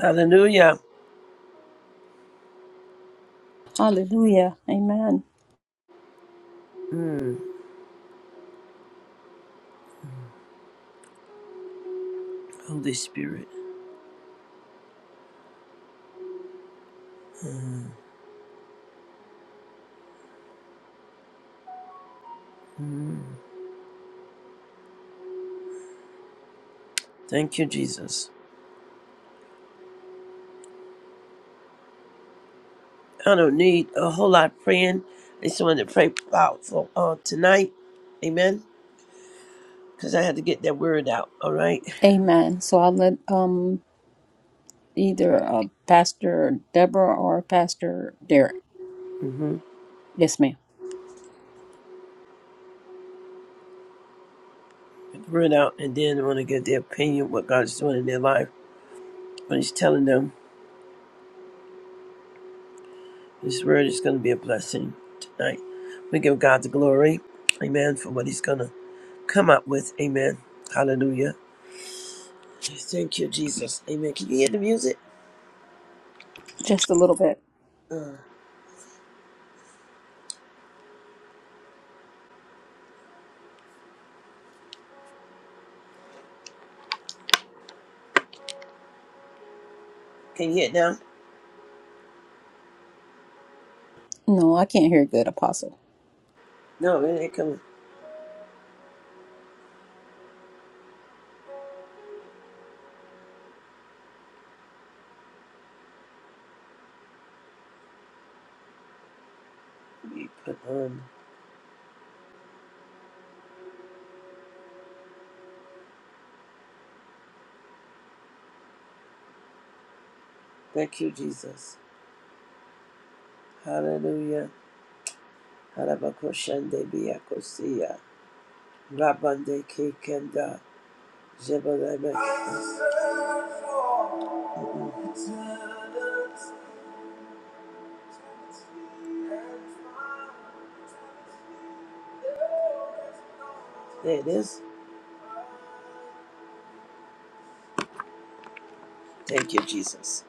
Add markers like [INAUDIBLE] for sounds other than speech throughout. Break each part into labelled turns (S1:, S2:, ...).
S1: Hallelujah.
S2: Hallelujah. Amen.
S1: Mm, Holy Spirit. Mm. mm. Thank you, Jesus. I don't need a whole lot of praying. I just wanted to pray about for uh, tonight. Amen. Because I had to get that word out. All right.
S2: Amen. So I'll let um either uh, Pastor Deborah or Pastor Derek.
S1: Mm-hmm.
S2: Yes, ma'am.
S1: Get the word out. And then I want to get their opinion, what God is doing in their life. But He's telling them this word is going to be a blessing tonight. We give God the glory. Amen. For what He's going to come up with. Amen. Hallelujah. Thank you, Jesus. Amen. Can you hear the music?
S2: Just a little bit.
S1: Uh. Can you hear it now?
S2: No, I can't hear good, Apostle.
S1: No, it ain't coming. We put on. Thank you, Jesus. Hallelujah. Harabakoshande biyakosia. Rabande kekenda. Jebalebe. There it is. Thank you, Jesus.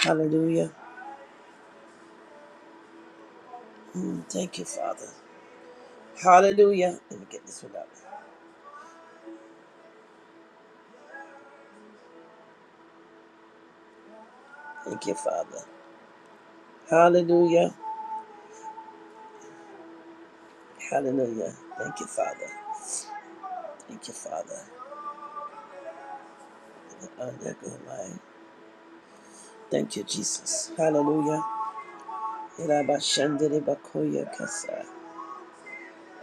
S1: Hallelujah. Mm, thank you, Father. Hallelujah. Let me get this one out. Thank you, Father. Hallelujah. Hallelujah. Thank you, Father. Thank you, Father. And on that good line. Thank you, Jesus. Hallelujah. Rabashandere bakoya kasa.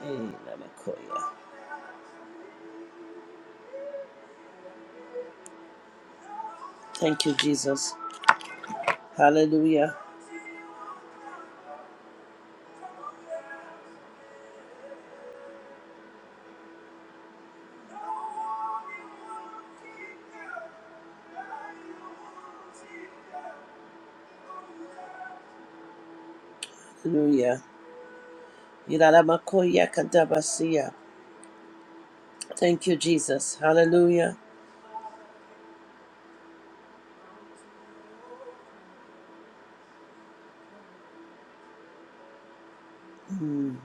S1: Eh, rabakoya. Thank you, Jesus. Hallelujah. Hallelujah. Irarabakoya kadabasiya. Thank you, Jesus. Hallelujah. Mm,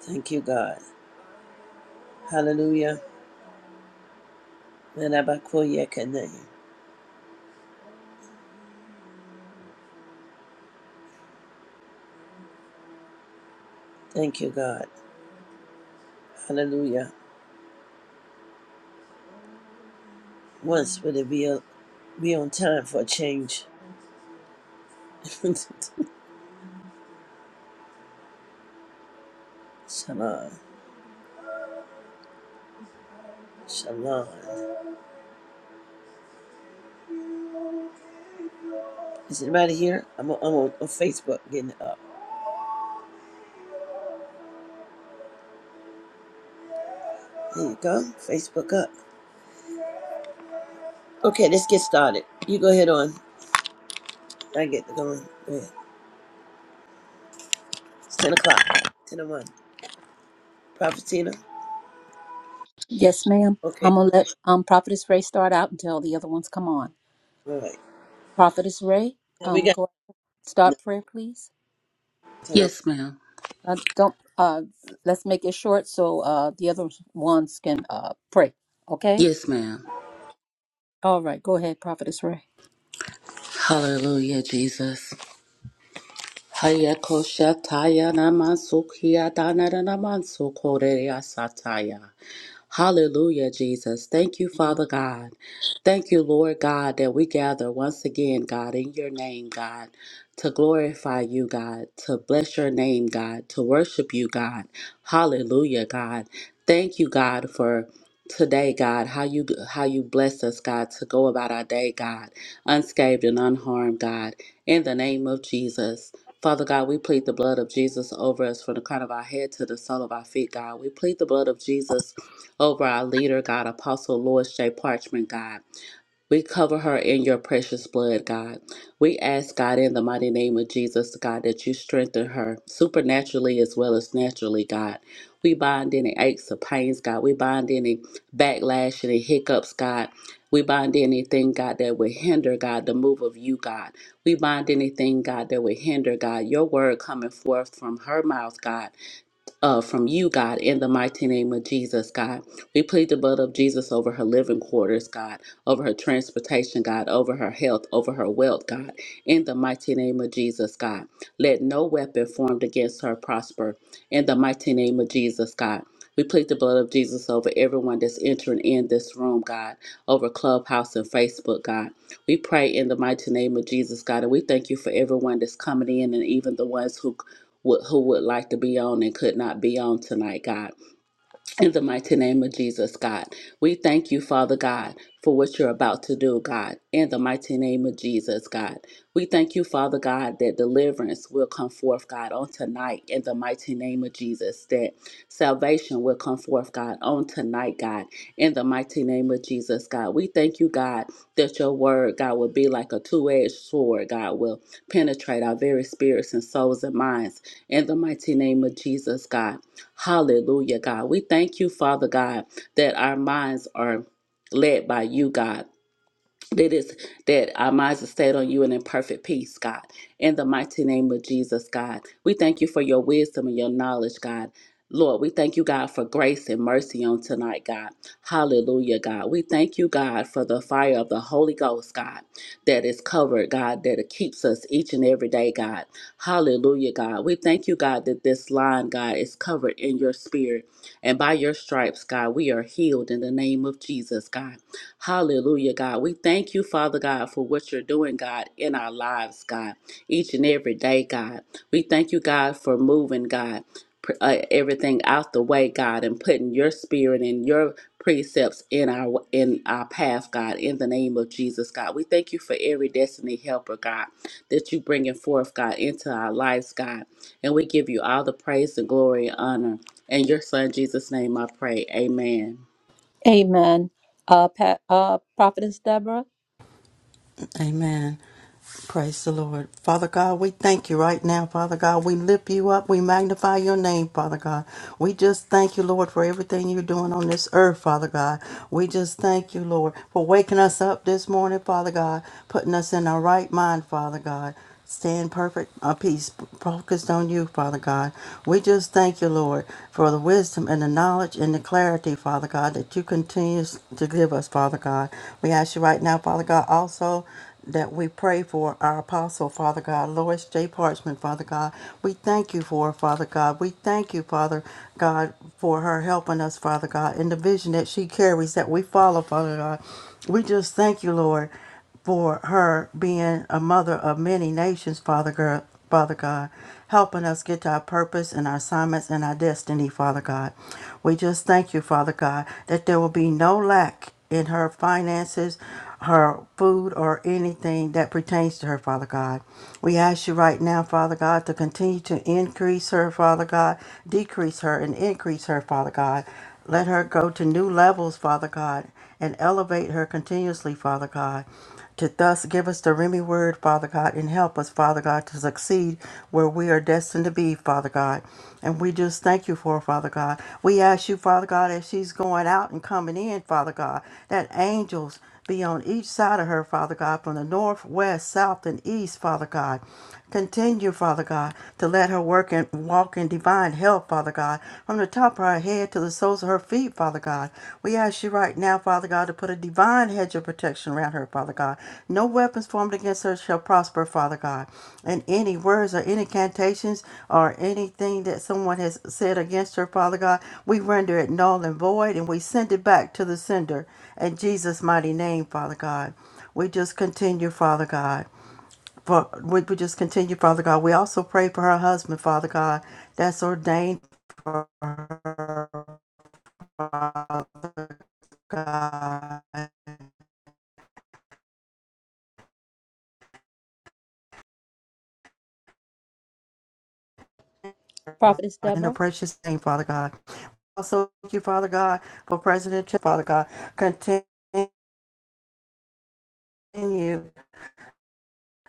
S1: Thank you, God. Hallelujah. Irabakoya kane. Thank you, God. Hallelujah. Once would it be, a, be on time for a change? [LAUGHS] Shalom. Shalom. Is anybody here? I'm on, I'm on, on Facebook getting it up. There you go. Facebook up. Okay, let's get started. You go ahead on. I get going. Go ahead. It's 10 o'clock. 10 and 1. Prophetina?
S2: Yes, ma'am.
S1: Okay,
S2: I'm gonna let um Prophetess Ray start out until the other ones come on.
S1: all right.
S2: Prophetess Ray,
S1: Now we
S2: um,
S1: got
S2: go start prayer, please.
S1: 10 and
S3: Yes, ma'am.
S2: Uh, don't uh, let's make it short so uh the other ones can uh pray. Okay.
S3: Yes, ma'am.
S2: All right. Go ahead, Prophetess Ray.
S3: Hallelujah, Jesus. Hayakoshataya namansukia danaranamansukoreya sataya. Hallelujah, Jesus. Thank you, Father God. Thank you, Lord God, that we gather once again, God, in your name, God, to glorify you, God, to bless your name, God, to worship you, God. Hallelujah, God. Thank you, God, for today, God, how you how you bless us, God, to go about our day, God, unscathed and unharmed, God, in the name of Jesus. Father God, we plead the blood of Jesus over us from the crown of our head to the sole of our feet, God. We plead the blood of Jesus over our leader, God, Apostle Lois J. Parchment, God. We cover her in your precious blood, God. We ask, God, in the mighty name of Jesus, God, that you strengthen her supernaturally as well as naturally, God. We bind any aches or pains, God. We bind any backlash, any hiccups, God. We bind anything, God, that would hinder, God, the move of you, God. We bind anything, God, that would hinder, God, your word coming forth from her mouth, God uh, from you, God, in the mighty name of Jesus, God. We plead the blood of Jesus over her living quarters, God, over her transportation, God, over her health, over her wealth, God, in the mighty name of Jesus, God. Let no weapon formed against her prosper, in the mighty name of Jesus, God. We plead the blood of Jesus over everyone that's entering in this room, God, over Clubhouse and Facebook, God. We pray in the mighty name of Jesus, God, and we thank you for everyone that's coming in and even the ones who what, who would like to be on and could not be on tonight, God. In the mighty name of Jesus, God, we thank you, Father God, for what you're about to do, God. In the mighty name of Jesus, God, we thank you, Father God, that deliverance will come forth, God, on tonight. In the mighty name of Jesus, that salvation will come forth, God, on tonight, God. In the mighty name of Jesus, God, we thank you, God, that your word, God, will be like a two edged sword, God, will penetrate our very spirits and souls and minds. In the mighty name of Jesus, God. Hallelujah, God. We thank you, Father God, that our minds are led by you, God that is that our minds are stayed on you and in perfect peace, God. In the mighty name of Jesus, God, we thank you for your wisdom and your knowledge, God. Lord, we thank you, God, for grace and mercy on tonight, God. Hallelujah, God. We thank you, God, for the fire of the Holy Ghost, God, that is covered, God, that it keeps us each and every day, God. Hallelujah, God. We thank you, God, that this line, God, is covered in your spirit. And by your stripes, God, we are healed in the name of Jesus, God. Hallelujah, God. We thank you, Father God, for what you're doing, God, in our lives, God, each and every day, God. We thank you, God, for moving, God, pr- uh, everything out the way, God, and putting your spirit and your precepts in our in our path, God, in the name of Jesus, God. We thank you for every destiny helper, God, that you bringing forth, God, into our lives, God. And we give you all the praise and glory and honor. In your son Jesus' name I pray. Amen.
S2: Amen. Uh, Pat, uh, Prophetess Deborah.
S4: Amen. Praise the Lord. Father God, we thank you right now, Father God. We lift you up. We magnify your name, Father God. We just thank you, Lord, for everything you're doing on this earth, Father God. We just thank you, Lord, for waking us up this morning, Father God, putting us in our right mind, Father God. Stay in perfect uh, peace, focused on you, Father God. We just thank you, Lord, for the wisdom and the knowledge and the clarity, Father God, that you continue to give us, Father God. We ask you right now, Father God, also that we pray for our apostle, Father God, Lois J. Parchman, Father God. We thank you for her, Father God. We thank you, Father God, for her helping us, Father God, in the vision that she carries that we follow, Father God. We just thank you, Lord for her being a mother of many nations, Father God. Father God, helping us get to our purpose and our assignments and our destiny, Father God. We just thank you, Father God, that there will be no lack in her finances, her food, or anything that pertains to her, Father God. We ask you right now, Father God, to continue to increase her, Father God, decrease her, and increase her, Father God. Let her go to new levels, Father God, and elevate her continuously, Father God, to thus give us the Remy word, Father God, and help us, Father God, to succeed where we are destined to be, Father God. And we just thank you for, it, Father God. We ask you, Father God, as she's going out and coming in, Father God, that angels be on each side of her, Father God, from the north, west, south, and east, Father God. Continue, Father God, to let her work and walk in divine health, Father God, from the top of her head to the soles of her feet, Father God. We ask you right now, Father God, to put a divine hedge of protection around her, Father God. No weapons formed against her shall prosper, Father God. And any words or any cantations or anything that someone has said against her, Father God, we render it null and void and we send it back to the sender. In Jesus' mighty name, Father God, we just continue, Father God. For, we, we just continue, Father God. We also pray for her husband, Father God, that's ordained
S2: Prophetess
S4: in the
S2: Deborah.
S4: precious name, Father God. Also, thank you, Father God, for President Trump, Father God. Continue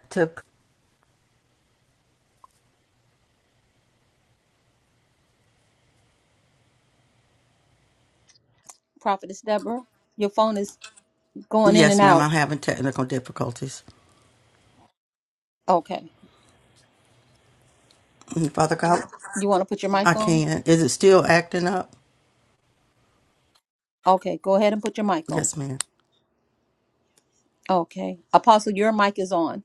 S4: to.
S2: Prophetess Deborah. Your phone is going in
S4: Yes,
S2: and
S4: ma'am,
S2: out.
S4: I'm having technical difficulties.
S2: Okay.
S4: Mm, Father God,
S2: You want to put your mic
S4: I
S2: on?
S4: can. Is it still acting up?
S2: Okay. Go ahead and put your mic on.
S4: Yes, ma'am.
S2: Okay. Apostle, your mic is on.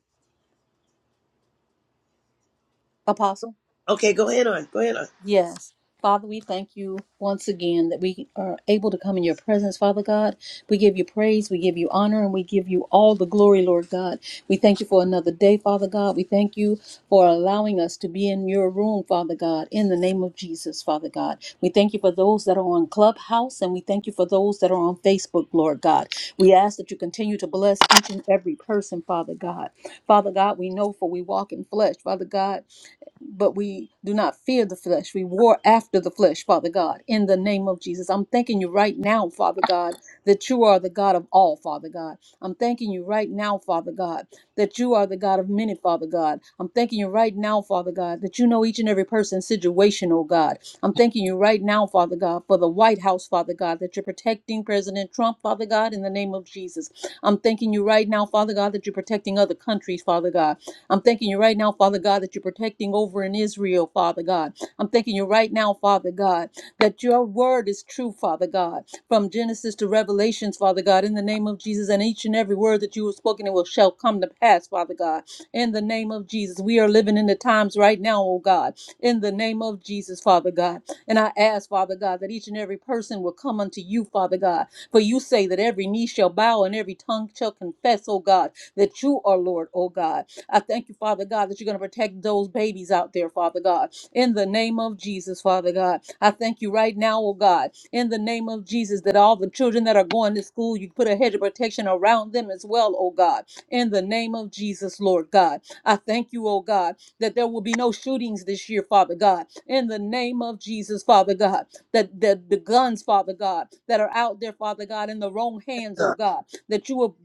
S2: Apostle.
S1: Okay, go ahead on. Go ahead on.
S2: Yes. Father, we thank you once again that we are able to come in your presence, Father God. We give you praise, we give you honor, and we give you all the glory, Lord God. We thank you for another day, Father God. We thank you for allowing us to be in your room, Father God, in the name of Jesus, Father God. We thank you for those that are on Clubhouse, and we thank you for those that are on Facebook, Lord God. We ask that you continue to bless each and every person, Father God. Father God, we know for we walk in flesh, Father God but we do not fear the flesh. We war after the flesh, Father God, in the name of Jesus. I'm thanking you right now, Father God, that you are the God of all, Father God. I'm thanking you right now, Father God, that you are the God of many, Father God. I'm thanking you right now, Father God, that you know each and every person's situation, oh God. I'm thanking you right now, Father God, for the White House, Father God, that you're protecting President Trump, Father God, in the name of Jesus. I'm thanking you right now, Father God, that you're protecting other countries, Father God. I'm thanking you right now, Father God, that you're protecting over in Israel, Father God. I'm thanking you right now, Father God, that your word is true, Father God, from Genesis to Revelations, Father God, in the name of Jesus, and each and every word that you have spoken it will shall come to pass, Father God. In the name of Jesus, we are living in the times right now, oh God. In the name of Jesus, Father God. And I ask, Father God, that each and every person will come unto you, Father God. For you say that every knee shall bow and every tongue shall confess, oh God, that you are Lord, oh God I thank you, Father God, that you're going to protect those babies out there, Father God. In the name of Jesus, Father God, I thank you right now, oh God, in the name of Jesus, that all the children that are going to school, you put a hedge of protection around them as well, oh God. In the name of Jesus, Lord God, I thank you, oh God, that there will be no shootings this year, Father God. In the name of Jesus, Father God, that that the guns, Father God, that are out there, Father God, in the wrong hands, oh God, that you will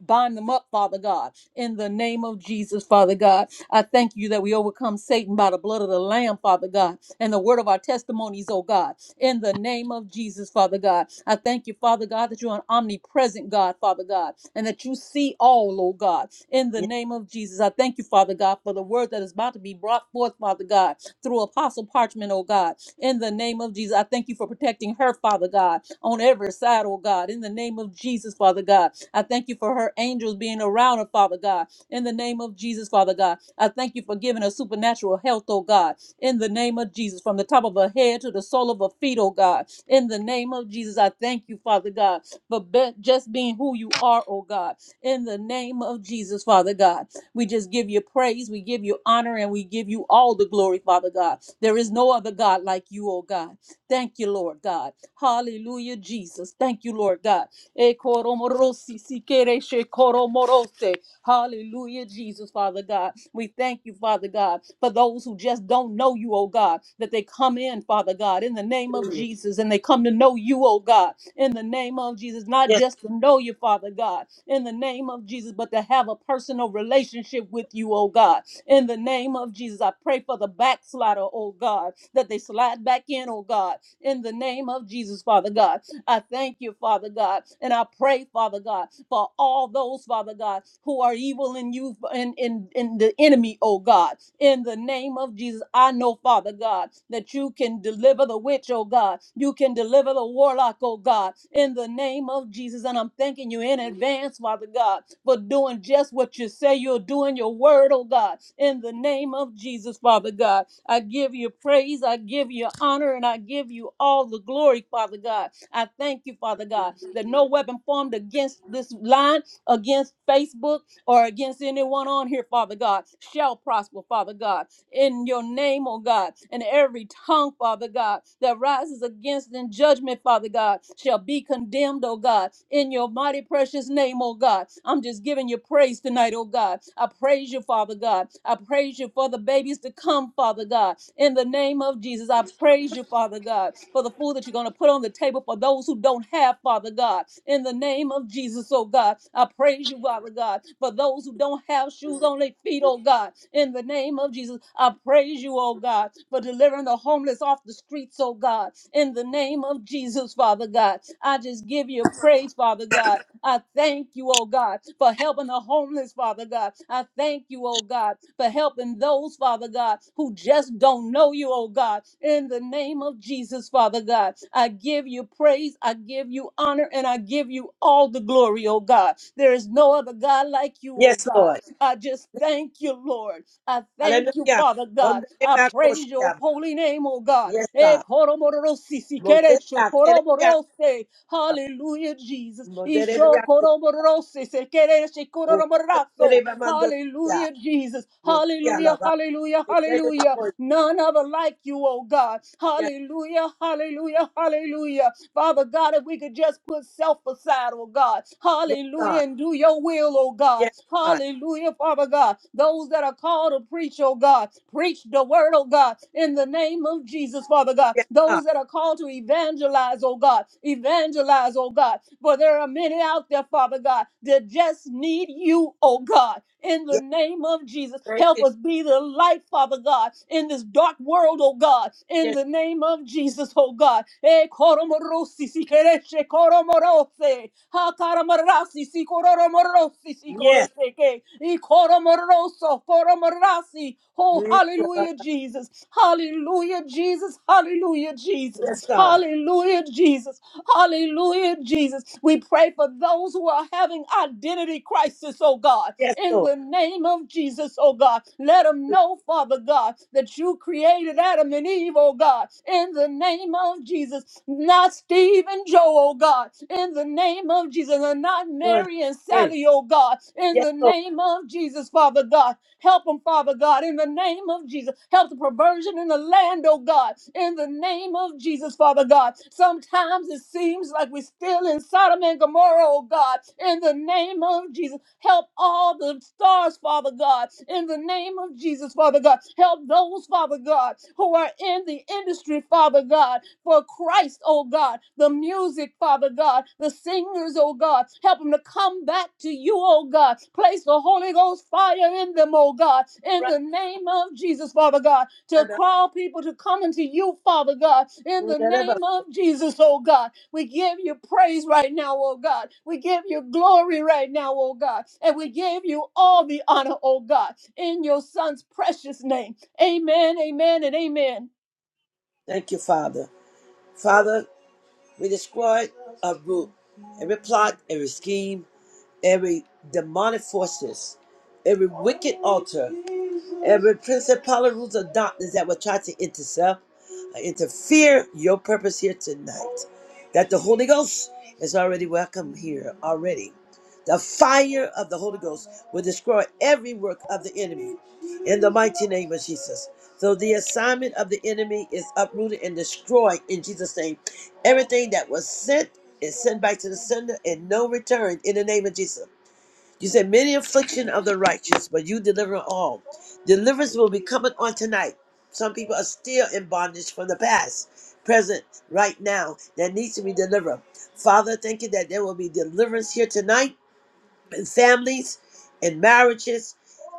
S2: bind them up, Father God in the name of Jesus, Father God. I thank you that we overcome Satan by the blood of the Lamb, Father God, and the word of our testimonies, oh God, in the name of Jesus, Father God. I thank you, Father God, that you're an omnipresent God, Father God, and that you see all, oh God, in the
S1: Yes,
S2: name of Jesus. I thank you, Father God, for the word that is about to be brought forth, Father God, through Apostle Parchment, oh God, in the name of Jesus. I thank you for protecting her, Father God, on every side, oh God, in the name of Jesus, Father God. I thank you for her angels being around her, Father God. In the name of Jesus, Father God. I thank you for giving her supernatural health, oh God. In the name of Jesus, from the top of her head to the sole of her feet, oh God. In the name of Jesus, I thank you, Father God, for be- just being who you are, oh God. In the name of Jesus, Father God. We just give you praise, we give you honor, and we give you all the glory, Father God. There is no other God like you, oh God. Thank you, Lord God. Hallelujah, Jesus. Thank you, Lord God. E koromorosi sikere she koromorose. Hallelujah, Jesus, Father God. We thank you, Father God, for those who just don't know you, oh God, that they come in, Father God, in the name of Jesus, and they come to know you, oh God, in the name of Jesus, not
S1: yes,
S2: just to know you, Father God, in the name of Jesus, but to have a personal relationship with you, oh God, in the name of Jesus. I pray for the backslider, oh God, that they slide back in, oh God, in the name of Jesus, Father God I thank you, Father God. And I pray, Father God, for all those, Father God, who are evil in you and in, in the enemy, oh God. In the name of Jesus, I know, Father God, that you can deliver the witch, oh God. You can deliver the warlock, oh God. In the name of Jesus. And I'm thanking you in advance, Father God, for doing just what you say you'll do in your word, oh God. In the name of Jesus, Father God. I give you praise, I give you honor, and I give you all the glory, Father God I thank you, Father God, that no weapon formed against this line, against Facebook, or against anyone on here, Father God, shall prosper, Father God in your name, oh God. And every tongue, Father God, that rises against in judgment, Father God, shall be condemned, oh God, in your mighty precious name, oh God. I'm just giving you praise tonight, oh God. I praise you, Father God. I praise you for the babies to come, Father God. In the name of Jesus, I praise you, Father God, for the food that you're going to put on the table for those who don't have, Father God. In the name of Jesus, oh God, I praise you, Father God, for those who don't have shoes on their feet, oh God. God. In the name of Jesus, I praise you, oh God, for delivering the homeless off the streets, oh God. In the name of Jesus, Father God, I just give you praise, Father God. I thank you, oh God, for helping the homeless, Father God. I thank you, oh God, for helping those, Father God, who just don't know you, oh God. In the name of Jesus, Father God, I give you praise, I give you honor, and I give you all the glory, oh God. There is no other God like you, oh
S1: yes
S2: God.
S1: Lord.
S2: I just thank you, Lord. I thank you,
S1: Hallelujah.
S2: Father God. I praise your
S1: Gonderebakoshiyaba.
S2: holy name, oh God.
S1: Yes,
S2: Eh,
S1: God.
S2: koromororosi, sikeresho,
S1: Moderebakerebiakaba.
S2: koromorose. Hallelujah, Jesus. Isho
S1: Moderebiako-
S2: koromorose, sekereshe, koromoroso.
S1: Okerebamandoshia.
S2: Hallelujah, Jesus. Hallelujah,
S1: Okialaba.
S2: hallelujah, hallelujah.
S1: Okerebakoy.
S2: None other like you, oh God.
S1: Yes,
S2: Hallelujah, hallelujah, hallelujah. Father God, if we could just put self aside, oh God.
S1: yes,
S2: Hallelujah.
S1: God.
S2: And do your will, oh God.
S1: Yes, God.
S2: Hallelujah, Father God. Those that are called to preach, oh God, preach the word, oh God, in the name of Jesus, Father God.
S1: Yes, God.
S2: Those that are called to evangelize, oh God, evangelize, oh God. For there are many out there, Father God, that just need you, oh God, in the
S1: Yes,
S2: name of Jesus. Jesus.
S1: thank
S2: Help
S1: you.
S2: us be the light, Father God, in this dark world, oh God, in
S1: Yes,
S2: the name of Jesus, oh God. Eh, koromorosi, si kereshe, koromorose. Ha, karamarasi, si koromorosi, si
S1: yes.
S2: korosheke. I koromoroso, koromorasi. Oh, hallelujah, Jesus. Hallelujah, Jesus. Hallelujah,
S1: Yes,
S2: Jesus.
S1: God.
S2: Hallelujah, Jesus. Hallelujah, Jesus. We pray for those who are having identity crisis, oh God.
S1: Yes,
S2: In
S1: Lord.
S2: the name of Jesus, oh God, let them know, Father God, that you created Adam and Eve, oh God. In the name of Jesus, not Steve and Joe, oh God. In the name of Jesus, and not
S1: Run.
S2: Mary and
S1: Pray.
S2: Sally, oh God. In
S1: Yes,
S2: the
S1: Lord.
S2: name of Jesus, Father God. Help them, Father God, in the name of Jesus. Help the perversion in the land, oh God, in the name of Jesus, Father God. Sometimes it seems like we're still in Sodom and Gomorrah, oh God, in the name of Jesus. Help all the stars, Father God, in the name of Jesus, Father God. Help those, Father God, who are in the industry, Father God, for Christ, oh God. The music, Father God. The singers, oh God. Help them to come back to you, oh God. Place the Holy Ghost fire in them, oh God. In
S1: Run.
S2: the name of Jesus, Father God. To
S1: And up.
S2: call people to come into you, Father God. In
S1: Move
S2: the
S1: that up.
S2: name of Jesus, oh God. We give you praise right now, oh God. We give you glory right now, oh God. And we give you all the honor, oh God. In your son's precious name. Amen, amen, and amen.
S1: Thank you, Father. Father, we destroy a root, every plot, every scheme, every demonic forces, every wicked altar. Every principality, rules of darkness that will try to intercept, uh, interfere your purpose here tonight. That the Holy Ghost is already welcome here already. The fire of the Holy Ghost will destroy every work of the enemy in the mighty name of Jesus. So the assignment of the enemy is uprooted and destroyed in Jesus' name. Everything that was sent is sent back to the sender and no return in the name of Jesus. You said, Many affliction of the righteous, but you deliver all. Deliverance will be coming on tonight. Some people are still in bondage from the past, present, right now, that needs to be delivered. Father, thank you that there will be deliverance here tonight in families in marriages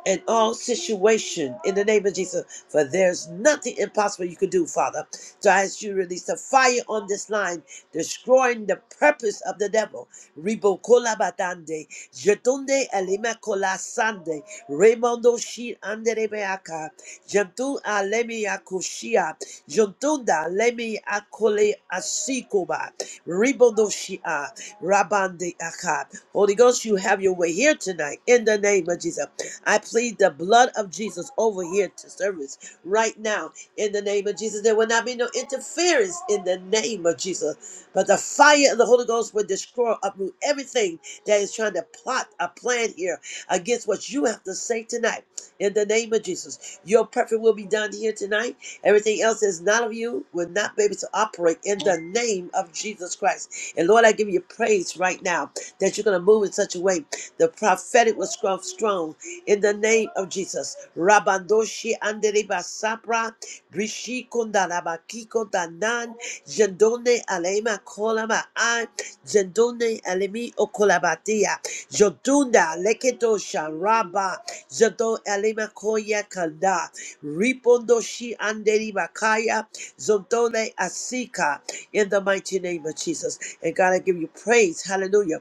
S1: in all situation in the name of Jesus. For there's nothing impossible you can do, Father. So I ask you to release the fire on this line, destroying the purpose of the devil. Ribo kola batande, jetunde alima kola sande, remondo shi andere beaka, jentun alemi akushia, jentunda alemi akole asikoba, ribondo shia. Rabande Akab. Holy Ghost, you have your way here tonight in the name of Jesus. I plead the blood of Jesus over here to service right now in the name of Jesus. There will not be no interference in the name of Jesus, but the fire of the Holy Ghost will destroy, uproot everything that is trying to plot a plan here against what you have to say tonight in the name of Jesus. Your perfect will be done here tonight. Everything else is not of you, will not be able to operate in the name of Jesus Christ. And Lord, I give you praise right now that you're going to move in such a way. The prophetic was strong, strong in the name of Jesus. Rabandoshi andereba sapra Rishi Kondaraba Kiko Danan, Jendone Alema Kolama An, Jendone Alemi Okolabatia, Jodunda Leketo Sharaba, Jado Alema Koya Kanda, Ripondo Anderi Bakaya, Zondone Asika, in the mighty name of Jesus. And God, I give you praise. Hallelujah.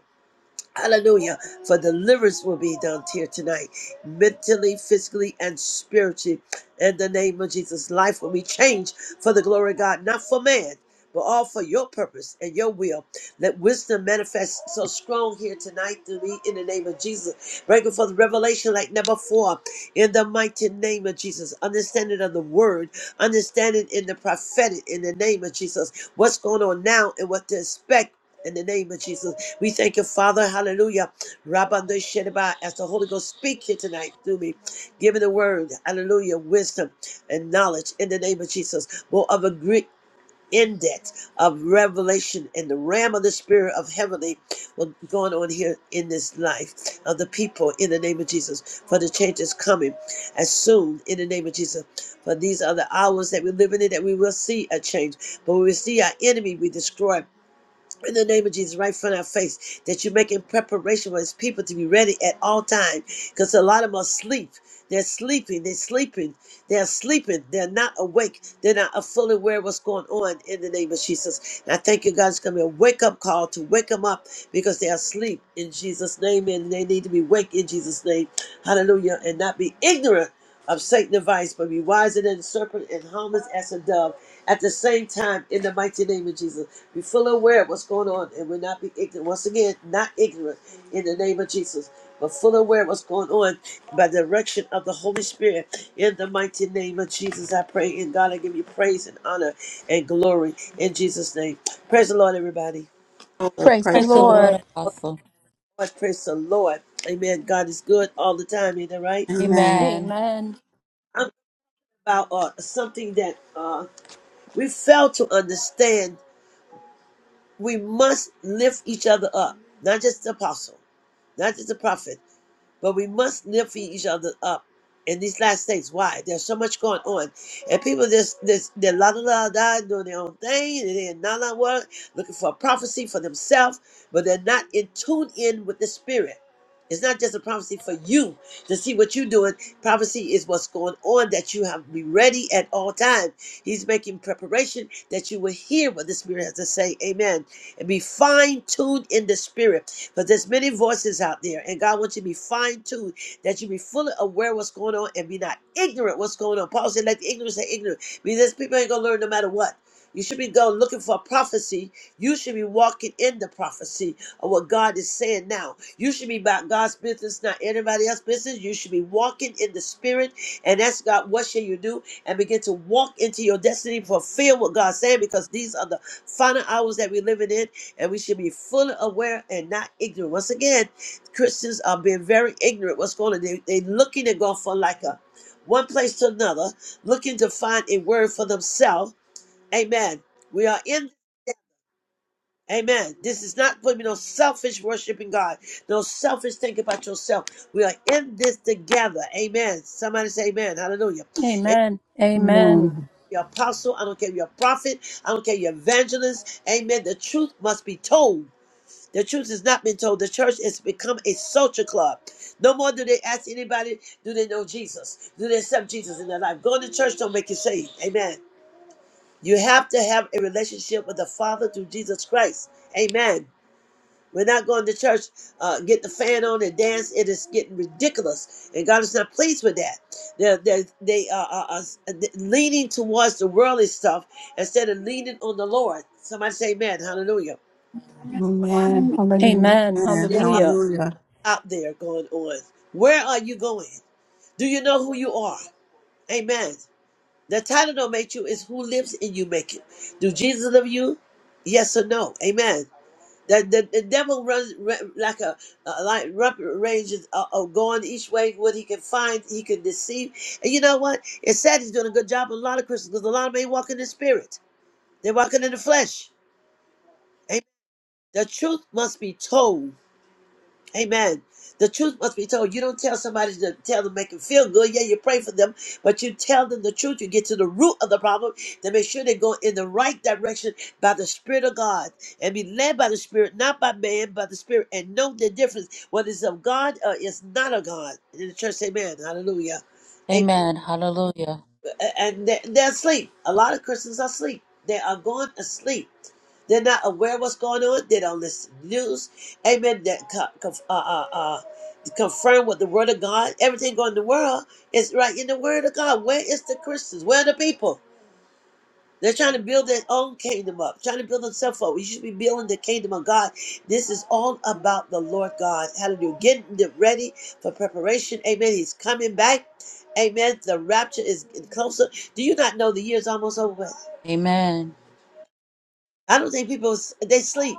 S1: Hallelujah. For deliverance will be done here tonight, mentally, physically, and spiritually. In the name of Jesus, life will be changed for the glory of God, not for man, but all for your purpose and your will. Let wisdom manifest so strong here tonight To me in the name of Jesus. Breaking forth revelation like never before in the mighty name of Jesus. Understanding of the word, understanding in the prophetic in the name of Jesus. What's going on now and what to expect in the name of Jesus. We thank you, Father. Hallelujah. Rabbi Shedaba, as the Holy Ghost speak here tonight through me, giving the word, hallelujah, wisdom and knowledge in the name of Jesus. More of a great index of revelation in the realm of the spirit of heavenly what's going on here in this life of the people in the name of Jesus. For the change is coming as soon in the name of Jesus. For these are the hours that we're living in that we will see a change. But when we see our enemy, we destroy in the name of Jesus, right from our face, that you're making preparation for his people to be ready at all times. Because a lot of them are asleep. They're sleeping. They're sleeping. They're sleeping. They're not awake. They're not fully aware of what's going on in the name of Jesus. And I thank you, God, it's going to be a wake up call to wake them up because they are asleep in Jesus' name and they need to be awake in Jesus' name. Hallelujah. And not be ignorant of Satan's advice, but be wiser than the serpent and harmless as a dove at the same time in the mighty name of Jesus. Be fully aware of what's going on and we're not be ignorant. Once again, not ignorant in the name of Jesus, but fully aware of what's going on by the direction of the Holy Spirit. In the mighty name of Jesus, I pray. And God, I give you praise and honor and glory in Jesus' name. Praise the Lord, everybody.
S4: Oh,
S2: Praise the
S4: praise
S3: Praise
S4: the
S3: the
S4: Lord.
S2: Lord.
S3: Lord, Apostle.
S1: Lord, praise the Lord. Amen. God is good all the time, ain't that right?
S4: Amen.
S3: Amen.
S2: Amen.
S1: I'm about uh, something that uh, we fail to understand. We must lift each other up, not just the apostle, not just the prophet. But we must lift each other up in these last days. Why? There's so much going on. And people just, this, they're la la la la, doing their own thing, and they're not la what, looking for a prophecy for themselves, but they're not in tune in with the Spirit. It's not just a prophecy for you to see what you're doing. Prophecy is what's going on that you have to be ready at all times. He's making preparation that you will hear what the Spirit has to say. Amen. And be fine tuned in the Spirit. Because there's many voices out there, and God wants you to be fine-tuned, that you be fully aware what's going on and be not ignorant what's going on. Paul said, let the ignorant say ignorant. Because there's people ain't gonna learn no matter what. You should be going looking for prophecy. You should be walking in the prophecy of what God is saying now. You should be about God's business, not anybody else's business. You should be walking in the spirit and ask God, what shall you do? And begin to walk into your destiny, fulfill what God's saying, because these are the final hours that we're living in and we should be fully aware and not ignorant. Once again, Christians are being very ignorant. What's going on? They, they looking to go for like a one place to another, looking to find a word for themselves. Amen. We are in. Amen. This is not putting to no selfish worshiping God, no selfish think about yourself. We are in this together. Amen. Somebody say amen. Hallelujah. And
S2: Amen. Amen.
S5: Amen.
S1: you're apostle, I don't care if you're a prophet, I don't care if you're evangelist. Amen. The truth must be told. The truth has not been told. The church has become a social club. No more do they ask anybody, do they know Jesus? Do they accept Jesus in their life? Going to church don't make you saved. Amen. You have to have a relationship with the Father through Jesus Christ. Amen. We're not going to church, uh, get the fan on and dance. It is getting ridiculous, and God is not pleased with that. They're, they're, they are, are, are leaning towards the worldly stuff instead of leaning on the Lord. Somebody say, "Amen." Hallelujah.
S5: Amen. Hallelujah.
S2: Amen.
S4: Amen.
S2: Hallelujah.
S4: Hallelujah.
S1: out there going on. Where are you going? Do you know who you are? Amen. The title don't make you is who lives in you make it. Do Jesus love you? Yes or no? Amen. The, the, the devil runs ra- like a, a like rapid ranges uh, uh, going each way what he can find he can deceive and you know what it's sad he's doing a good job with a lot of Christians because a lot of them ain't walking in the spirit they're walking in the flesh Amen. the truth must be told Amen. The truth must be told. You don't tell somebody to tell them make them feel good. Yeah, you pray for them, but you tell them the truth. You get to the root of the problem to make sure they go in the right direction by the Spirit of God and be led by the Spirit, not by man, by the Spirit, and know the difference what is of God or is not of God. In the church, Amen. Hallelujah
S3: Amen. Hallelujah.
S1: and they're, they're asleep. A lot of Christians are asleep. They are going asleep. They're not aware what's going on. They don't listen to the news. Amen. That uh, uh, uh, confirm with the Word of God. Everything going in the world is right in the Word of God. Where is the Christians? Where are the people? They're trying to build their own kingdom up, trying to build themselves up. We should be building the kingdom of God. This is all about the Lord God. Hallelujah. Getting it ready for preparation. Amen. He's coming back. Amen. The rapture is getting closer. Do you not know the year is almost over with?
S3: Amen.
S1: I don't think people they sleep.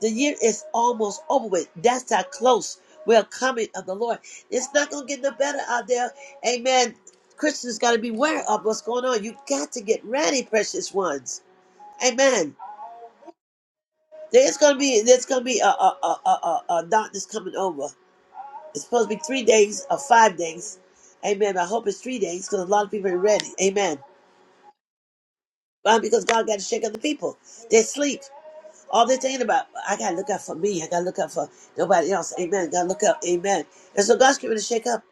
S1: The year is almost over with. That's how close we're coming of the Lord. It's not gonna get no better out there. Amen. Christians gotta beware of what's going on. You got to get ready, precious ones. Amen. There's gonna be there's gonna be a a a a, a, a doctor's coming over. It's supposed to be three days or five days. Amen. I hope it's three days because a lot of people ain't ready. Amen. Why? Because God got to shake up the people. They sleep. All they're thinking about, I gotta look out for me. I gotta look out for nobody else. Amen. Gotta look up. Amen. And so God's going to shake up.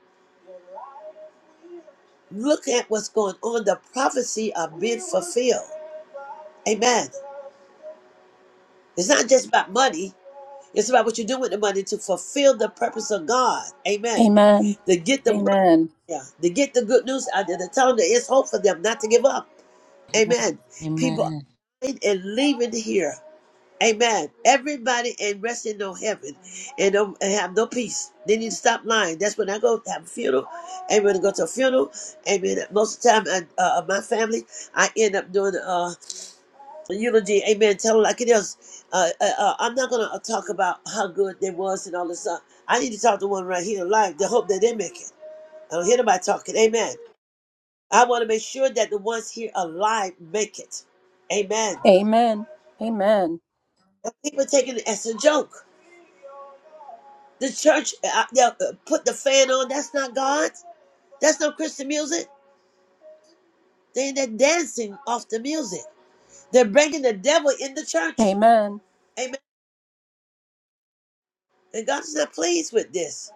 S1: Look at what's going on. The prophecy of being fulfilled. Amen. It's not just about money. It's about what you do with the money to fulfill the purpose of God. Amen
S2: Amen.
S1: to get the word
S2: Amen.
S1: Yeah, to get the good news out there, to tell them there is hope for them, not to give up. Amen. People are
S3: Amen.
S1: dying and leaving here. Amen. Everybody and resting no heaven and don't and have no peace. They need to stop lying. That's when I go to have a funeral. Amen. I go to a funeral. Amen. Most of the time, I, uh, uh, my family, I end up doing uh, a eulogy. Amen. Tell them like it is. Uh, uh, uh, I'm not going to talk about how good they was and all this stuff. I need to talk to one right here alive. to hope that they make it. I don't hear nobody talking. Amen. I want to make sure that the ones here alive make it. Amen.
S2: Amen. Amen.
S1: But People taking it as a joke. The church uh, uh, uh, put the fan on. That's not God. That's no Christian music. They, they're dancing off the music. They're bringing the devil in the church.
S2: Amen.
S1: Amen. And God is not pleased with this.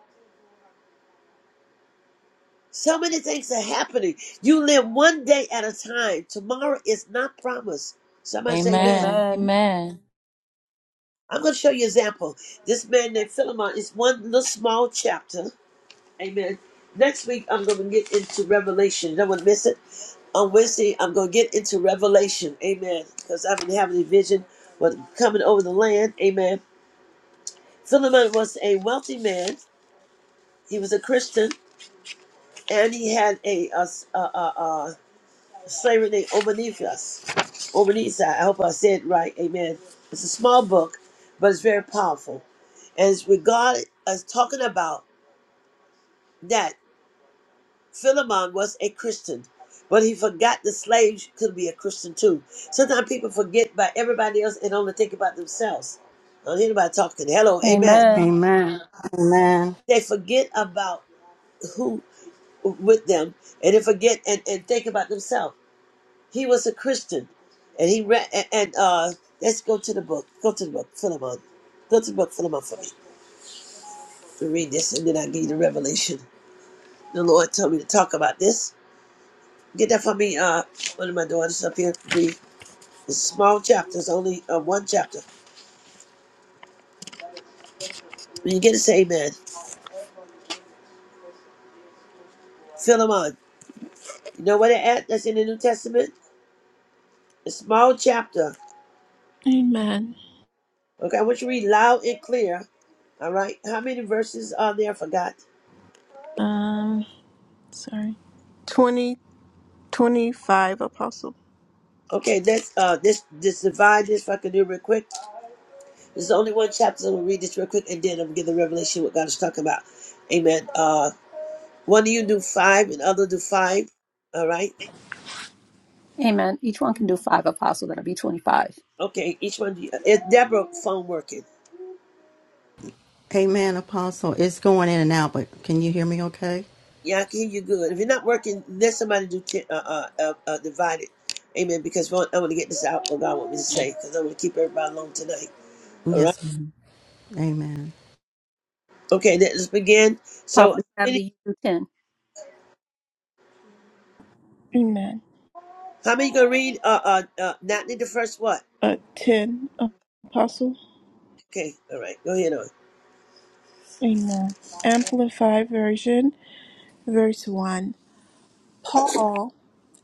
S1: So many things are happening. You live one day at a time. Tomorrow is not promised. Somebody say amen.
S3: Amen.
S2: Amen.
S3: Amen.
S1: I'm going to show you an example. This man named Philemon is one little small chapter Amen. Next week, I'm going to get into Revelation. Don't want to miss it. On Wednesday, I'm going to get into Revelation. Amen. Because I've been having a vision of coming over the land. Amen. Philemon was a wealthy man. He was a Christian, and he had a, a, a, a, a slavery named Obanifas. Obanisa. I hope I said it right. Amen. It's a small book, but it's very powerful. And it's regarded as talking about that. Philemon was a Christian, but he forgot the slaves could be a Christian too. Sometimes people forget about everybody else and only think about themselves. I don't hear anybody talking. Hello, amen.
S2: Amen.
S4: Amen. Amen.
S1: They forget about who with them and they forget and, and think about themselves. He was a Christian and he read and, and uh let's go to the book. Go to the book, Philemon. Go to the book, Philemon for me. To read this and then I give you the revelation. The Lord told me to talk about this. Get that for me, uh one of my daughters up here, Bree. It's small chapters, only uh, one chapter. When you get it, say amen. Philemon. You know what it at that's in the New Testament? A small chapter.
S6: Amen.
S1: Okay, I want you to read loud and clear. All right. How many verses are there? I forgot.
S6: Um, sorry. twenty twenty-five. Apostle.
S1: Okay, let's uh this this divide this if I can do it real quick. There's only one chapter, so I'm gonna read this real quick and then I'm gonna give the revelation what God is talking about. Amen. Uh one of you do five and other do five. All right.
S2: Amen. Each one can do five apostles. That'll be 25.
S1: Okay, each one do you, is Deborah phone working?
S4: Amen, Apostle. It's going in and out, but can you hear me okay?
S1: Yeah, I can hear you good. If you're not working, let somebody do chi- uh, uh, uh, uh, divided. Amen. Because we want- I want to get this out what God want me to say. Because I want to keep everybody along tonight. All right.
S4: Yes. ma'am.
S1: Okay. Let's begin. So, how
S2: Prophet
S1: many,
S2: Natalie, you do 10.
S6: Amen.
S1: how many gonna read? Uh, uh, uh, not need the first what?
S6: Uh, 10, Apostle.
S1: Okay. All right. Go ahead on.
S6: Amen. Amplified Version, verse 1. Paul,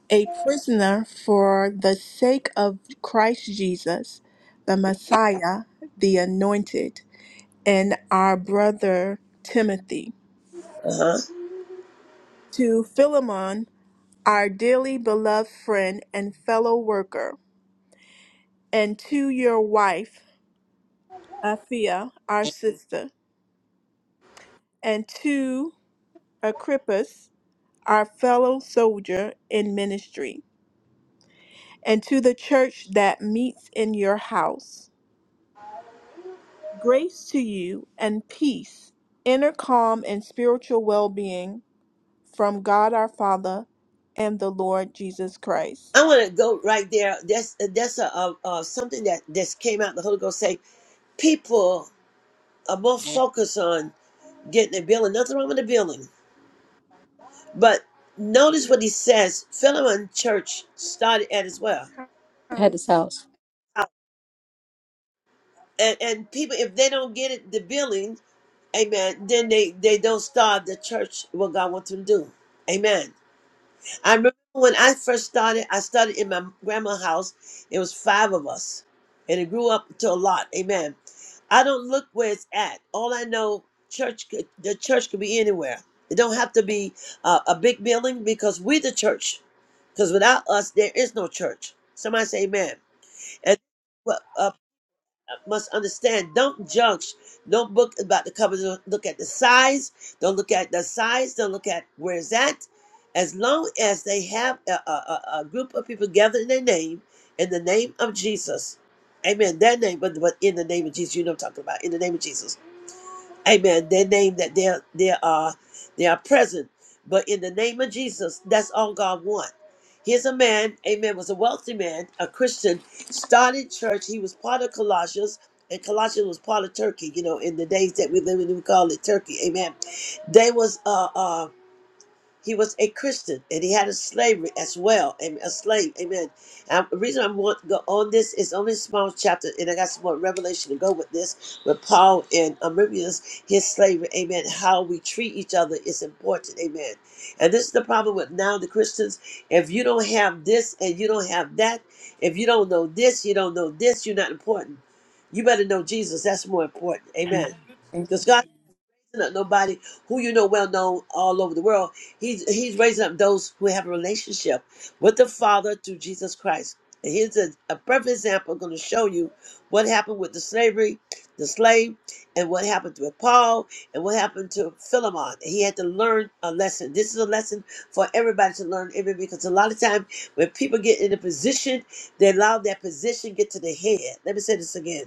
S6: a prisoner for the sake of Christ Jesus, the Messiah, the Anointed, and our brother Timothy,
S1: Uh huh.
S6: to Philemon, our dearly beloved friend and fellow worker. and to your wife, Aphia, our sister, and to Agrippus, our fellow soldier in ministry, and to the church that meets in your house. Grace to you and peace, inner calm and spiritual well being from God our Father and the Lord Jesus Christ.
S1: I want to go right there. That's uh, that's a, uh uh something that just came out. The Holy Ghost say people are more focused on getting a building. Nothing wrong with the building But notice what he says. Philemon Church started at as well.
S2: Head this
S6: House.
S2: house.
S1: Uh, And and people if they don't get it the billing, amen, then they, they don't start the church what God wants them to do. Amen. I remember when I first started, I started in my grandma's house. It was five of us, and it grew up to a lot. Amen. I don't look where it's at. All I know, church, could- the church could be anywhere. It don't have to be uh, a big building because we the church. Because without us, there is no church. Somebody say Amen. And must understand don't judge no book about the cover don't look at the size don't look at the size don't look at where it's at as long as they have a, a, a a group of people gathered in their name in the name of jesus amen their name but, but in the name of jesus you know what i'm talking about in the name of jesus Amen. Their name that they are they are they are present. But in the name of Jesus, that's all God wants. Here's a man, amen, was a wealthy man, a Christian, started church. He was part of Colossians, and Colossians was part of Turkey, you know, in the days that we live in, we call it Turkey, amen. They was uh uh he was a Christian and he had a slavery as well, am- a slave. Amen. Um, the reason I want to go on this is only a small chapter, and I got some more revelation to go with this. With Paul and Ambrose, his slavery, amen. How we treat each other is important, amen. And this is the problem with now the Christians. If you don't have this and you don't have that, if you don't know this, you don't know this, you're not important. You better know Jesus. That's more important, amen. Because God raising up nobody who you know well known all over the world. He's he's raising up those who have a relationship with the Father through Jesus Christ. And here's a, a perfect example going to show you what happened with the slavery, the slave, and what happened with Paul, and what happened to Philemon. He had to learn a lesson. This is a lesson for everybody to learn, every because a lot of times when people get in a position, they allow that position get to the head. Let me say this again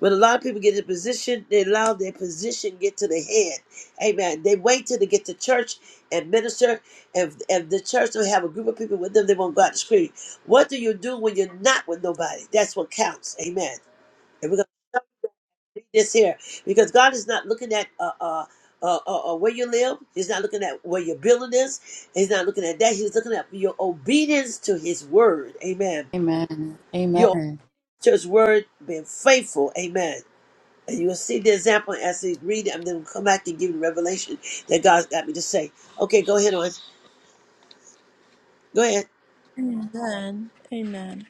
S1: but a lot of people get in position, they allow their position get to the head. Amen. They wait till they get to church and minister. If, if the church don't have a group of people with them, they won't go out to scream. What do you do when you're not with nobody? That's what counts. Amen. And we're going to read this here because God is not looking at uh, uh, uh, uh, uh, where you live. He's not looking at where your building is. He's not looking at that. He's looking at your obedience to his word. Amen.
S3: Amen.
S1: Your
S3: Amen.
S1: church word being faithful. Amen. And you will see the example as they read it. I'm going to come back and give you the revelation that God's got me to say. Okay, go ahead on. Go ahead.
S6: Amen. Amen.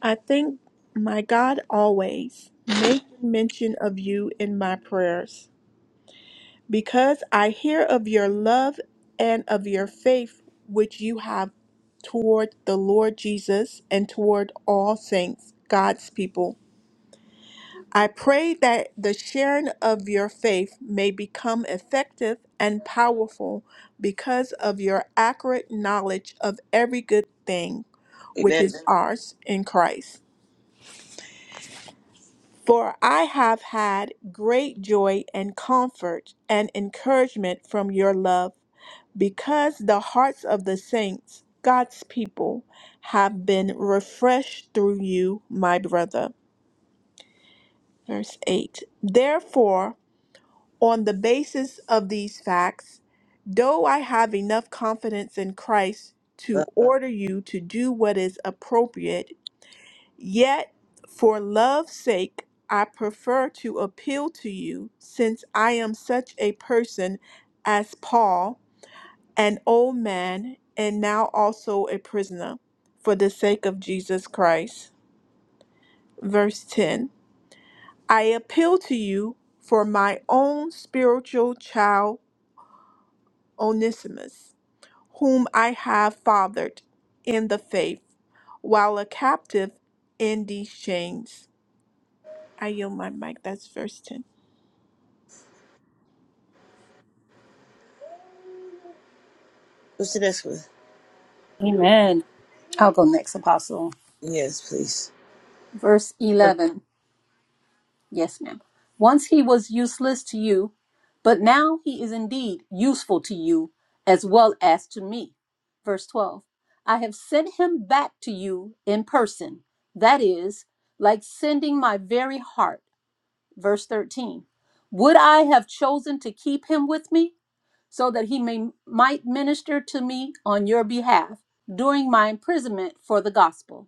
S6: I think, my God, always make mention of you in my prayers, because I hear of your love and of your faith which you have toward the Lord Jesus and toward all saints, God's people. I pray that the sharing of your faith may become effective and powerful because of your accurate knowledge of every good thing which
S1: Amen.
S6: is Amen. ours in Christ. For I have had great joy and comfort and encouragement from your love, because the hearts of the saints, God's people, have been refreshed through you, my brother. Verse 8 Therefore, on the basis of these facts, though I have enough confidence in Christ to
S1: Uh,
S6: order you to do what is appropriate Yet, for love's sake, I prefer to appeal to you, since I am such a person as Paul, an old man, and now also a prisoner, for the sake of Jesus Christ. Verse 10 I appeal to you for my own spiritual child, Onesimus, whom I have fathered in the faith, while a captive in these chains. I yield my mic. That's verse 10.
S1: what's the next one?
S2: Amen. I'll go next, apostle.
S1: Yes, please.
S2: Verse
S1: Well,
S2: 11. Yes, ma'am. Once he was useless to you, but now he is indeed useful to you as well as to me. Verse 12 I have sent him back to you in person, that is, like sending my very heart. Verse 13 Would I have chosen to keep him with me so that he may, might minister to me on your behalf during my imprisonment for the gospel?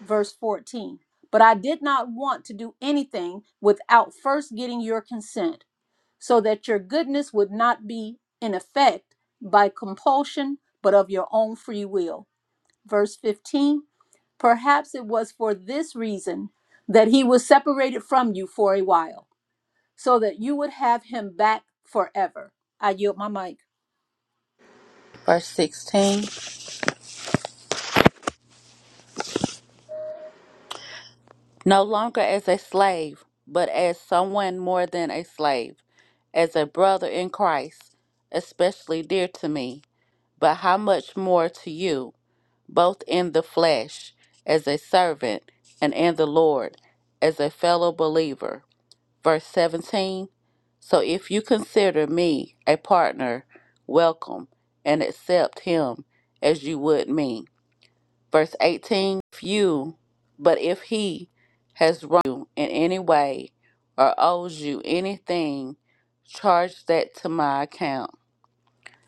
S2: verse 14. But I did not want to do anything without first getting your consent, so that your goodness would not be in effect by compulsion, but of your own free will. Verse 15 Perhaps it was for this reason that he was separated from you for a while, so that you would have him back forever. I yield my mic.
S3: Verse 16. No longer as a slave, but as someone more than a slave, as a brother in Christ, especially dear to me, but how much more to you, both in the flesh, as a servant, and in the Lord, as a fellow believer. Verse 17 So if you consider me a partner, welcome and accept him as you would me. Verse 18 If you, but if he has wronged you in any way or owes you anything, charge that to my account.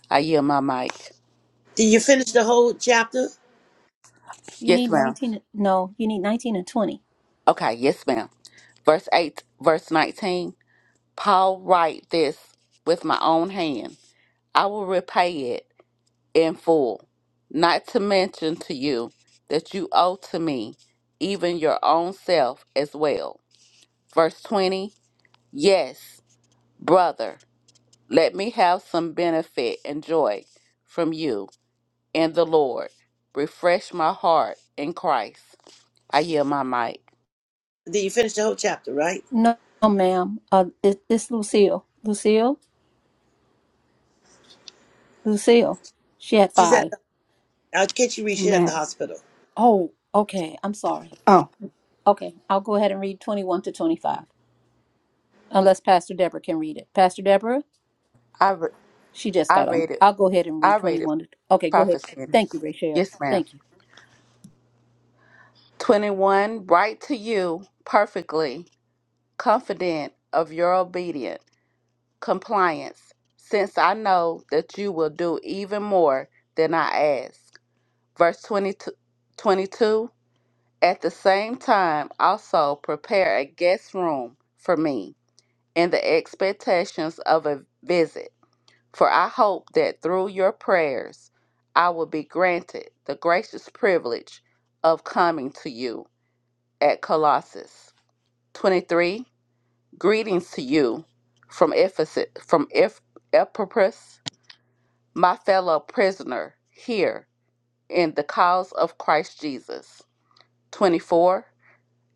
S3: I yield my mic.
S1: Did you finish the whole chapter?
S2: You need
S3: Yes, ma'am.
S2: 19. No, you need 19 and 20.
S3: Okay, yes, ma'am. Verse 8, verse 19 Paul write this with my own hand. I will repay it in full, not to mention to you that you owe to me even your own self as well. Verse 20 Yes, brother, let me have some benefit and joy from you and the Lord. Refresh my heart in Christ. I yield my mic.
S1: Did you finish the whole chapter, right?
S2: No, ma'am. Uh, it, it's Lucille. Lucille? Lucille, she had
S1: She's at
S2: five.
S1: the, uh, can't you read? She's at the
S5: Amen.
S1: hospital.
S2: Oh, okay. I'm sorry.
S5: Oh,
S2: Okay, I'll go ahead and read 21 to 25, unless Pastor Deborah can read it. Pastor Deborah,
S3: I, re-
S2: she just
S3: I
S2: got on.
S3: read it.
S2: I'll go ahead and
S3: I
S2: read
S3: read it,
S2: 21 to. Okay, go ahead.
S3: Prophet
S2: Thank you,
S3: Sanders.
S2: Rachel.
S3: Yes, ma'am.
S2: Thank you.
S3: 21 Write to you perfectly, confident of your obedience compliance, since I know that you will do even more than I ask. Verse 22, twenty-two, At the same time, also prepare a guest room for me in the expectations of a visit, for I hope that through your prayers I will be granted the gracious privilege of coming to you at Colossus. 23 Greetings to you from Ephesus, from Eph- Epaphras my fellow prisoner here in the cause of Christ Jesus. 24.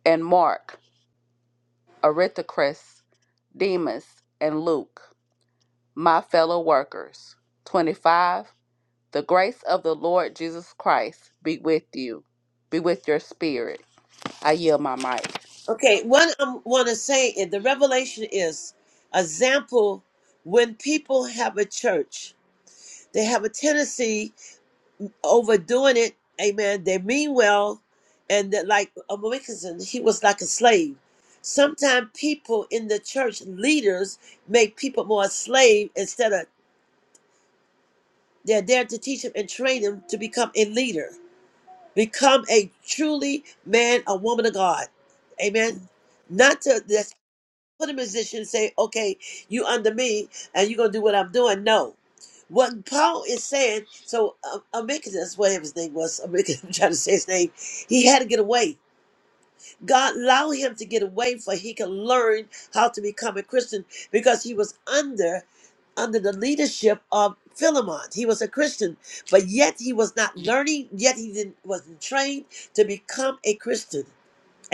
S3: And Mark, Aristarchus, Demas, and Luke, my fellow workers. 25. The grace of the Lord Jesus Christ be with you, be with your spirit. I yield my mic.
S1: Okay, what I want to say is the revelation is example when people have a church, they have a tendency overdoing it. Amen. They mean well, and that like um, Wilkinson, he was like a slave. Sometimes people in the church leaders make people more a slave instead of they're there to teach them and train them to become a leader, become a truly man, a woman of God. Amen. Not to that's for the musician say, okay, you under me and you're going to do what I'm doing. No. What Paul is saying, so um, Amicus, that's whatever his name was, Amicus, [LAUGHS] I'm trying to say his name, he had to get away. God allowed him to get away for he could learn how to become a Christian because he was under under the leadership of Philemon. He was a Christian, but yet he was not learning, yet he didn't wasn't trained to become a Christian.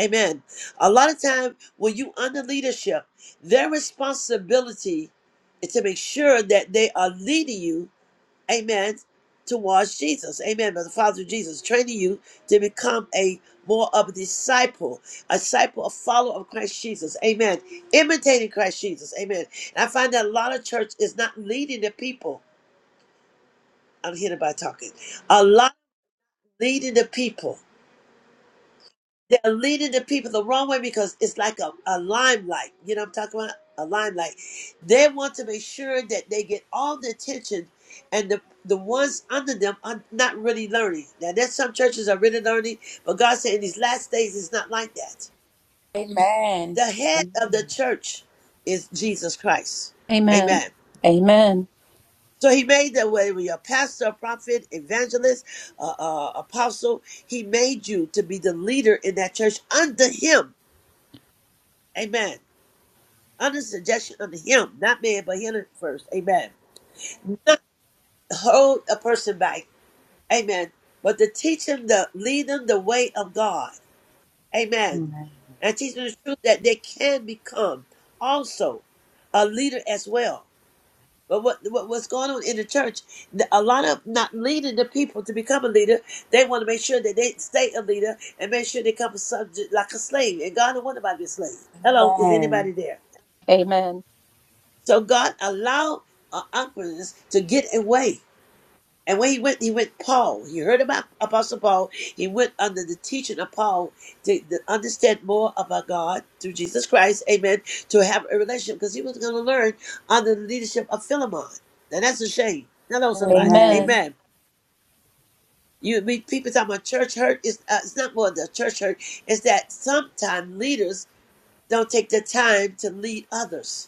S1: Amen. A lot of time when you under leadership, their responsibility is to make sure that they are leading you, amen, towards Jesus. Amen. By the Father of Jesus, training you to become a more of a disciple, a disciple, a follower of Christ Jesus. Amen. Imitating Christ Jesus. Amen. And I find that a lot of church is not leading the people. I'm here by talking. A lot leading the people. they're leading the people the wrong way because it's like a, a limelight. You know what I'm talking about? A limelight. They want to make sure that they get all the attention and the the ones under them are not really learning. Now there's some churches are really learning, but God said in these last days it's not like that.
S3: Amen.
S1: The head of the church is Jesus Christ.
S2: Amen.
S1: Amen.
S2: Amen.
S1: So he made that way with your pastor, prophet, evangelist, uh, uh, apostle. He made you to be the leader in that church under him. Amen. under suggestion under him, not man, but him first. Amen. Not hold a person back. Amen. But to teach them the lead them the way of God. Amen.
S3: Amen.
S1: And teach them the truth that they can become also a leader as well. But what, what what's going on in the church? the- A lot of not leading the people to become a leader. They want to make sure that they stay a leader and make sure they come a subject like a slave. And God don't want nobody to be a slave. Hello, is
S3: Amen.
S1: anybody there?
S2: Amen.
S1: So God allowed uh, Uncle to get away. And when he went, he went Paul. He heard about Apostle Paul. He went under the teaching of Paul to, to understand more about God through Jesus Christ. Amen. To have a relationship because he was going to learn under the leadership of Philemon. And that's a shame. Hello,
S3: Amen.
S1: somebody.
S3: Amen.
S2: Amen.
S1: Amen. You mean people talking about church hurt? It's, uh, it's not more the church hurt. It's that sometimes leaders don't take the time to lead others.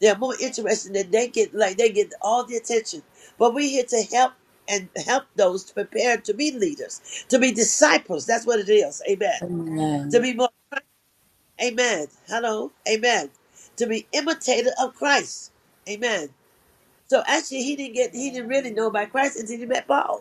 S1: They're more interested than they get, like they get all the attention. But we're here to help and help those to prepare to be leaders, to be disciples. That's what it is. Amen. To be more, amen. Hello, amen. To be imitator of Christ. Amen. So actually, he didn't get, he didn't really know about Christ until he met Paul.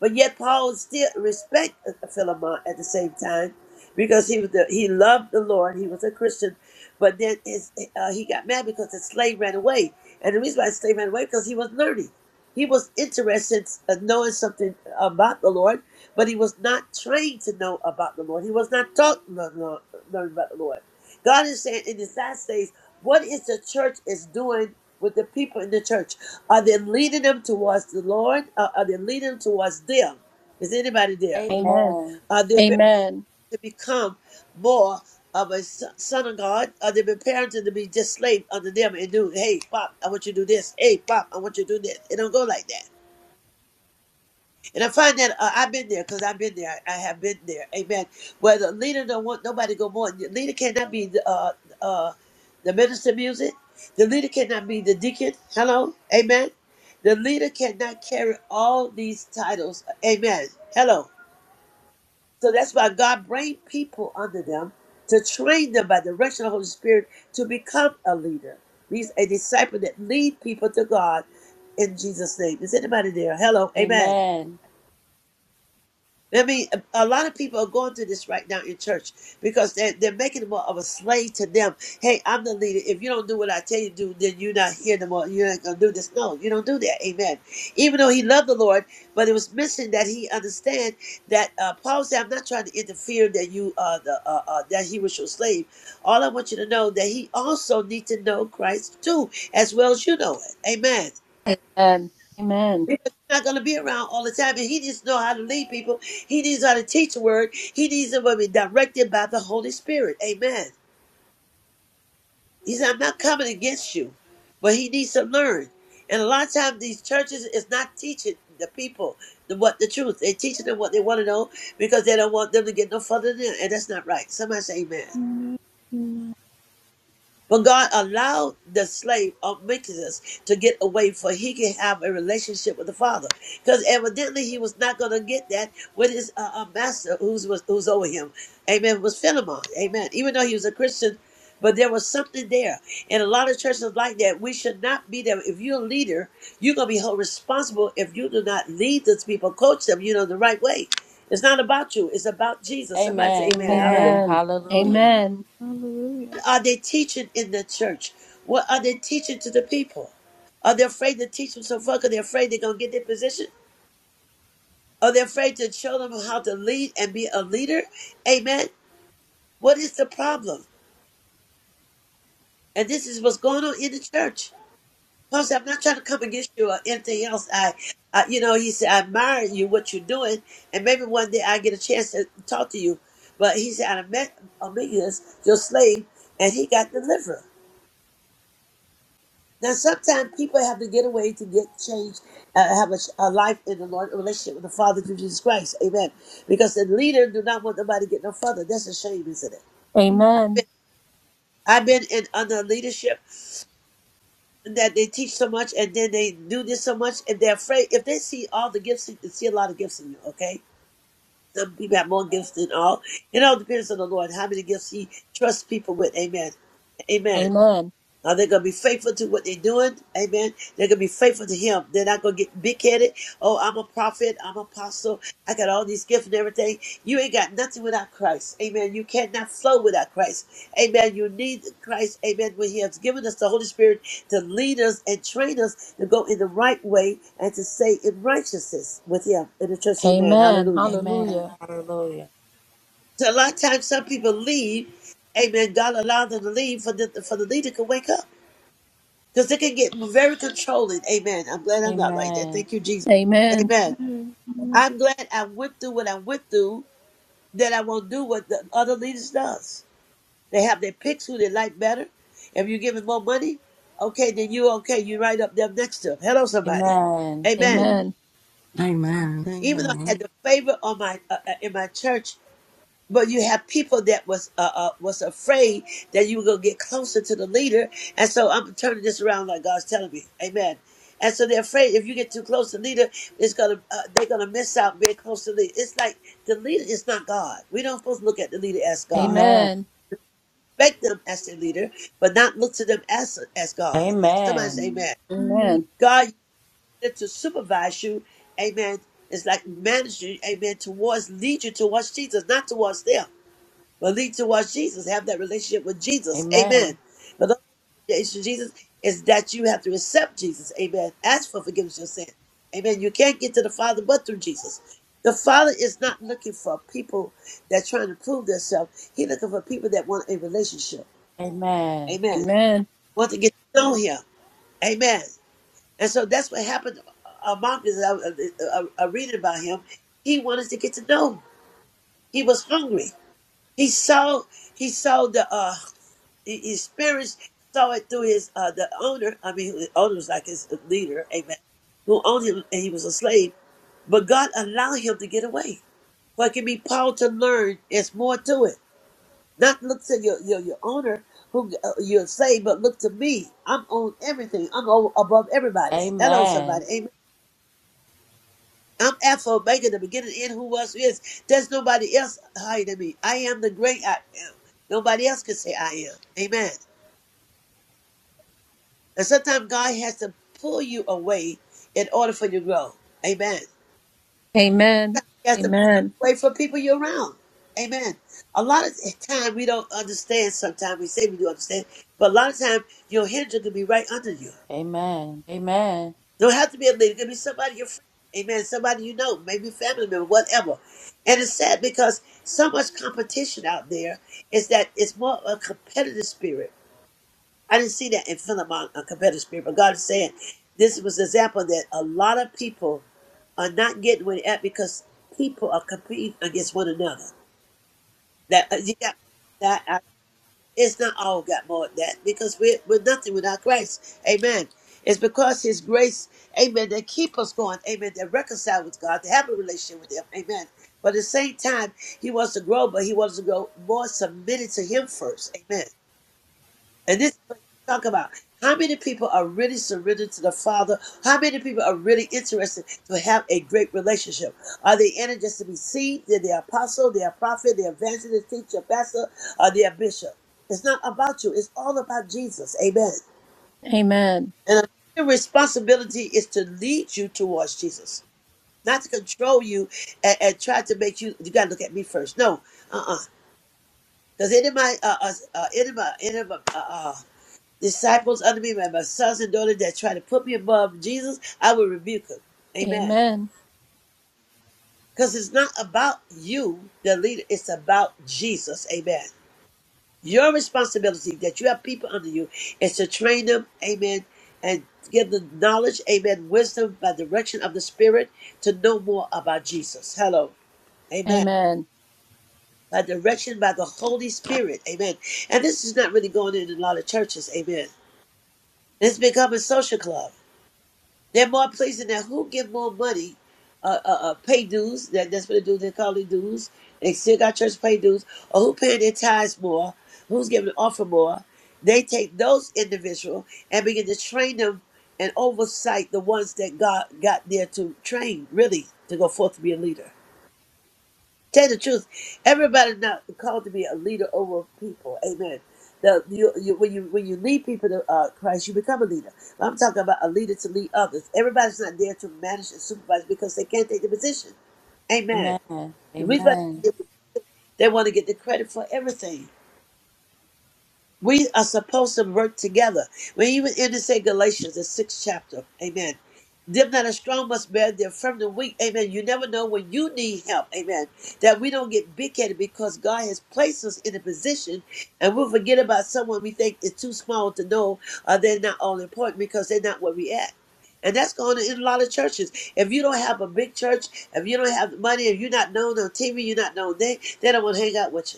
S1: But yet Paul still respect uh, Philemon at the same time because he was the, he loved the Lord. He was a Christian, but then his, uh, he got mad because the slave ran away. And the reason why the slave ran away because he was learning. He was interested in knowing something about the Lord, but he was not trained to know about the Lord. He was not taught to learn learn- learn about the Lord. God is saying in these last days, what is the church is doing with the people in the church? Are they leading them towards the Lord? Or are they leading them towards them? Is anybody there?
S2: Amen.
S3: Amen.
S1: Are they preparing
S2: Amen.
S1: to become more of a s- son of God? Are they preparing to be just slave under them and do, hey, Pop, I want you to do this. Hey, Pop, I want you to do this. It don't go like that. And I find that uh, I've been there because I've been there. I have been there. Amen. Where the leader don't want nobody to go more. The leader cannot be the, uh, uh, the minister of music. The leader cannot be the deacon. Hello. Amen. The leader cannot carry all these titles. Amen. Hello. So that's why God bring people under them to train them by the direction of the Holy Spirit to become a leader. Means a disciple that lead people to God in Jesus' name. Is anybody there? Hello. Amen.
S3: Amen.
S1: I mean, a a lot of people are going through this right now in church because they're, they're making more of a slave to them. Hey, I'm the leader. If you don't do what I tell you to do, then you're not here no more. You're not going to do this. No, you don't do that. Amen. Even though he loved the Lord, but it was missing that he understand that uh, Paul said, I'm not trying to interfere that you uh, the, uh, uh, that he was your slave. All I want you to know that he also need to know Christ too, as well as you know it. Amen.
S2: Amen. Amen.
S1: Because you're not going to be around all the time. And he just know how to lead people. He needs how to teach the word. He needs them to be directed by the Holy Spirit. Amen. He said, I'm not coming against you, but he needs to learn. And a lot of times these churches is not teaching the people the, what the truth. They're teaching them what they want to know because they don't want them to get no further than that. And that's not right. Somebody say amen.
S6: Amen. Amen.
S1: But God allowed the slave of wickedness to get away for he can have a relationship with the Father. Because evidently he was not going to get that with his uh, uh, master who's was, who's over him. Amen. Was Philemon. Amen. Even though he was a Christian, but there was something there. And a lot of churches like that, we should not be there. If you're a leader, you're going to be held responsible if you do not lead those people, coach them, you know, the right way. It's not about you. It's about Jesus.
S3: Amen.
S1: Somebody say amen. Hallelujah
S3: Amen.
S2: Amen.
S3: Hallelujah.
S2: Amen.
S6: Hallelujah.
S1: are they teaching in the church? What are they teaching to the people? Are they afraid to teach them so fuck? Are they afraid they're gonna get their position? Are they afraid to show them how to lead and be a leader? Amen. What is the problem? And this is what's going on in the church. Pastor, I'm not trying to come against you or anything else. I, I you know, he said, I admire you, what you're doing, and maybe one day I get a chance to talk to you. But he said, I met Amelius, your slave, and he got delivered. Now, sometimes people have to get away to get changed, uh, have a, a life in the Lord, a relationship with the Father through Jesus Christ. Amen. Because the leader do not want nobody to get no further. That's a shame, isn't
S2: Amen.
S1: it? I've been in under leadership that they teach so much and then they do this so much and they're afraid. If they see all the gifts, they see a lot of gifts in you, okay? Some people have more gifts than all. It all depends on the Lord, how many gifts He trusts people with. Amen. Amen.
S2: Amen.
S1: Are they gonna be faithful to what they're doing? Amen. They're gonna be faithful to him. They're not gonna get big headed. Oh, I'm a prophet, I'm an apostle, I got all these gifts and everything. You ain't got nothing without Christ. Amen. You cannot flow without Christ. Amen. You need Christ, amen, when He has given us the Holy Spirit to lead us and train us to go in the right way and to stay in righteousness with him in the church. Amen.
S2: Amen.
S1: Hallelujah.
S3: Amen.
S2: Hallelujah.
S3: Hallelujah.
S1: So a lot of times some people leave, amen. God allowed them to leave for the for the leader to wake up because it can get very controlling. Amen. I'm glad I'm not like that.
S3: Amen.
S1: Thank you, Jesus.
S2: Amen.
S1: Amen.
S6: Amen. Amen.
S1: I'm glad I went through what I went through. That I won't do what the other leaders does. They have their picks who they like better. If you're giving more money, okay, then you okay. You right up there next to them. Hello, somebody.
S3: Amen.
S1: Amen.
S6: Amen.
S2: Amen.
S4: Amen. Amen.
S1: Even though I had the favor on my uh, uh, in my church But you have people that was uh, uh was afraid that you were gonna get closer to the leader, and so I'm turning this around like God's telling me, Amen. And so they're afraid if you get too close to the leader, it's gonna uh, they're gonna miss out being close to the leader. It's like the leader is not God. We don't supposed to look at the leader as God.
S3: Amen.
S2: Amen.
S1: Respect them as their leader, but not look to them as as God. Somebody
S3: Amen.
S1: say,
S6: Amen.
S1: Amen.
S2: Amen.
S1: God is to supervise you, Amen. It's like manage you, Amen. Towards lead you towards Jesus, not towards them. But lead to towards Jesus. Have that relationship with Jesus.
S3: Amen.
S1: Amen. But the relationship with Jesus is that you have to accept Jesus. Amen. Ask for forgiveness of your sin. Amen. You can't get to the Father but through Jesus. The Father is not looking for people that trying to prove themselves. He's looking for people that want a relationship.
S3: Amen.
S1: Amen.
S2: Amen.
S1: Want to get to know Him. Amen. And so that's what happened among us. I, I, I read about him. He wanted to get to know. Him. He was hungry. He saw. He saw the. uh, He- His spirits saw it through his uh, the owner. I mean, the owner was like his leader, amen, who owned him, and he was a slave. But God allowed him to get away. For it can be Paul to learn. There's more to it. Not look to your your, your owner who uh, you're saved, but look to me. I'm on everything. I'm over, above everybody. Hello, somebody.
S3: Amen.
S1: Amen. I'm Alpha Omega, the beginning and end, who was who is. There's nobody else higher than me. I am the great I am. Nobody else can say I am. Amen. And sometimes God has to pull you away in order for you to grow. Amen.
S2: Amen.
S1: He has to pull
S2: Amen.
S1: you away from people you're around. Amen. A lot of time we don't understand. Sometimes we say we do understand, but a lot of time your hindrance can be right under you.
S3: Amen. Amen. Amen.
S1: Don't have to be a leader. It can be somebody your friend. Amen. Somebody you know, maybe a family member, whatever. And it's sad because so much competition out there is that it's more of a competitive spirit I didn't see that in Philemon, on competitive spirit, but God is saying this was an example that a lot of people are not getting where they're at because people are competing against one another. That uh, you got that uh, it's not all got more of that because we're, we're nothing without Christ. Amen. It's because His grace, Amen, that keep us going. Amen. That reconcile with God, to have a relationship with Him. Amen. But at the same time, He wants to grow, but He wants to grow more submitted to Him first. Amen. And this is what you talk about. How many people are really surrendered to the Father? How many people are really interested to have a great relationship? Are they in it just to be seen? They're the apostle, they're a prophet, they're evangelist, teacher, pastor, or they're a bishop. It's not about you. It's all about Jesus. Amen.
S2: Amen.
S1: And the responsibility is to lead you towards Jesus, not to control you and, and try to make you. You got to look at me first. No, uh, uh because any of my, uh, uh, uh, any of my, any of my, uh, uh, disciples under me, my, my sons and daughters that try to put me above Jesus, I will rebuke them. Amen.
S2: Amen.
S1: Because it's not about you, the leader, it's about Jesus. Amen. Your responsibility that you have people under you is to train them, amen, and give them knowledge, amen, wisdom by direction of the Spirit to know more about Jesus. Hello. Amen.
S2: Amen.
S1: By direction by the Holy Spirit. Amen. And this is not really going in a lot of churches. Amen. It's become a social club. There are more places now who give more money, uh, uh, uh pay dues. That, that's what they do. They call it dues. They still got church pay dues. Or who paying their tithes more? Who's giving an offer more? They take those individual and begin to train them and oversight the ones that God got there to train, really, to go forth to be a leader. Tell the truth. Everybody not called to be a leader over people. Amen. The, you, you, when you when you lead people to uh, Christ, you become a leader. But I'm talking about a leader to lead others. Everybody's not there to manage and supervise because they can't take the position. Amen. The reason
S3: Amen.
S1: why they want to get the credit for everything. We are supposed to work together. We even in to say Galatians, the sixth chapter. Amen. Them that are strong must bear their from the weak. Amen. You never know when you need help. Amen. That we don't get big headed because God has placed us in a position and we'll forget about someone we think is too small to know or they're not all important because they're not where we at. And that's going on in a lot of churches. If you don't have a big church, if you don't have the money, if you're not known on TV, you're not known there, they don't want to hang out with you.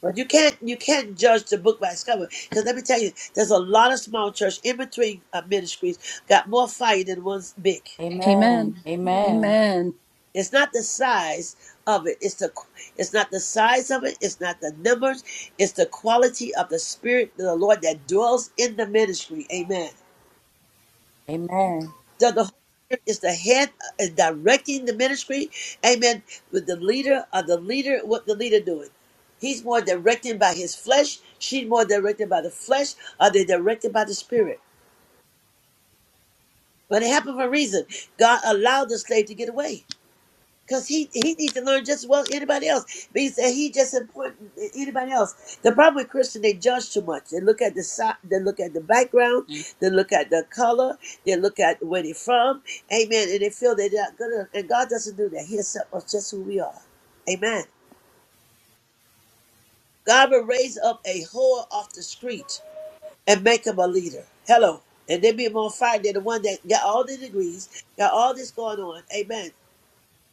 S1: But you can't you can't judge the book by its cover. Because let me tell you, there's a lot of small church in between uh, ministries got more fire than one's big.
S2: Amen.
S3: Amen.
S6: Amen.
S3: Amen.
S2: Amen.
S1: It's not the size of it. It's the it's not the size of it. It's not the numbers. It's the quality of the spirit of the Lord that dwells in the ministry. Amen.
S3: Amen.
S1: So the Holy Spirit is the head, uh, is directing the ministry. Amen. With the leader, or the leader, what the leader doing? He's more directed by his flesh. She's more directed by the flesh. Are they directed by the spirit? But it happened for a reason. God allowed the slave to get away. Cause he he needs to learn just as well as anybody else. But he said he just as important as anybody else. The problem with Christian, they judge too much. They look at the side, they look at the background, Mm. they look at the color, they look at where they're from, amen. And they feel they're not good enough. And God doesn't do that. He accepts us just who we are, amen. God will raise up a whore off the street and make him a leader. Hello, and they be more fire than the one that got all the degrees, got all this going on, amen.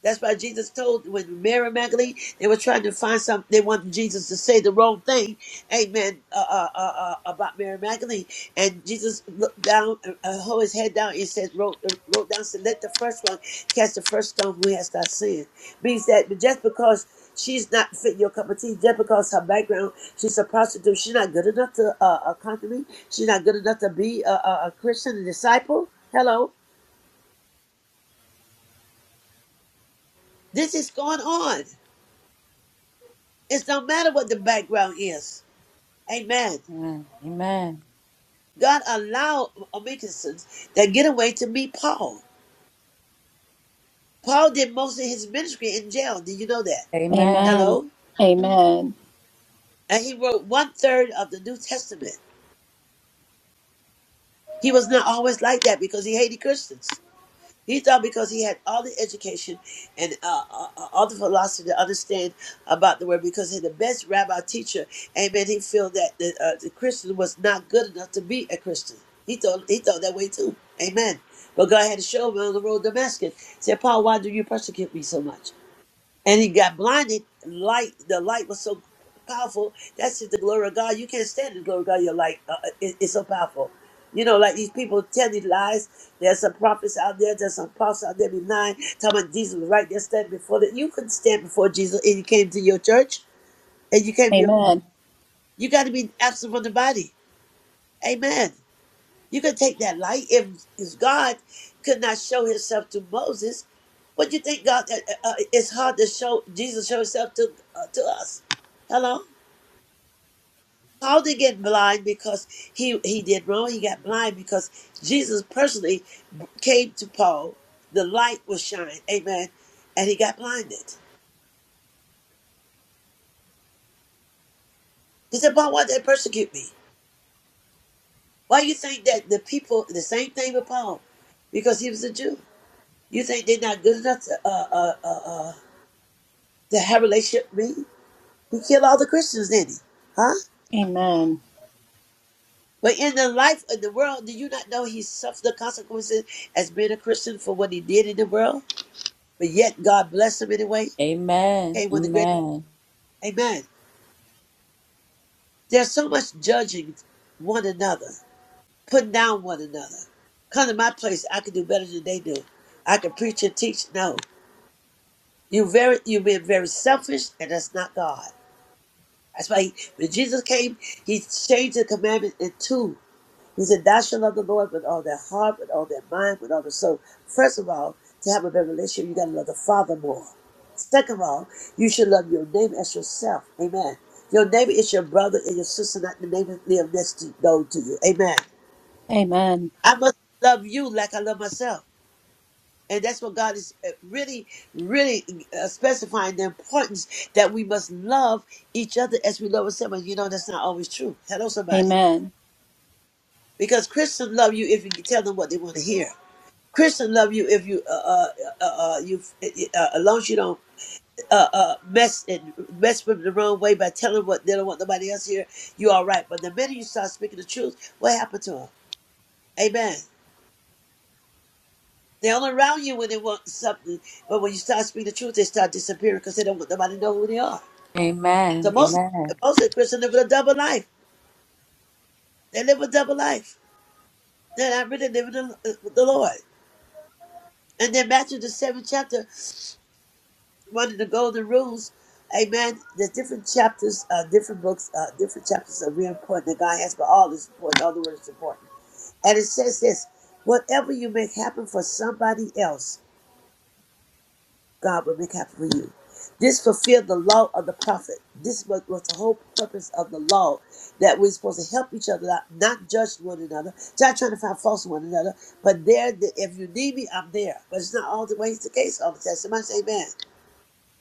S1: That's why Jesus told when Mary Magdalene they were trying to find something. They wanted Jesus to say the wrong thing, Amen, uh, uh, uh, uh, about Mary Magdalene. And Jesus looked down, uh, uh, hold his head down, and says, wrote, uh, wrote down, said, "Let the first one cast the first stone who has not sinned." Means that just because she's not fit your cup of tea, just because her background, she's a prostitute, she's not good enough to uh, uh, conquer me. She's not good enough to be a, a, a Christian, a disciple. Hello, this is going on. It's no matter what the background is. Amen.
S3: Amen. Amen.
S1: God allowed Amikusons that get away to meet Paul. Paul did most of his ministry in jail. Did you know that?
S3: Amen.
S2: Amen.
S1: Hello?
S2: Amen.
S1: And he wrote one third of the New Testament. He was not always like that because he hated Christians. He thought because he had all the education and uh, uh, uh, all the philosophy to understand about the word, because he had the best rabbi teacher, amen, he felt that the, uh, the Christian was not good enough to be a Christian. He thought, he thought that way too. Amen. But God had to show him on the road to Damascus. He Said, Paul, why do you persecute me so much? and he got blinded. Light, the light was so powerful. That's just the glory of God. You can't stand the glory of God. Your light, uh, uh, it, it's so powerful. You know, like these people tell these lies. There's some prophets out there. There's some apostles out there be lying, talking about Jesus was right there standing before that. You couldn't stand before Jesus, and you came to your church, and you came to your.
S2: Amen.
S1: You got to be absent from the body. Amen. You can take that light. If, if God could not show himself to Moses, what do you think God, uh, uh, it's hard to show, Jesus show himself to, uh, to us. Hello? Paul didn't get blind because he, he did wrong. He got blind because Jesus personally came to Paul. The light was shined. Amen. And he got blinded. He said, Paul, why did they persecute me? Why you think that the people, the same thing with Paul? Because he was a Jew. You think they're not good enough to, uh, uh, uh, uh, to have a relationship with me. He killed all the Christians, didn't he? Huh?
S2: Amen.
S1: But in the life of the world, do you not know he suffered the consequences as being a Christian for what he did in the world? But yet God blessed him anyway.
S3: Amen. Amen. Amen.
S1: Came with the great Amen. There's so much judging one another, putting down one another. Come to my place, I can do better than they do. I can preach and teach. No. You very you being very selfish and that's not God. That's why he, when Jesus came, he changed the commandment in two. He said, Thou shalt love the Lord with all their heart, with all their mind, with all their soul. First of all, to have a better relationship, you got to love the Father more. Second of all, you should love your neighbor as yourself. Amen. Your neighbor is your brother and your sister, not the neighbor that live next to door to you. Amen.
S2: Amen.
S1: I must love you like I love myself. And that's what God is uh, really, really uh, specifying the importance that we must love each other as we love ourselves. And you know, that's not always true. Hello, somebody.
S2: Amen.
S1: Because Christians love you if you can tell them what they want to hear. Christian love you if you uh uh uh, uh uh, you uh, uh, as long as you don't uh uh mess and mess with them the wrong way by telling what they don't want nobody else here, you all right. But the minute you start speaking the truth, what happened to them? Amen. They only around you when they want something, but when you start speaking the truth, they start disappearing because they don't want nobody to know who they are.
S3: Amen. Amen.
S1: So
S3: Amen.
S1: most
S3: Amen.
S1: most of the Christians live a double life. They live a double life. They're not really living the, uh, the Lord. And then Matthew the seventh chapter. one of the golden rules. Amen. There's different chapters, uh, different books, uh, different chapters are real important that God has, but all is important. All the word is important. And it says this whatever you make happen for somebody else, God will make happen for you. This fulfilled the law of the prophet. This was, was the whole purpose of the law that we're supposed to help each other out, not judge one another, not trying to find faults in one another. But there, the- if you need me, I'm there. But it's not always the case all the time. Somebody say, "Man,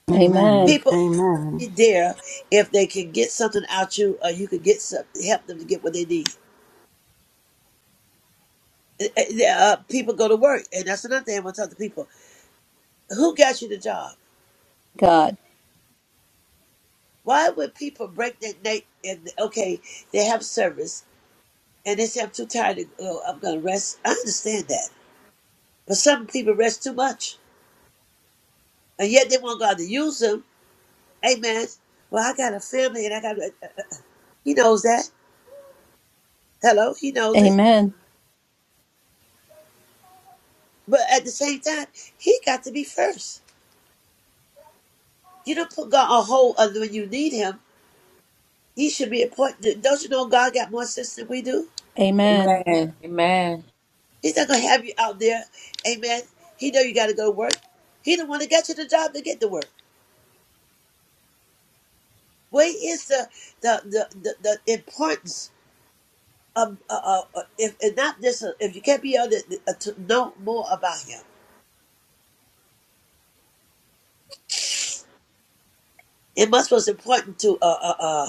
S4: Amen.
S2: Amen.
S4: Amen.
S1: people."
S4: Amen.
S1: there if they can get something out you or you can get some, help them to get what they need. Uh, uh, people go to work, and that's another thing I want to talk to people. Who got you the job?
S2: God.
S1: Why would people break their neck and okay, they have service and they say I'm too tired to go, I'm gonna rest. I understand that, but some people rest too much, and yet they want God to use them. Amen. Well, I got a family, and I got. uh, uh, He knows that. Hello, he knows it.
S2: Amen.
S1: But at the same time, he got to be first. You don't put God on hold other when you need Him. He should be important. Don't you know God got more sense than we do?
S2: Amen.
S1: He's not gonna have you out there, Amen. He know you got to go to work. He the one that got you the job to get to work. Where is the the the the, the importance of uh, uh, uh, if and not this? uh, If you can't be able to, uh, to know more about Him, it must was important to uh uh uh,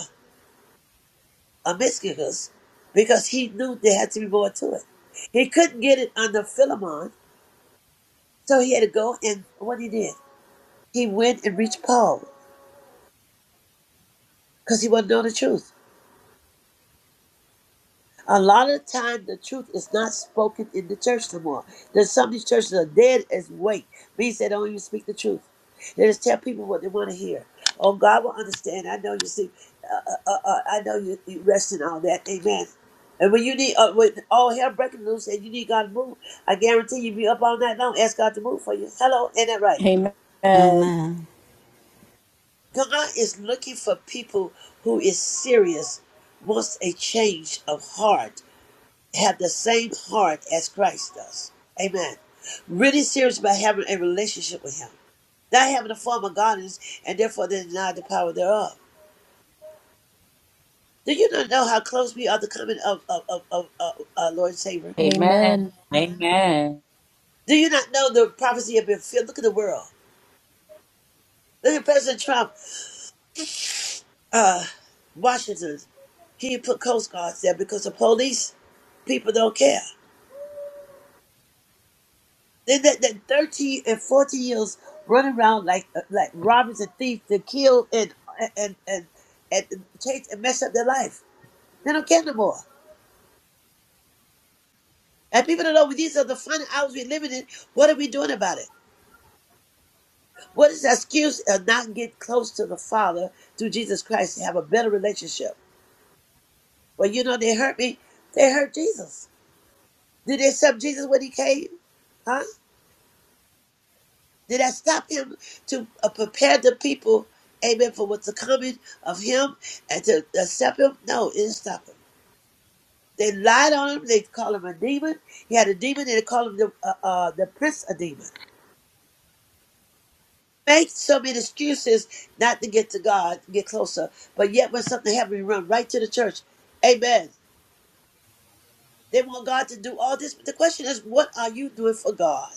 S1: uh Mysticus because he knew there had to be more to it. He couldn't get it under Philemon, so he had to go and what he did. he went and reached Paul because he wanted to know the truth. A lot of the time, the truth is not spoken in the church no more. There's some of these churches are dead as weight, means they don't even speak the truth. They just tell people what they want to hear. Oh, God will understand. I know you see. Uh, uh, uh, uh, I know you, you rest in all that. Amen. And when you need, uh, when all hell breaking loose and you need God to move, I guarantee you be up all night long, ask God to move for you. Hello, ain't that right?
S2: Amen. Amen.
S4: Amen.
S1: God is looking for people who is serious, wants a change of heart, have the same heart as Christ does. Amen. Really serious about having a relationship with Him, not having a form of godliness, and therefore they deny the power thereof. Do you not know how close we are to coming of of of, of, of our Lord and Savior?
S2: Amen.
S3: Amen.
S1: Do you not know the prophecy have been filled? Look at the world. Look at President Trump, uh, Washington. He put Coast Guards there because the police people don't care. They that that 13 and 14 years run around like uh, like robbers and thieves to kill and and and and change and mess up their life. They don't care no more. And people don't know these are the final hours we're living in. What are we doing about it? What is the excuse of not get close to the Father through Jesus Christ to have a better relationship? Well, you know they hurt me. They hurt Jesus. Did they accept Jesus when he came? Huh? Did that stop him to uh, prepare the people, amen, for what's coming of him and to accept him? No, it didn't stop him. They lied on him. They called him a demon. He had a demon, and they called him the, uh, uh, the prince of demon. Make so many excuses not to get to God, to get closer. But yet, when something happens, we run right to the church. Amen. They want God to do all this. But the question is, what are you doing for God?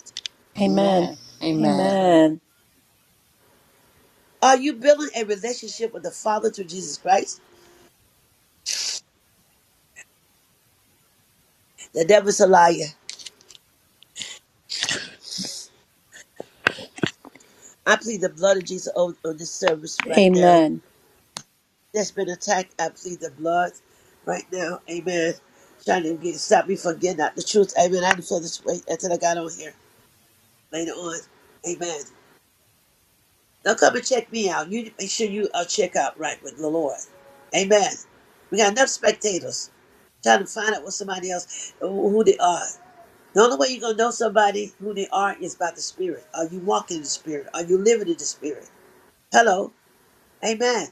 S2: Amen.
S3: Amen.
S2: Amen.
S1: Are you building a relationship with the Father through Jesus Christ? The devil's a liar. I plead the blood of Jesus on, on this service right now. That's been attacked. I plead the blood right now. Amen. Trying to get stop me from getting out the truth. Amen. I didn't feel this way until I got on here later on. Amen. Now come and check me out. You make sure you are check out right with the Lord. Amen. We got enough spectators trying to find out what somebody else who who they are. The only way you're gonna know somebody who they are is by the Spirit. Are you walking in the Spirit? Are you living in the Spirit? Hello. Amen.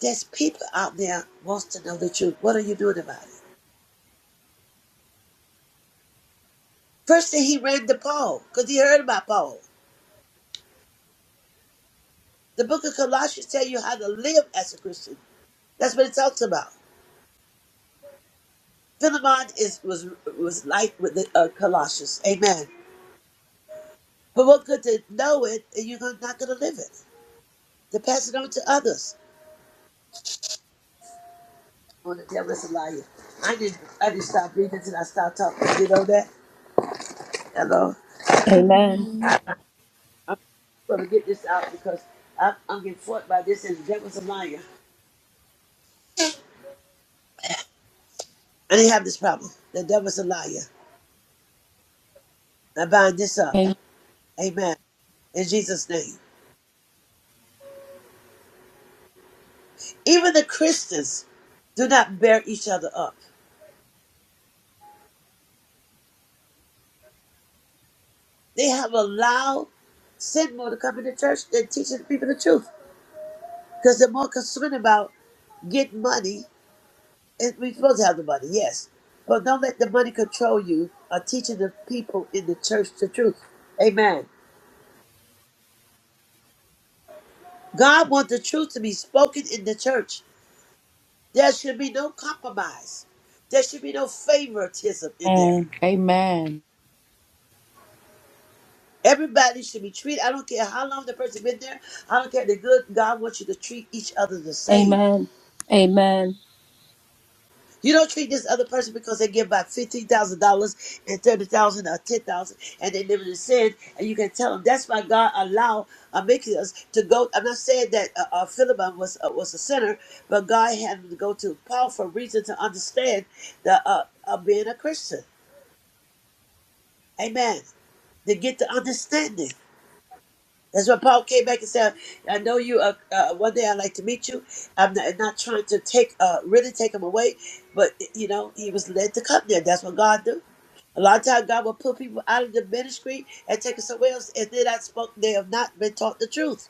S1: There's people out there wants to know the truth. What are you doing about it? First thing he read the Paul, because he heard about Paul. The book of Colossians tell you how to live as a Christian. That's what it talks about. Philemon is was was like with the uh, Colossians. Amen. But what good to know it and you're gonna- not going to live it? To pass it on to others. When the devil is a liar. I didn't I didn't stop reading until I stopped talking. You know that? Hello.
S2: Amen.
S6: Amen.
S1: I'm going to get this out because I'm, I'm getting fought by this and the devil's a liar. I didn't have this problem. The devil's a liar. I bind this up.
S2: Amen.
S1: Amen. In Jesus' name. Even the Christians do not bear each other up. They have allowed sin more to come into church than teaching people the truth. Because they're more concerned about getting money. And we're supposed to have the money, yes. But don't let the money control you or teaching the people in the church the truth. Amen. God wants the truth to be spoken in the church. There should be no compromise. There should be no favoritism
S3: Amen.
S1: in there.
S3: Amen. Amen.
S1: Everybody should be treated. I don't care how long the person been there. I don't care the good God wants you to treat each other the same.
S2: Amen.
S1: You don't treat this other person because they give about fifteen thousand dollars and thirty thousand or ten thousand, and they live in sin. And you can tell them that's why God allow uh, making us to go. I'm not saying that uh, uh, Philemon was uh, was a sinner, but God had him to go to Paul for a reason to understand the uh, uh, being a Christian. Amen. to get to understanding. That's why Paul came back and said, "I know you. Uh, uh, one day I'd like to meet you. I'm not, not trying to take, uh, really take him away, but you know, he was led to come there. That's what God do. A lot of times, God will put people out of the ministry and take us somewhere else, and then I spoke. They have not been taught the truth.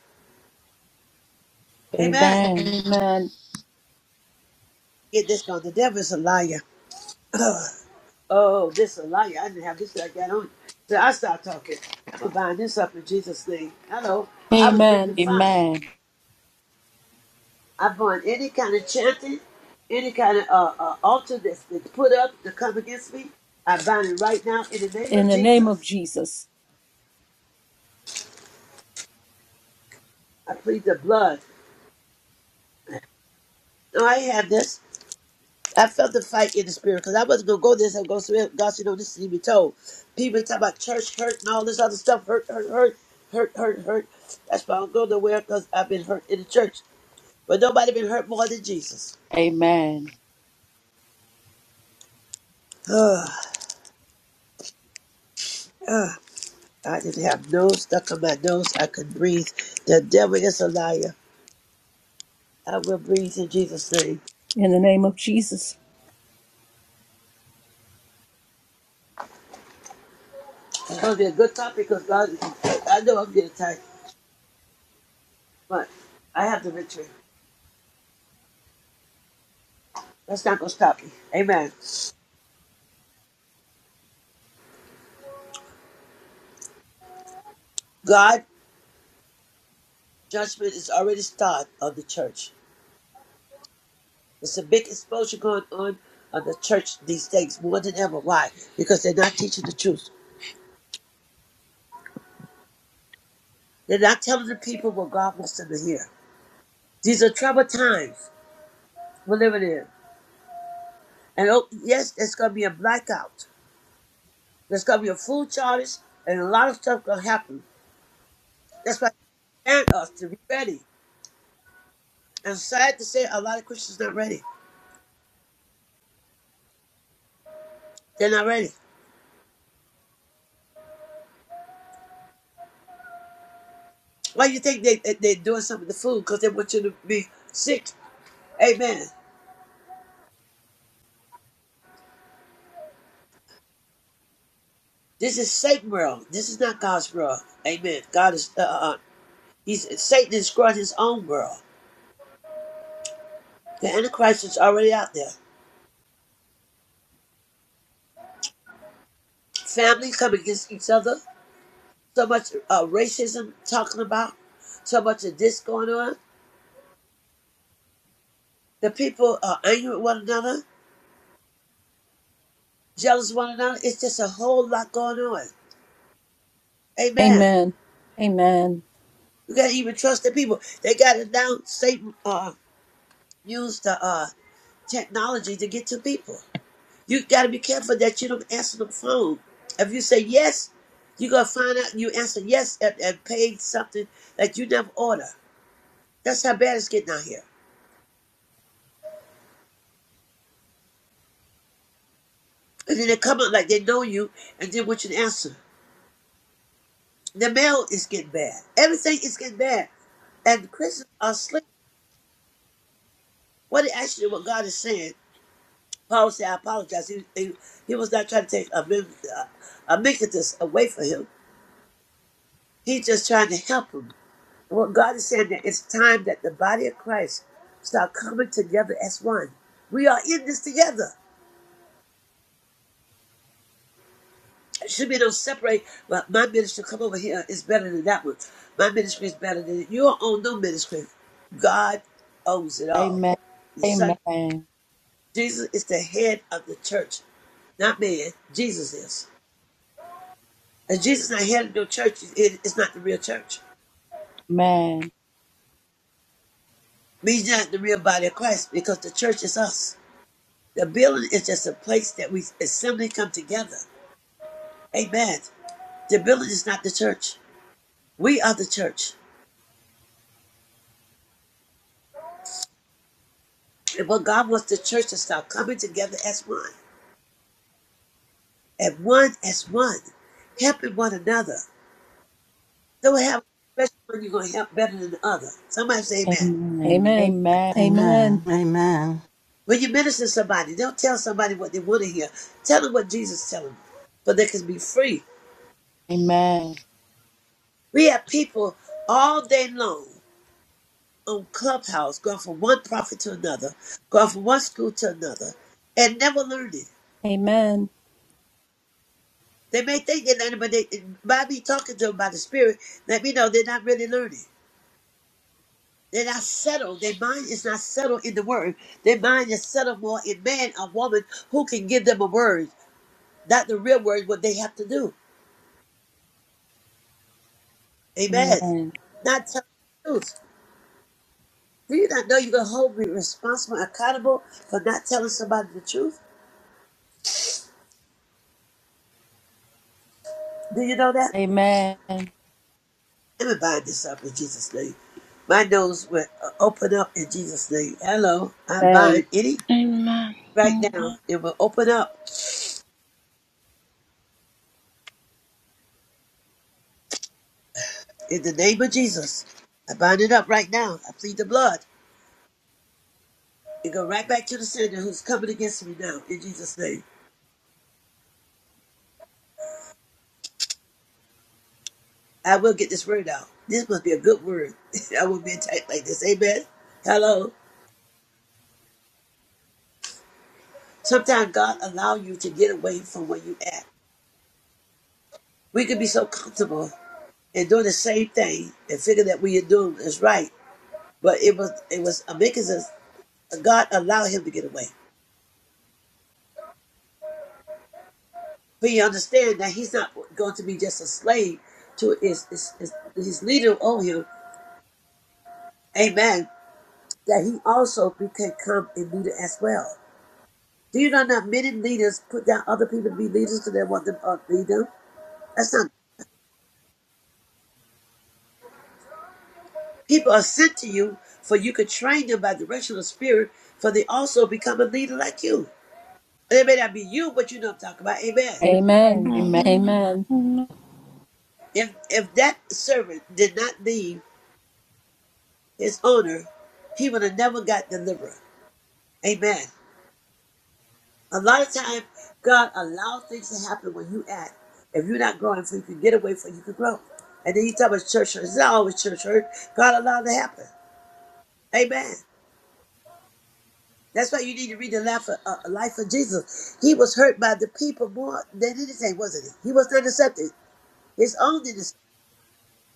S1: Amen.
S3: Amen.
S2: Amen.
S1: Get this going. The devil is a liar. [CLEARS THROAT] oh, this is a liar. I didn't have this. till I got on. So I start talking. I'm gonna bind this up in Jesus' name. Hello. I was breathing
S2: Amen.
S1: fine.
S3: Amen.
S1: I burn any kind of chanting, any kind of uh, uh, altar that's been put up to come against me. I bind it right now in the name
S2: In
S1: of
S2: the name of
S1: Jesus.
S2: Jesus.
S1: I plead the blood. No, I ain't have this. I felt the fight in the spirit because I wasn't gonna go this and go through it. God said, "No, this need to be told." People talk about church hurt and all this other stuff. Hurt, hurt, hurt, hurt, hurt, hurt. That's why I don't go nowhere because I've been hurt in the church. But nobody been hurt more than Jesus.
S3: Amen.
S1: [SIGHS] I didn't have nose stuck on my nose. I couldn't breathe. The devil is a liar. I will breathe in Jesus' name.
S2: In the name of Jesus.
S1: It's going to be a good topic because God, I know I'm getting tired, but I have the victory. That's not going to stop me. Amen. God, judgment is already started on the church. There's a big exposure going on on the church these days more than ever. Why? Because they're not teaching the truth. They're not telling the people what God wants them to hear. These are troubled times we're living in. And oh, yes, there's going to be a blackout. There's going to be a food shortage and a lot of stuff going to happen. That's why. and us to be ready. And sad to say, a lot of Christians not ready. They're not ready. Why you think they, they they're doing something to food? Because they want you to be sick. Amen. This is Satan world. This is not God's world. Amen. God is uh, uh uh, he's Satan is growing his own world. The Antichrist is already out there. Families come against each other. So much uh, racism talking about. So much of this going on. The people are angry with one another, jealous of one another. It's just a whole lot going on. Amen.
S2: Amen. Amen.
S1: You can't even trust the people. They got it now. Satan uh, used the uh, technology to get to people. You got to be careful that you don't answer the phone. If you say yes, you're going to find out you answer yes and, and paid something that you never order. That's how bad it's getting out here. And then they come out like they know you and then what you answer. The mail is getting bad. Everything is getting bad. And Christians are asleep. What actually what God is saying? Paul said, I apologize. He, he, he was not trying to take Amicus away from him. He's just trying to help him. What God is saying that it's time that the body of Christ start coming together as one. We are in this together. It should be no separate. But my ministry, come over here, is better than that one. My ministry is better than your own no ministry. God owns it all.
S3: Amen.
S1: The Son
S3: Amen.
S1: Jesus is the head of the church, not man. Jesus is. If Jesus not here to do church, is- it, it's not the real church.
S3: Amen.
S1: We not the real body of Christ because the church is us. The building is just a place that we assembly come together. Amen. The building is not the church. We are the church. And what God wants the church to start coming together as one. And one as one. Helping one another. Don't have a special one you're gonna help better than the other. Somebody say amen.
S3: Amen.
S2: Amen.
S3: Amen.
S2: Amen.
S4: Amen. Amen.
S1: When you minister to somebody, don't tell somebody what they want to hear. Tell them what Jesus telling them. For they can be free
S3: Amen.
S1: We have people all day long on Clubhouse going from one prophet to another, going from one school to another, and never learning.
S2: Amen.
S1: They may think they're learning, but they, by me talking to them by the Spirit, let me know they're not really learning. They're not settled. Their mind is not settled in the Word. Their mind is settled more in man or woman who can give them a word, not the real word, what they have to do.
S3: Amen.
S1: Amen. Not telling the truth. Do you not know you're going to hold me responsible, accountable for not telling somebody the truth? Do you know that?
S3: Amen.
S1: Let me bind this up in Jesus' name. My nose will uh, open up in Jesus' name. Hello, I bind
S2: Amen.
S1: any right now. It will open up in the name of Jesus. I bind it up right now. I plead the blood. It go right back to the sinner who's coming against me now in Jesus' name. I will get this word out. This must be a good word. [LAUGHS] I won't be attacked like this. Amen. Hello. Sometimes God allow you to get away from where you at. We could be so comfortable and doing the same thing and figure that what you're doing is right But it was it was a mechanism. God allowed him to get away. But you understand that he's not going to be just a slave to his his, his, his leader over him. Amen. That he also be- can come and leader as well. Do you know that many leaders put down other people to be leaders because they want them to lead them? That's not. People are sent to you for you could train them by direction of spirit for they also become a leader like you. And it may not be you, but you know what I'm talking about. Amen.
S3: Amen.
S2: Amen.
S3: Amen.
S6: Amen. Amen.
S2: Amen.
S6: Amen.
S1: If if that servant did not lead his owner, he would have never got delivered. Amen. A lot of time, God allows things to happen when you act. If you're not growing, for you can get away from you can grow. And then you talk about church hurt. It's not always church hurt. God allowed it to happen. Amen. That's why you need to read the life of, uh, life of Jesus. He was hurt by the people more than anything, wasn't he? He was not accepted. His own didn't accept,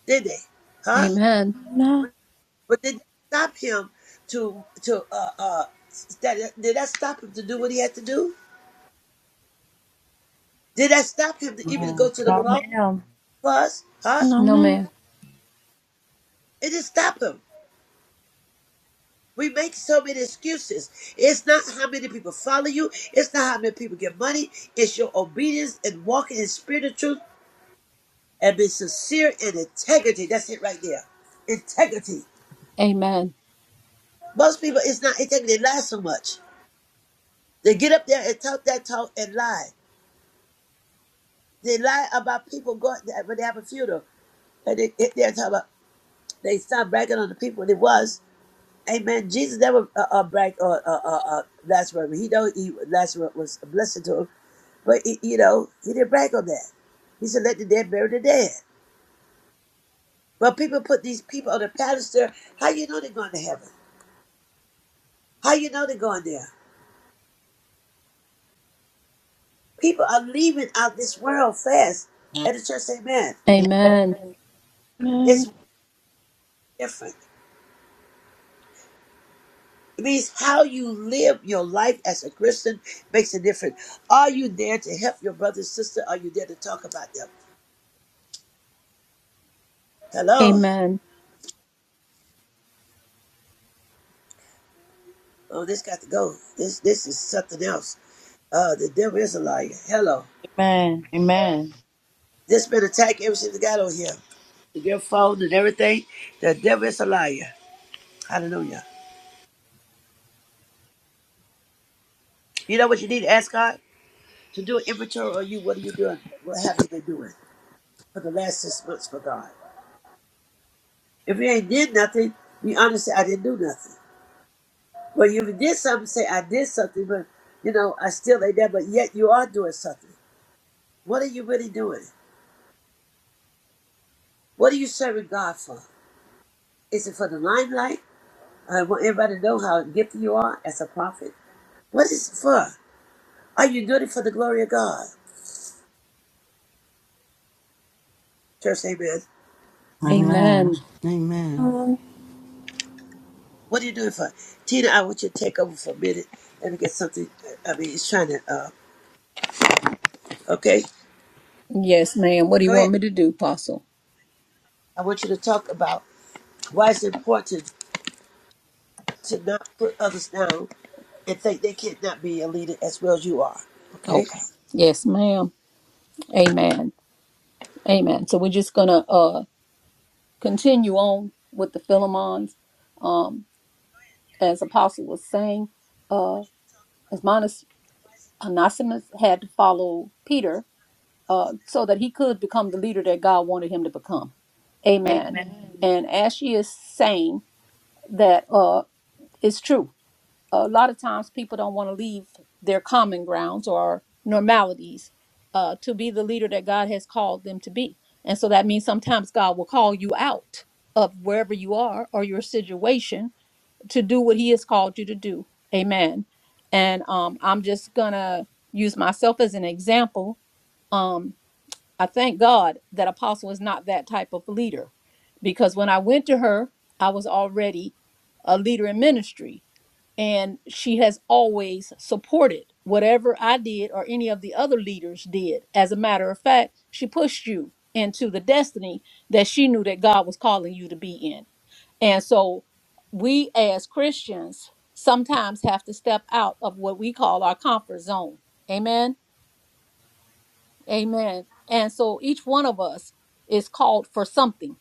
S1: did they? Huh?
S2: Amen.
S6: Amen.
S1: But did that stop him to to uh uh that, did that stop him to do what he had to do? Did that stop him to even go
S3: Now,
S1: to the cross
S3: ma'am.
S1: for us? Huh?
S2: No
S6: Amen.
S2: man.
S1: It didn't stop him. We make so many excuses. It's not how many people follow you. It's not how many people get money. It's your obedience and walking in spirit of truth and being sincere and integrity. That's it right there. Integrity.
S2: Amen.
S1: Most people, it's not integrity. They lie so much. They get up there and talk that talk and lie. They lie about people going there when they have a funeral. And they, they're talking about, they start bragging on the people they was. Amen. Jesus never uh, uh, bragged on uh, uh, uh, Lazarus. He know he Lazarus was a blessing to him, but he, you know he didn't brag on that. He said, "Let the dead bury the dead." But people put these people on the pedestal. How you know they're going to heaven? How you know they're going there? People are leaving out this world fast, and the church say, "Man,
S2: Amen.
S3: Amen.
S1: it's different." It means how you live your life as a Christian makes a difference. Are you there to help your brother and sister? Are you there to talk about them? Hello.
S2: Amen.
S1: Oh, this got to go. This this is something else. Uh, the devil is a liar. Hello.
S3: Amen. Amen.
S1: This been attack ever since it got on here. Your phone and everything. The devil is a liar. Hallelujah. You know what you need to ask God? To do an inventory on you. What are you doing? What have you been doing for the last six months for God? If you ain't did nothing, be honest, say, I didn't do nothing. Well, if you did something, say, I did something, but, you know, I still ain't there, but yet you are doing something. What are you really doing? What are you serving God for? Is it for the limelight? I want everybody to know how gifted you are as a prophet. What is it for? Are you doing it for the glory of God? Church, amen.
S4: Amen.
S5: amen.
S2: Amen.
S4: Amen.
S6: Amen.
S1: What are you doing it for? Tina, I want you to take over for a minute. Let me get something. uh, I mean, it's trying to, uh, okay?
S2: Yes, ma'am. What do you
S1: Go
S2: want
S1: ahead.
S2: me to do, Apostle?
S1: I want you to talk about why it's important to not put others down and think they can't not be a leader as well as you are.
S2: Oh,
S1: Okay?
S2: yes, ma'am. Amen. Amen. So we're just gonna uh continue on with the Philemons. Um, as Apostle was saying, uh, as Monica Onesimus had to follow Peter uh, so that he could become the leader that God wanted him to become. Amen. And as she is saying that uh, it's true. A lot of times people don't want to leave their common grounds or normalities uh, to be the leader that God has called them to be. And so that means sometimes God will call you out of wherever you are or your situation to do what he has called you to do. Amen. And um, I'm just gonna use myself as an example. Um, I thank God that Apostle is not that type of leader, because when I went to her, I was already a leader in ministry, and she has always supported whatever I did or any of the other leaders did. As a matter of fact, she pushed you into the destiny that she knew that God was calling you to be in. And so we as Christians sometimes have to step out of what we call our comfort zone. Amen. Amen. And so each one of us is called for something.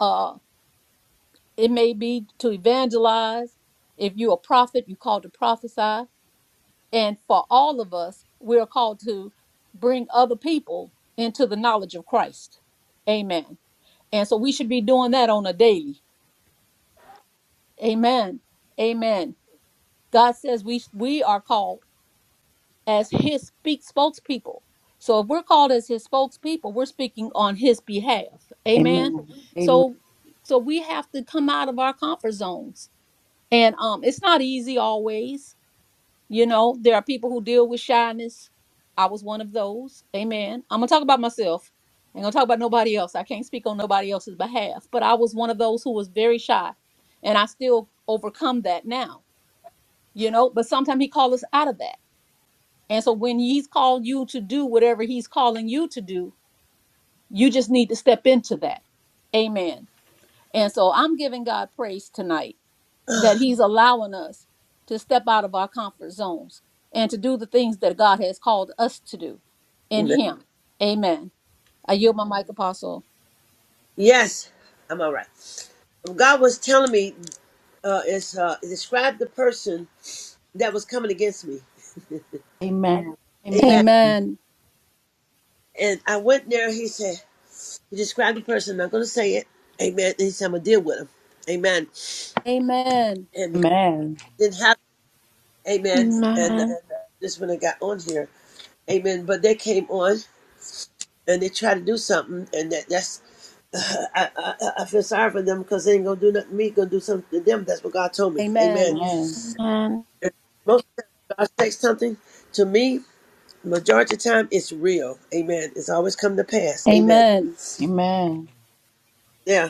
S2: Uh it may be to evangelize. If you're a prophet, you're called to prophesy. And for all of us, we're called to bring other people into the knowledge of Christ. Amen. And so we should be doing that on a daily. Amen. Amen. God says we we are called as his speak spokespeople. So if we're called as his spokespeople, we're speaking on his behalf.
S3: Amen.
S2: Amen.
S3: Amen.
S2: So so we have to come out of our comfort zones. And um it's not easy always. You know, there are people who deal with shyness. I was one of those. Amen. I'm gonna talk about myself. I'm gonna talk about nobody else. I can't speak on nobody else's behalf. But I was one of those who was very shy. And I still overcome that now, you know, but sometimes he calls us out of that and so when he's called you to do whatever he's calling you to do, you just need to step into that. Amen. And so I'm giving God praise tonight that he's allowing us to step out of our comfort zones and to do the things that God has called us to do in
S1: Amen.
S2: him. Amen. I yield my mic, Apostle.
S1: Yes, I'm all right. God was telling me, uh, is uh, describe the person that was coming against me.
S3: Amen. Amen.
S1: Amen.
S3: Amen.
S2: Amen.
S1: And I went there. He said, He described the person. I'm not going to say it. Amen. And he said, I'm going to deal with him. Amen.
S2: Amen.
S1: And because it didn't happen. Amen. And uh, this when I got on here. Amen. But they came on and they tried to do something. And that, that's, [LAUGHS] I, I, I feel sorry for them because they ain't going to do nothing to me. going to do something to them. That's what God told me. Amen.
S2: Amen.
S3: Amen.
S1: And most of the time, God says something to me. Majority of the time, it's real. Amen. It's always come to pass. Amen.
S2: Amen.
S3: Amen.
S1: Yeah.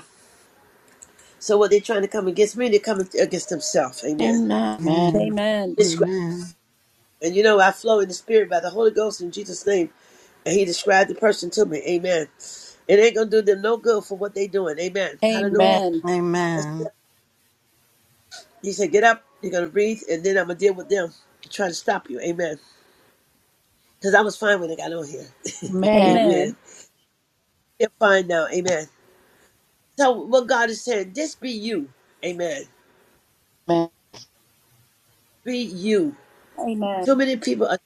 S1: So what they're trying to come against me, they're coming against themselves. Amen.
S6: Amen.
S4: Amen.
S2: Amen.
S1: Describe.
S4: Amen.
S1: And you know, I flow in the spirit by the Holy Ghost in Jesus' name. And he described the person to me. Amen. It ain't gonna do them no good for what they doing. Amen.
S3: Amen.
S1: Hallelujah.
S3: Amen. Amen.
S2: Amen.
S1: That's it.
S4: Amen.
S1: He said, Get up, you're gonna breathe, and then I'm gonna deal with them to try to stop you. Amen. Because I was fine when I got on here. [LAUGHS]
S3: Amen.
S1: Amen.
S2: Amen.
S1: They're fine now. Amen. So what God is saying, just be you. Amen. Be you.
S2: Amen.
S1: Too many people are to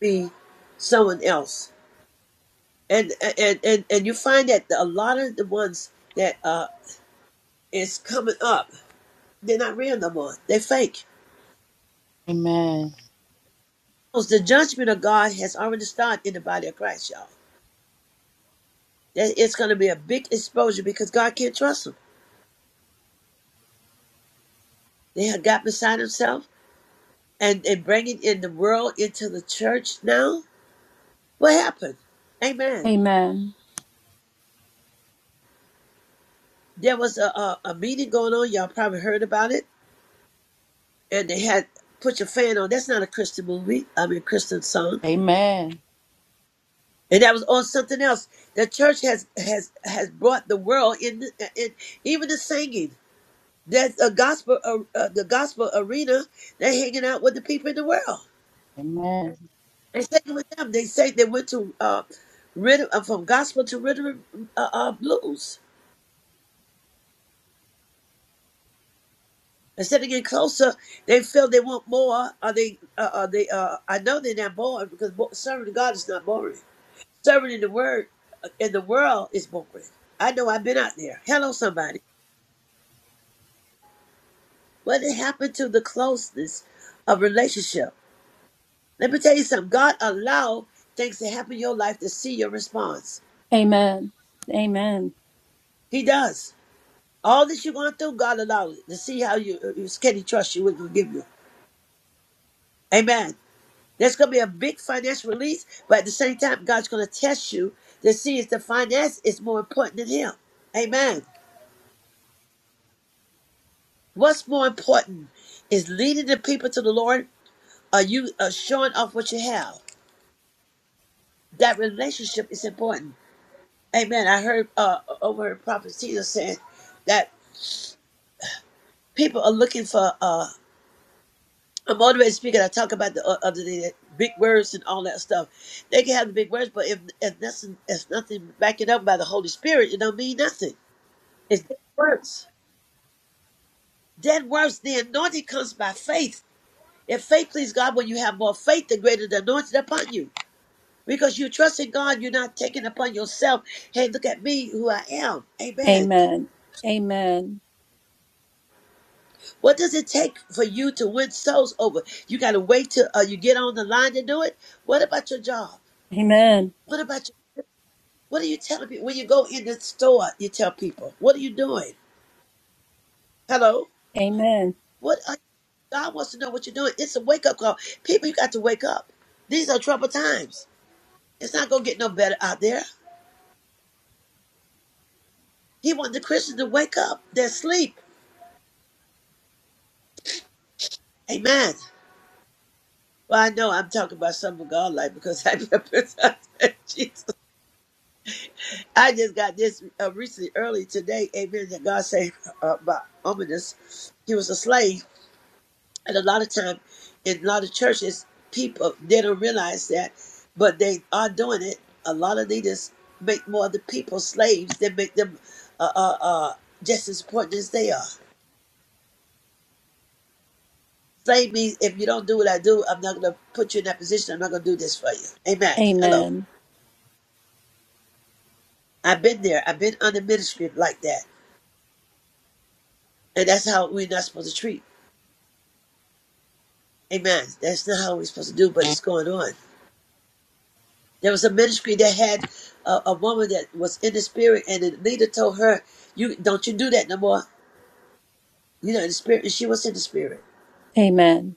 S1: be someone else. and and and and you find that a lot of the ones that uh is coming up they're not real no more they're fake
S3: Amen.
S1: Because the judgment of god has already started in the body of christ y'all that it's going to be a big exposure because god can't trust them they have got beside himself and and bringing in the world into the church now what happened amen
S2: Amen.
S1: there was a a, a meeting going on y'all probably heard about it and they had put your fan on that's not a christian movie i mean christian song
S3: Amen.
S1: and that was on something else. The church has has has brought the world in, in even the singing. That's a gospel, uh, uh, the gospel arena. They hanging out with the people in the world.
S3: Amen.
S1: They singing with them. They say they went to uh, rhythm uh, from gospel to rhythm uh, uh, blues. Instead of getting closer, they feel they want more. Are they? Uh, are they? Uh, I know they're not bored because bo- serving God is not boring. Serving in the word uh, in the world is boring. I know I've been out there. Hello, somebody. What happened to the closeness of relationship? Let me tell you something. God allow things to happen in your life to see your response.
S2: Amen. Amen.
S1: He does. All that you're going through, God allow it to see how you uh, can He trust you, will He give you. Amen. There's going to be a big financial release, but at the same time, God's going to test you to see if the finance is more important than Him. Amen. What's more important is leading the people to the Lord. Are you uh, showing off what you have? That relationship is important. Amen. I heard uh overheard Prophet Tina saying that people are looking for uh a motivated speaker that talk about the uh, other day, that big words and all that stuff. They can have the big words, but if if nothing if nothing backing up by the Holy Spirit, it don't mean nothing. It's dead words. Dead words. The anointing comes by faith. If faith please God, when you have more faith, the greater the anointing upon you. Because you trust in God, you're not taking upon yourself. Hey, look at me, who I am. Amen.
S2: Amen. Amen.
S1: What does it take for you to win souls over? You got to wait till uh, you get on the line to do it. What about your job?
S2: Amen.
S1: What about your, what are you telling people when you go in the store? You tell people what are you doing? Hello,
S2: Amen.
S1: what are, God wants to know what you're doing. It's a wake up call. People, you got to wake up. These are troubled times. It's not gonna get no better out there. He wants the Christians to wake up. They're asleep. Amen. Well, I know I'm talking about something God like because I [LAUGHS] represent Jesus. I just got this uh, recently, early today. Amen. That God say uh, about ominous. He was a slave, and a lot of time in a lot of churches, people they don't realize that, but they are doing it. A lot of leaders make more of the people slaves than make them uh, uh, uh, just as important as they are. Slave means if you don't do what I do, I'm not going to put you in that position. I'm not going to do this for you. Amen. Hello.
S2: Amen.
S1: I've been there. I've been under ministry like that, and that's how we're not supposed to treat. Amen. That's not how we're supposed to do, but it's going on. There was a ministry that had a, a woman that was in the spirit, and the leader told her, "You don't you do that no more." You know, in the spirit, and she was in the spirit.
S2: Amen.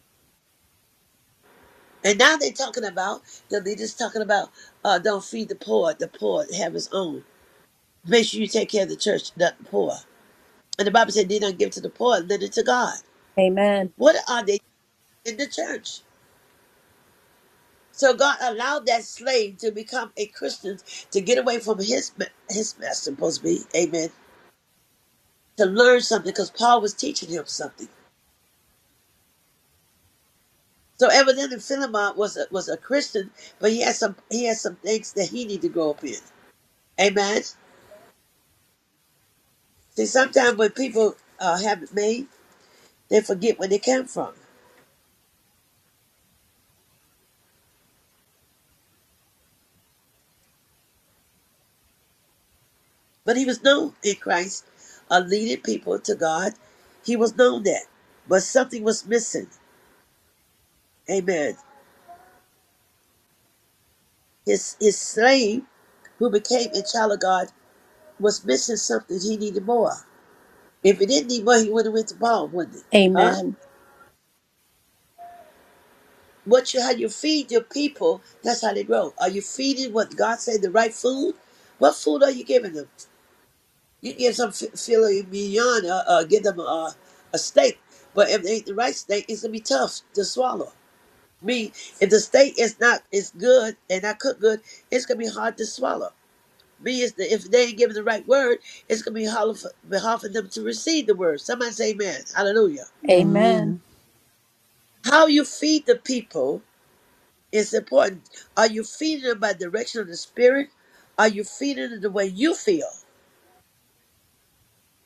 S1: And now they're talking about the leaders talking about, uh, "Don't feed the poor. The poor have his own. Make sure you take care of the church, not the poor." And the Bible said, "They don't give to the poor, lend it to God."
S2: Amen.
S1: What are they in the church? So God allowed that slave to become a Christian to get away from his ma- his master supposed to be. Amen to learn something because Paul was teaching him something. So evidently Philemon was a, was a Christian, but he had some he had some things that he needed to grow up in. Amen. See, sometimes when people uh, have it made, they forget where they came from. But he was known in Christ, uh, leading people to God. He was known that, but something was missing. Amen. His his slave, who became a child of God, was missing something. He needed more. If he didn't need more, he would have went to Paul, wouldn't he? Huh?
S2: Amen.
S1: What you how you feed your people, that's how they grow. Are you feeding what God said the right food? What food are you giving them? You can give some fi- filet mignon, uh, uh, give them a, a steak, but if they ain't the right steak, it's gonna be tough to swallow. Me, if the steak is not is good and not cooked good, it's gonna be hard to swallow. Me is the, if they ain't giving the right word, it's gonna be hard for, be hard for them to receive the word. Somebody say, "Amen, hallelujah."
S4: Amen.
S1: How you feed the people It's important. Are you feeding them by direction of the spirit? Are you feeding them the way you feel?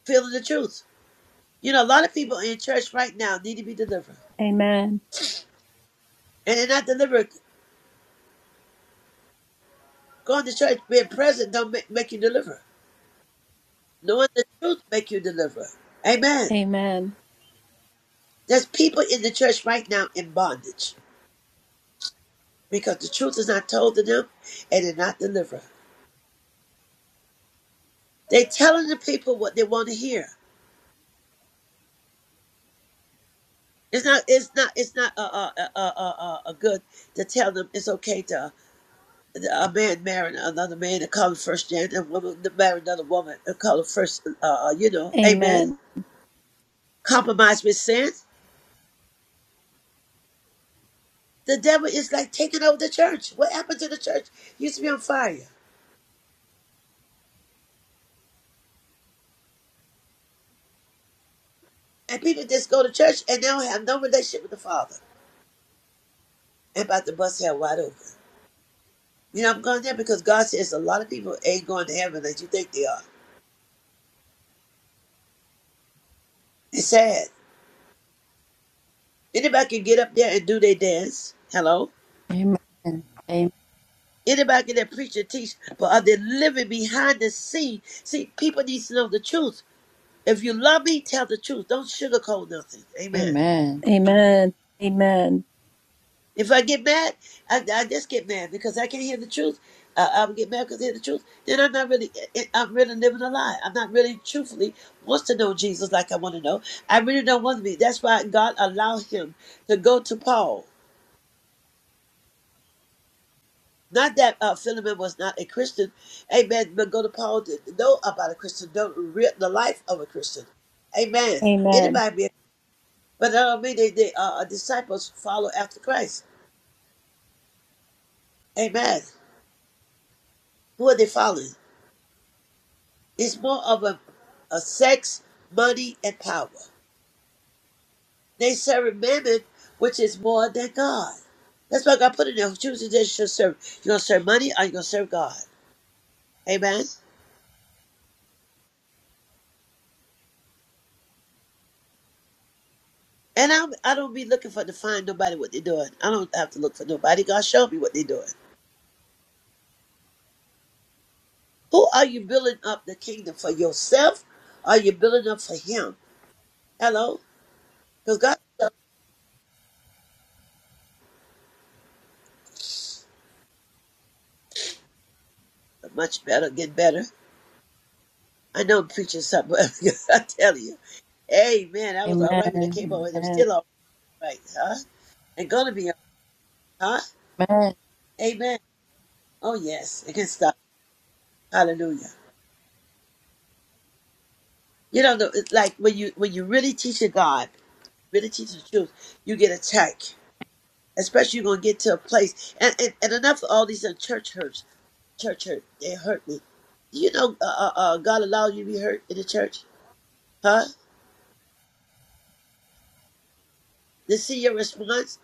S1: Feeling the truth. You know, a lot of people in church right now need to be delivered.
S2: Amen.
S1: And they're not delivered. Going to church, being present don't make, make you deliver. Knowing the truth make you deliver. Amen.
S2: Amen. Amen. Amen.
S1: There's people in the church right now in bondage because the truth is not told to them and they're not delivered. They're telling the people what they want to hear. It's not. It's not. It's not. Uh. Uh. Uh. Uh. uh, uh uh, good to tell them it's okay to. a man marrying another man of color first, James, and a woman marrying another woman of color first. Uh, you know, amen. Compromise with sin. The devil is like taking over the church. What happened to the church? Used to be on fire, and people just go to church and they don't have no relationship with the Father. And about the bus head wide open. You know, I'm going there because God says a lot of people ain't going to heaven as you think they are. It's sad. Anybody can get up there and do their dance. Hello
S3: Amen. Amen.
S1: Anybody can that preach and teach, but are they living behind the scene? See, people need to know the truth. If you love me, tell the truth. Don't sugarcoat nothing. Amen.
S3: Amen.
S2: Amen. Amen.
S1: If I get mad, I, I just get mad because I can't hear the truth. I, I would get mad because I hear the truth. Then I'm not really, eh, eh, I'm really living a lie. I'm not really truthfully wants to know Jesus like I want to know. I really don't want to be. That's why God allowed him to go to Paul Not that uh, Philemon was not a Christian, amen. But go to Paul to know about a Christian, know re- the life of a Christian, amen.
S2: Amen.
S1: Anybody, be, but I don't mean they, they uh, uh, disciples follow after Christ, amen. Who are they following? It's more of a, a sex, money, and power. They serve mammon, which is more than God. That's why God put in there. Choose to serve. You're gonna serve money, or you gonna serve God, amen. And I, I don't be looking for to find nobody what they're doing. I don't have to look for nobody. God show me what they're doing. Who are you building up the kingdom for yourself? Or are you building up for Him? Hello, because God knows you're much better, get better. I know I'm preaching something. [LAUGHS] I tell you, Amen. I was
S3: Amen.
S1: all right when I came over, and I'm
S3: Amen.
S1: still all right, huh? And gonna be, all right,
S3: Amen.
S1: huh? Amen. Oh yes, it can stop. Hallelujah. You know, the- it's like when you when you really teach your God, really teach the truth, you get attacked Especially you're gonna get to a place and, and, and enough of all these uh, church hurts. Church hurt. They hurt me. You know, uh, uh, uh, God allowed you to be hurt in the church, huh? To see your response.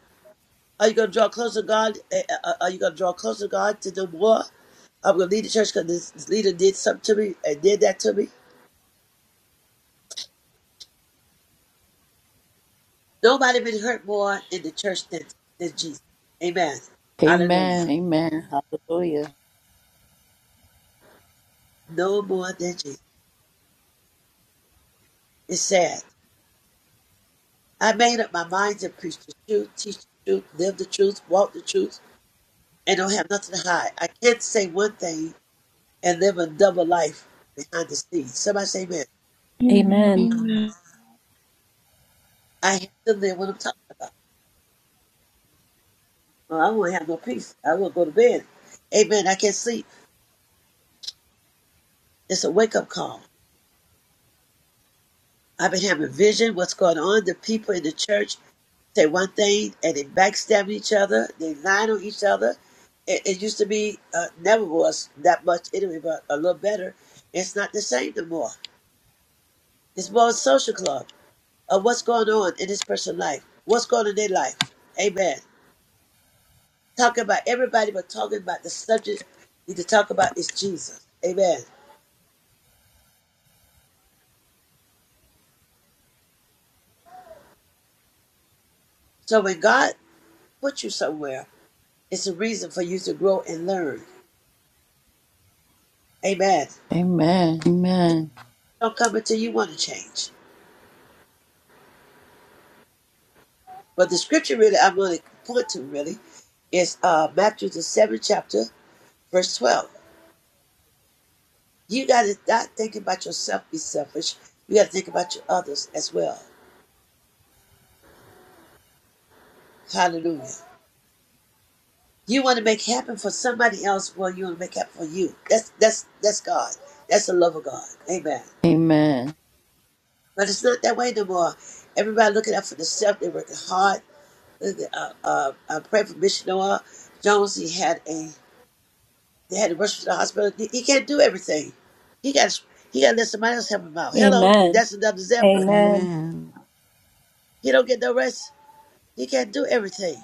S1: Are you gonna draw closer to God? Uh, uh, uh, Are you gonna draw closer to God to know more? I'm gonna leave the church because this, this leader did something to me and did that to me. Nobody been hurt more in the church than, than Jesus. Amen. Hallelujah.
S3: Amen. Amen. Hallelujah.
S1: No more than Jesus. It's sad. I made up my mind to preach the truth, teach the truth, live the truth, walk the truth. and don't have nothing to hide. I can't say one thing and live a double life behind the scenes. Somebody say, man,
S6: Amen. Amen. Amen.
S2: Amen.
S6: Amen.
S1: I have to live what I'm talking about. Or I won't have no peace. I won't go to bed. Amen. I can't sleep. It's a wake up call. I've been having vision, what's going on. The people in the church say one thing and they backstab each other. They lie on each other. It, it used to be, uh, never was that much anyway, but a little better. It's not the same no more. It's more a social club. of what's going on in this person's life, what's going on in their life. Amen. Talking about everybody, but talking about the subject you need to talk about is Jesus. Amen. So when God puts you somewhere, it's a reason for you to grow and learn. Amen.
S3: Amen. Amen.
S1: Don't come until you want to change. But the scripture really I'm going to point to really is uh, Matthew the seventh chapter, verse twelve. You got to not think about yourself, be selfish. You got to think about your others as well. Hallelujah. You want to make happen for somebody else. Well, you want to make happen for you. That's that's that's God. That's the love of God. Amen.
S3: Amen.
S1: But it's not that way no more. Everybody looking out for themselves. They're working hard. Look at, Uh, uh, I pray for Bishop Noah Jones. He had a they had to rush to the hospital. He, he can't do everything. He got he got to let somebody else help him out. Hello,
S2: Amen.
S1: that's another
S2: Amen. Amen. Amen.
S1: example.
S2: Amen.
S4: Amen. Amen.
S1: He don't get no rest. He can't do everything.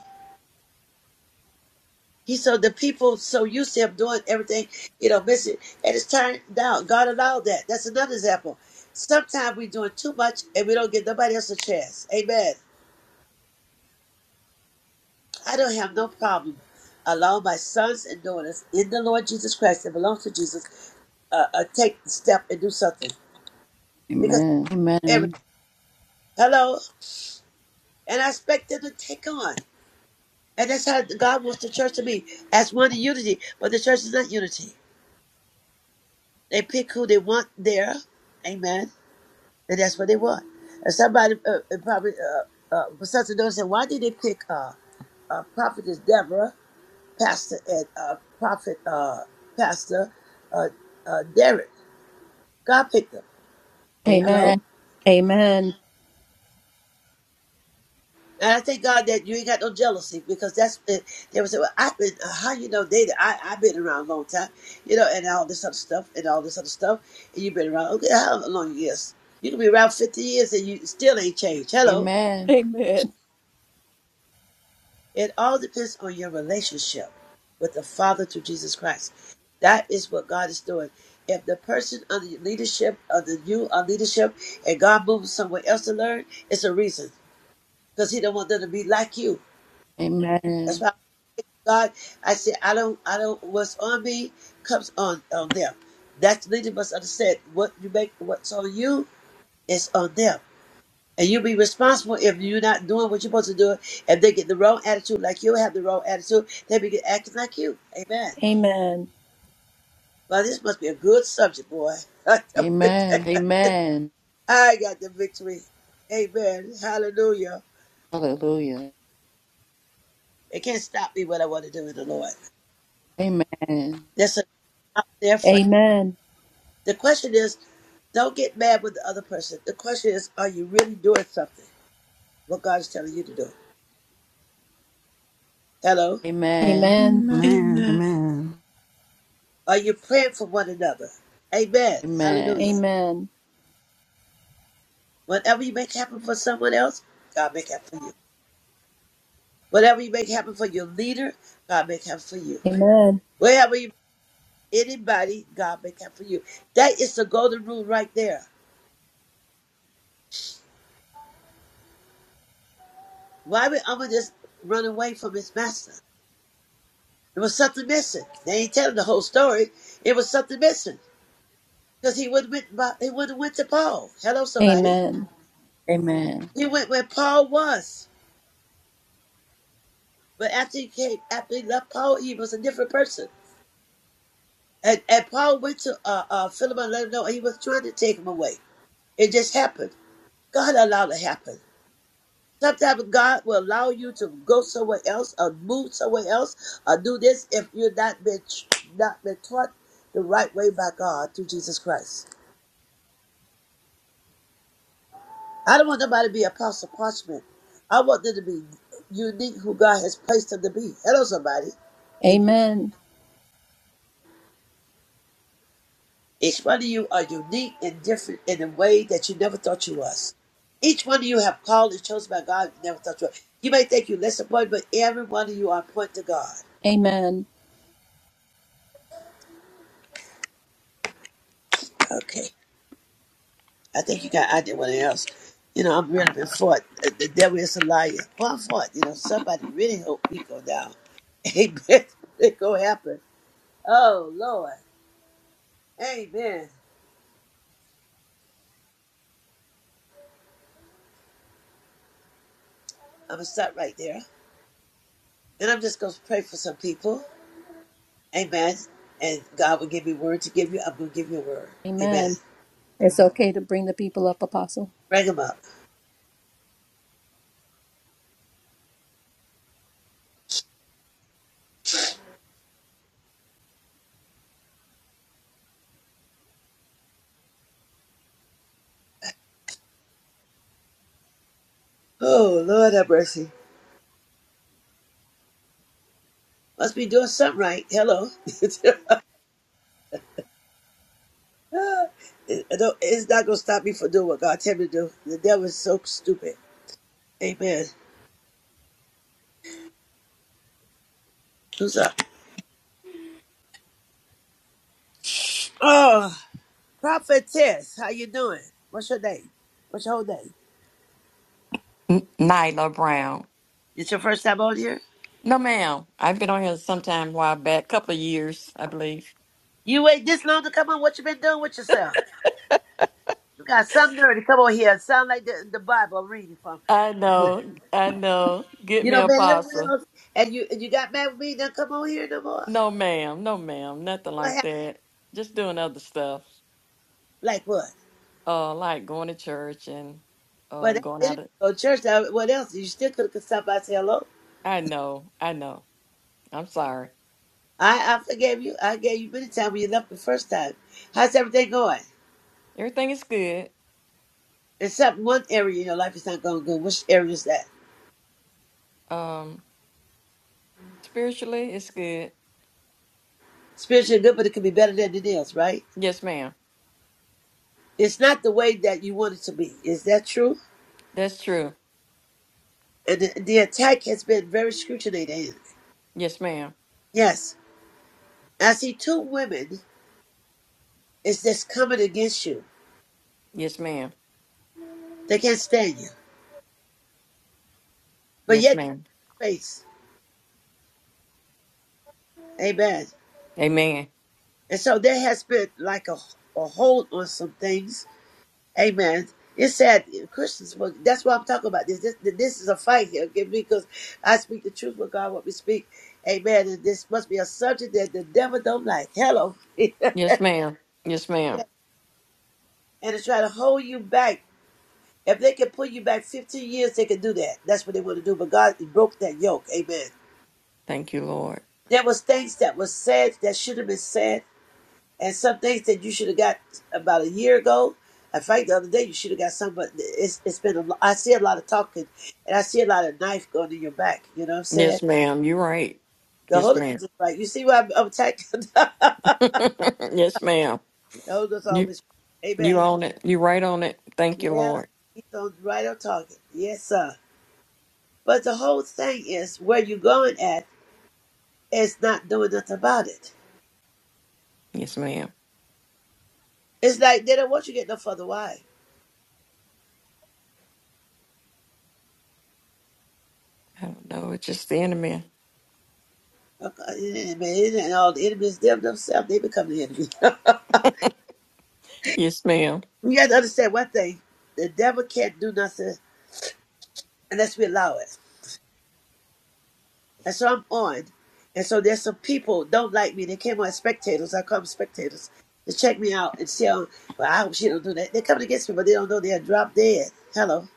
S1: He so the people so used to him doing everything, you know, missing, and it's turned down. God allowed that. That's another example. Sometimes we're doing too much and we don't give nobody else a chance. Amen. I don't have no problem allowing my sons and daughters in the Lord Jesus Christ that belong to Jesus uh, uh, take the step and do something because
S3: Amen.
S1: every
S3: Amen.
S1: hello, and I expect them to take on. And that's how God wants the church to be as one in unity. But the church is not unity. They pick who they want there. Amen And that's what they want. And somebody uh, uh, probably, uh, uh, Professor Doe said, why did they pick uh, uh, Prophetess Deborah, Pastor, and uh, Prophet uh, Pastor uh, uh, Derek? God picked them. Hello?
S3: Amen.
S1: And I thank God that you ain't got no jealousy because that's it. They would say, well, I've been, uh, how you know, David? I, I've been around a long time, you know, and all this other stuff, and all this other stuff. And you've been around, okay, how long years? You can be around 50 years and you still ain't changed. Hello?
S3: Amen.
S1: It all depends on your relationship with the Father through Jesus Christ. That is what God is doing. If the person under your leadership, under you are leadership, and God moves somewhere else to learn, it's a reason because He don't want them to be like you. That's
S3: Amen.
S1: why God, I said, I don't, I don't. What's on me comes on on them. That leader must understand what you make, what's on you is on them. And you'll be responsible if you're not doing what you're supposed to do. If they get the wrong attitude, like you have the wrong attitude, they be acting like you. Amen. Well, this must be a good subject, boy. [LAUGHS] I
S3: Amen. Amen.
S1: got the victory. Amen. Hallelujah.
S3: Hallelujah.
S1: They can't stop me what I want to do with the Lord.
S3: Amen.
S1: That's a out there for. The question is, don't get mad with the other person. The question is, are you really doing something? What God is telling you to do. Hello?
S2: Amen. Amen. Amen.
S3: Amen.
S2: Amen.
S4: Amen.
S1: Are you praying for one another? Amen.
S3: Amen.
S1: Hallelujah. Whatever you make happen for someone else, God make happen for you. Whatever you make happen for your leader, God make happen for you.
S2: Amen.
S1: Wherever you anybody, God make happen for you. That is the golden rule right there. Why would Amma just run away from his master? There was something missing. They ain't telling the whole story. It was something missing because he would have went. by- He would have went to Paul. Hello, somebody.
S2: Amen.
S3: Amen.
S1: He went where Paul was, but after he came, after he left Paul, he was a different person. And, and Paul went to uh, uh, Philemon and let him know he was trying to take him away. It just happened. God allowed it to happen. Sometimes God will allow you to go somewhere else or move somewhere else or do this if you're not been not been taught the right way by God through Jesus Christ. I don't want nobody to be apostle parchment. I want them to be unique who God has placed them to be. Hello, somebody.
S2: Amen.
S1: Each one of you are unique and different in a way that you never thought you was. Each one of you have called and chosen by God you never thought you was. You may think you less important, but every one of you are important to God.
S2: Amen.
S1: Okay. I think you got I did one else. You know, I'm really been fought. The the devil is a liar. Well, I'm fought. You know, somebody really hope we go down. [LAUGHS] Amen. It go happen. Oh Lord. Amen. I'm gonna stop right there. And I'm just gonna pray for some people. Amen. And God will give me word to give you. I'm going to give you a word. Amen.
S2: Amen. It's okay to bring the people up, Apostle.
S1: Bring them up. Oh, Lord have mercy. Must be doing something right. Hello. [LAUGHS] It- it don't- it's not going to stop me from doing what God tell me to do. The devil is so stupid. Amen. Who's up? Oh, prophetess. How you doing? What's your name? What's your whole name?
S7: N- Nyla Brown.
S1: It's your first time on here?
S7: No, ma'am. I've been on here sometime while back, couple of years, I believe.
S1: You wait this long to come on? What you been doing with yourself? You got some nerve to come on here and sound like the, the Bible I'm reading from.
S7: I know, I know. Get
S1: You
S7: me
S1: know,
S7: a
S1: been everywhere
S7: pasta.
S1: else, and you and you got mad with me. Now come on here no more.
S7: No, ma'am. No, ma'am. Nothing
S1: What
S7: like
S1: happened?
S7: that. Just doing other stuff,
S1: Like what?
S7: uh, like going to church and
S1: Well,
S7: uh,
S1: that
S7: going out.
S1: didn't
S7: Of,
S1: go to church. Now, what else? You still could have stopped by and say hello.
S7: I know, I know. I'm sorry.
S1: I I forgave you. I gave you many times when you left the first time. How's everything going?
S7: Everything is good.
S1: Except one area in your life is not going good. Which area is that?
S7: Um, spiritually, it's good.
S1: Spiritually good, but it could be better than it is, right?
S7: Yes, ma'am.
S1: It's not the way that you want it to be. Is that true?
S7: That's true.
S1: And the, the attack has been very scrutinized.
S7: Yes, ma'am.
S1: Yes. I see two women is just coming against you.
S7: Yes, ma'am.
S1: They can't stand you. but
S7: Yes,
S1: yet
S7: ma'am.
S1: faith. Amen.
S7: Amen.
S1: And so there has been like a, a hold on some things. Amen. It's sad Christians, but that's why I'm talking about this. This, this is a fight here, okay? Because I speak the truth what God what we speak. Amen. And this must be a subject that the devil don't like. Hello. [LAUGHS] and
S7: Yes, ma'am. Yes, ma'am.
S1: to try to hold you back. If they can pull you back 15 years, they can do that. That's what they want to do. But God broke that yoke. Amen.
S7: Thank you, Lord.
S1: There was things that was said that should have been said. And some things that you should have got about a year ago. In fact, the other day you should have got some, but it's it's been a lo- I see a lot of talking, and I see a lot of knife going in your back. You know what I'm saying?
S7: Yes, ma'am. You're right.
S1: The
S7: Yes,
S1: Holy Ghost
S7: ma'am.
S1: is right. you see why I'm, I'm attacking? [LAUGHS] the
S7: [LAUGHS] yes, ma'am.
S1: Holy Ghost
S7: You
S1: always,
S7: you
S1: Amen.
S7: own it. You right on it. Thank you,
S1: Yeah,
S7: Lord.
S1: he's on right on target. Yes, sir. But the whole thing is where you going at is not doing nothing about it.
S7: Yes, ma'am.
S1: It's like they don't want you to get no further. Why?
S7: I don't know. It's just the enemy.
S1: Okay, yeah, Man, it ain't all the enemies them themselves. They become the enemy.
S7: Yes, ma'am.
S1: We got to understand one thing. The devil can't do nothing unless we allow it. And so I'm on. And so there's some people don't like me. They came on as spectators. I call them spectators. To check me out and see how, well, I hope she don't do that. They're coming against me, but they don't know they're drop dead. Hello.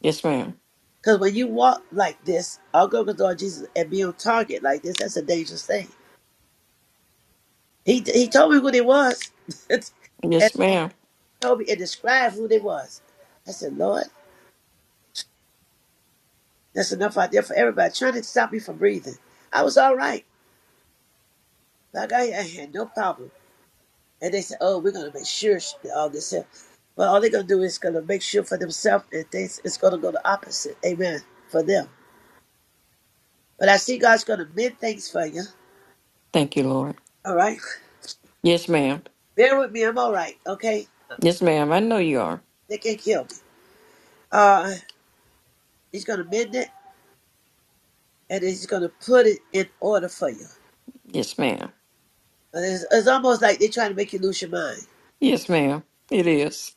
S7: Yes, ma'am.
S1: Because when you walk like this, I'll go to the Lord Jesus and be on target like this. That's a dangerous thing. He he told me who they was. [LAUGHS] and
S7: Yes, ma'am.
S1: told me and described who they was. I said, Lord, that's enough out there for everybody trying to stop me from breathing. I was all right. Like I, I had no problem. And they said, "Oh, we're gonna make sure she did all this." here." But all they're gonna do is gonna make sure for themselves, and things it's gonna go the opposite. Amen for them. But I see God's gonna mend things for you.
S7: Thank you, Lord.
S1: All right,
S7: Yes, ma'am.
S1: bear with me. I'm all right. Okay,
S7: Yes, ma'am. I know you are.
S1: they can't kill me. Uh, He's gonna mend it, and He's gonna put it in order for you.
S7: Yes, ma'am.
S1: And It's, it's almost like they're trying to make you lose your mind.
S7: Yes, ma'am. It is.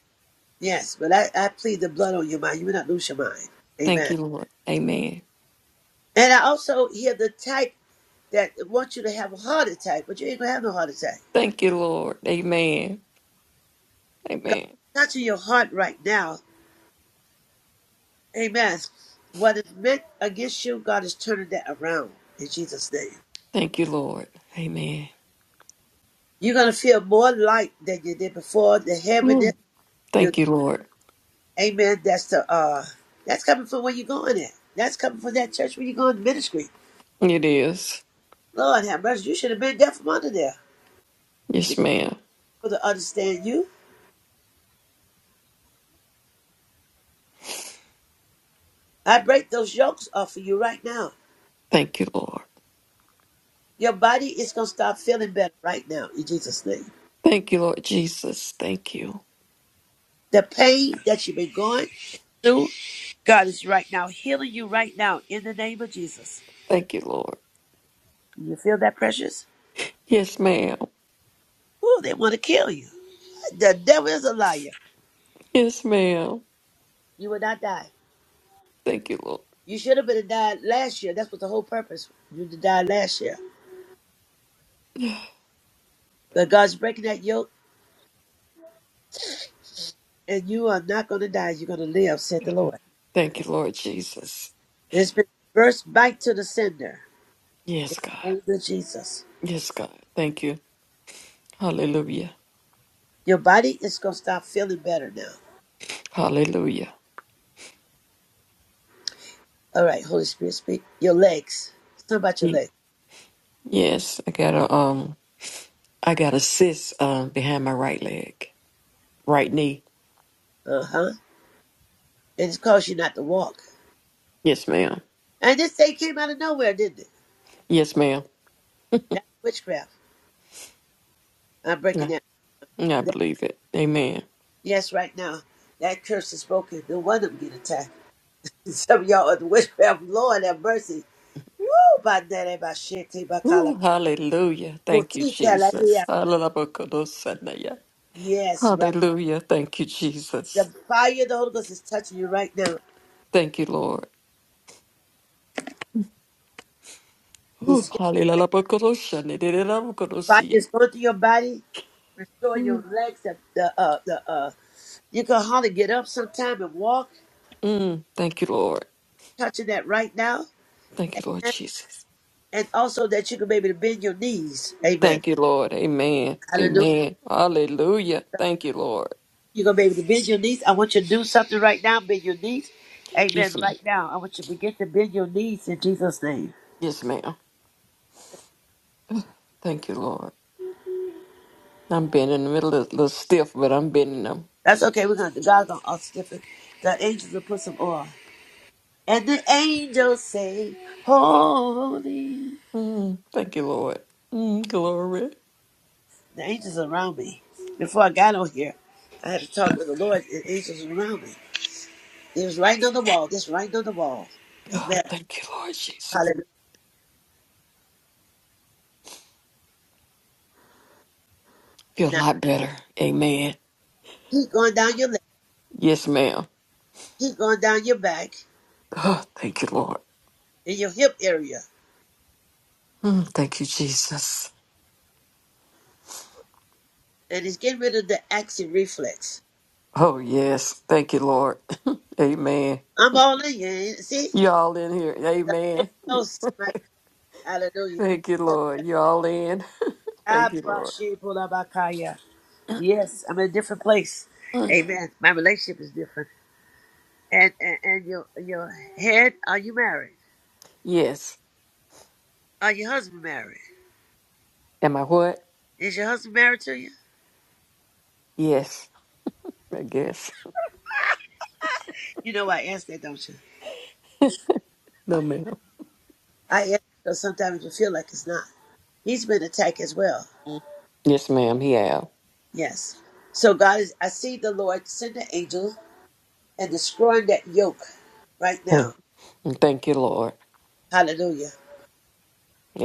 S1: Yes, but I, I plead the blood on your mind. You will not lose your mind.
S7: Thank
S1: Amen.
S7: you, Lord. Amen.
S1: And I also hear the type that wants you to have a heart attack, but you ain't gonna have no heart attack.
S7: Thank you, Lord. Amen.
S1: God
S7: Amen.
S1: is touching your heart right now. Amen. What is meant against you, God is turning that around in Jesus' name.
S7: Thank you, Lord. Amen.
S1: You're gonna feel more light than you did before. The heaviness,
S7: Mm.
S1: you
S7: Thank you, Lord.
S1: amen. That's the uh that's coming from where you're going at. That's coming from that church where you're going to ministry.
S7: It is.
S1: Lord have mercy, you should have been there from under there. You
S7: Yes, ma'am.
S1: people to understand you. I break those yokes off of you right now.
S7: Thank you, Lord.
S1: Your body is going to start feeling better right now in Jesus' name.
S7: Thank you, Lord Jesus. Thank you.
S1: The pain that you've been going through, God is right now healing you right now in the name of Jesus.
S7: Thank you, Lord.
S1: You feel that, precious?
S7: Yes, ma'am.
S1: Oh, they want to kill you. The devil is a liar.
S7: Yes, ma'am.
S1: You will not die.
S7: Thank you, Lord.
S1: You should have been died last year. That's what the whole purpose. You to die last year. But God's breaking that yoke, and you are not going to die. You're going to live, said the Lord.
S7: Thank you, Lord Jesus.
S1: It's been reversed back to the sender in
S7: Yes,
S1: the
S7: God.
S1: name of Jesus.
S7: Yes, God. Thank you. Hallelujah.
S1: Your body is going to start feeling better now.
S7: Hallelujah.
S1: All right, Holy Spirit, speak. Your legs. Something about your
S7: Ye-
S1: legs.
S7: Yes, I got a um I got a cyst um behind my right leg. Right knee.
S1: Uh huh. And it's caused you not to walk.
S7: Yes, ma'am.
S1: And this thing came out of nowhere, didn't it?
S7: Yes, ma'am.
S1: That's witchcraft. I'm breaking
S7: Yeah.
S1: that.
S7: I
S1: that
S7: believe it. Amen.
S1: yes, right now. That curse is spoken. No one of them get attacked. [LAUGHS] Some of y'all are the witchcraft. Lord have mercy. Woo! By that, by shit, by collar.
S7: Ooh, hallelujah. Thank you,
S1: Boutique,
S7: Jesus.
S1: hallelujah.
S7: Hallelujah.
S1: Yes, right.
S7: Hallelujah. Thank you,
S1: The
S7: Jesus.
S1: fire of the Holy Ghost is touching you right now.
S7: Thank you, Lord. Whew.
S1: It's
S7: Hallelujah.
S1: fire is going through your body, restore your
S7: Whew.
S1: legs, the the uh the uh You can hardly get up sometime and walk,
S7: Mm, Thank you, Lord.
S1: touching that right now.
S7: Thank you, Lord
S1: And
S7: Jesus.
S1: and also that you can be able to bend your knees. Amen.
S7: Thank you, Lord. Amen.
S1: Hallelujah.
S7: Amen. Hallelujah. Thank you, Lord.
S1: You're going to be able to bend your knees. I want you to do something right now. Bend your knees.
S7: Yes,
S1: Amen.
S7: ma'am.
S1: Right now, I want you to begin to bend your knees in Jesus' name.
S7: Yes, ma'am. Thank you, Lord. I'm been in the middle of a little stiff, but I'm bending them.
S1: That's okay. We're going to, God's going to us The angels will put some oil. And the angels say, Holy.
S7: Mm, thank you, Lord. Mm, glory.
S1: The angels around me. Before I got on here, I had to talk to the Lord, and angels around me. It was right on the wall. Just right on the wall.
S7: Oh,
S1: Amen.
S7: thank you, Lord Jesus.
S1: Hallelujah.
S7: Feel a
S1: Now
S7: lot better. Amen.
S1: keep going down your leg.
S7: Yes, ma'am.
S1: Keep going down your back
S7: Oh, thank you, Lord.
S1: and your hip area.
S7: Mm, Thank you, Jesus.
S1: And it's getting rid of the action reflex.
S7: Oh, yes. Thank you, Lord. [LAUGHS] Amen.
S1: I'm all in you. See?
S7: Y'all in here.
S1: The Holy
S7: Amen.
S1: Ghost. My, hallelujah.
S7: Thank you, Lord. Y'all in. [LAUGHS] Thank you,
S1: Abashibulabakaya. Yes, I'm in a different place.
S7: Lord.
S1: Amen. My relationship is different. And and, and your your head, are you married?
S7: [CLEARS THROAT] yes.
S1: Are your husband married?
S7: Am I what?
S1: Is your husband married to you?
S7: Yes, I guess. [LAUGHS]
S1: You know I asked that, don't you?
S7: No, ma'am.
S1: I am because sometimes you feel like it's not. He's been attacked as well.
S7: Yes, ma'am. He have.
S1: Yes. So God is I see the Lord send the angels and destroying that yoke right
S7: Mm.
S1: now.
S7: Thank you, Lord.
S1: Hallelujah.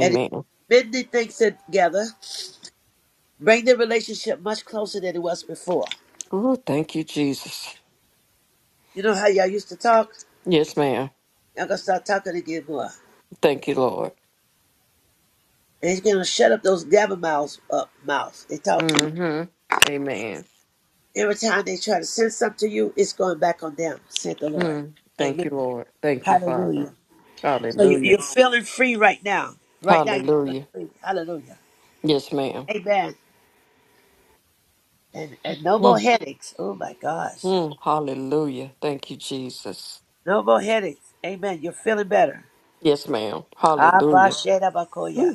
S1: And it bend the things together, bring the relationship much closer than it was before.
S7: Ooh, thank you, Jesus.
S1: You know how y'all used to talk?
S7: Yes, ma'am.
S1: Y'all gonna start talking again more.
S7: Thank you, Lord.
S1: And he's gonna shut up those gabber mouths up mouth. They talk too much.
S7: Mm-hmm. Amen.
S1: Every time they try to send something to you, it's going back on them, said the Lord.
S7: Mm. Thank
S1: Amen.
S7: you, Lord. Thank you, Father.
S1: Hallelujah. So you,
S7: Hallelujah.
S1: you're feeling free right now. Right now, you're feeling
S7: Hallelujah.
S1: free. Hallelujah.
S7: Yes, ma'am.
S1: Amen. And, and no more
S7: Mm,
S1: headaches. Oh my gosh.
S7: mm, hallelujah. Thank you, Jesus.
S1: No more headaches. Amen. You're feeling better.
S7: Yes, ma'am.
S1: Abba,
S7: Hallelujah.
S1: Sheda, Bakoya.
S7: Ooh,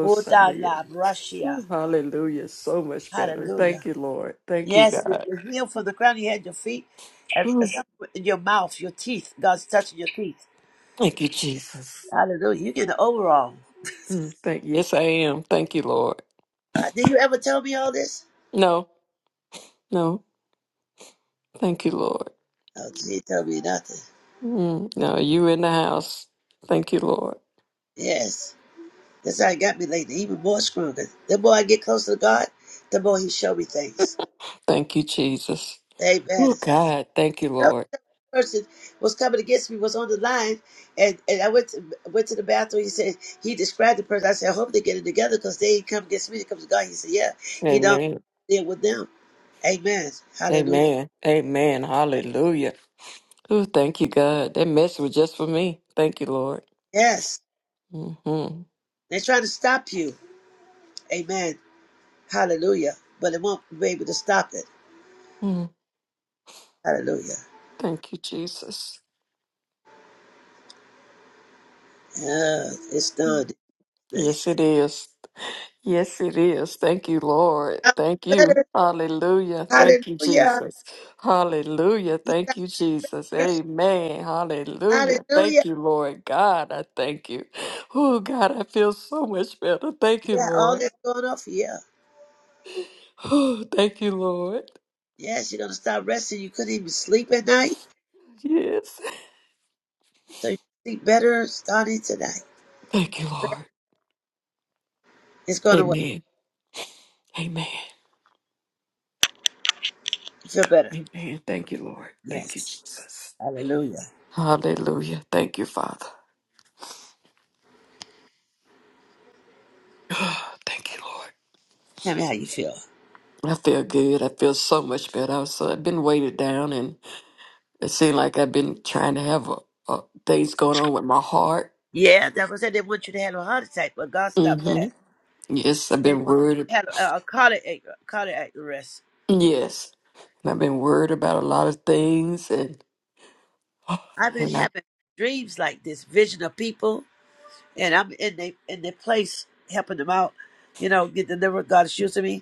S1: Buddha, La, Brashia.
S7: Ooh, hallelujah. So much better.
S1: Hallelujah.
S7: Thank you, Lord. Thank you,
S1: Yes, you-
S7: God.
S1: you're healed from the crown of your head, your feet, and, and
S7: Ooh,
S1: some- in your mouth, your teeth. God's touching your teeth.
S7: thank you, Jesus.
S1: Hallelujah. You get the overall.
S7: Mm, thank yes, I am. Thank you, Lord.
S1: Uh, did you ever tell me all this?
S7: No, no. Thank you, Lord.
S1: Oh, she told me nothing.
S7: Mm, no, you in the house. Thank you, Lord.
S1: Yes. That's how he got me lately, even more stronger. The more I get closer to God, the more he show me things.
S7: Thank you, Jesus.
S1: Amen.
S7: Oh God, thank you,
S1: The
S7: Lord.
S1: person was coming against me was on the line, and, and I went to, went to the bathroom. He said he described the person. I said, I hope they get it together because they ain't come against me. It comes to God. He said, Yeah, he don't
S7: Amen.
S1: deal with them. Amen. Hallelujah.
S7: Amen. Amen. Hallelujah. Oh, thank you, God. That message was just for me. Thank you, Lord.
S1: Yes,
S7: Mm-hmm.
S1: they're trying to stop you. Amen. Hallelujah. But it won't be able to stop it.
S7: Mm.
S1: Hallelujah.
S7: Thank you, Jesus.
S1: Yeah, it's done. Better.
S7: Yes, it is. Yes, it is. Thank you, Lord. Thank you. Hallelujah. Thank you,
S1: Hallelujah.
S7: Jesus. Hallelujah. Thank you, Jesus. Amen. Hallelujah.
S1: Hallelujah.
S7: Thank you, Lord God. I thank you. Oh, God, I feel so much better. Thank you,
S1: Yeah, all
S7: Lord.
S1: that's
S7: [SIGHS]
S1: going off. Yeah.
S7: Oh, thank you, Lord.
S1: Yes, you're going to start resting. You couldn't even sleep at night.
S7: Yes.
S1: So you sleep better starting tonight.
S7: Thank you, Lord.
S1: It's going away.
S7: Amen. Amen.
S1: You feel better.
S7: Amen. Thank you, Lord. Thank you,
S1: Yes.
S7: Jesus.
S1: Hallelujah.
S7: Hallelujah. Thank you, Father. Ah, Thank you, Lord.
S1: Tell me how you feel.
S7: I feel good. I feel so much better. I was, so, I've been weighted down, and it seemed like I've been trying to have a, a, things going on with my heart.
S1: Yeah, that was it. They want you to have a heart attack, but God stopped
S7: hmm
S1: that.
S7: Yes, I've
S1: They
S7: been
S1: want you to
S7: worried.
S1: have a, a cardiac, cardiac arrest.
S7: Yes, and I've been worried about a lot of things, and [SIGHS]
S1: I've been
S7: and I.
S1: having dreams like this, vision of people, and I'm in the in the place helping them out. You know, get delivered. God is using me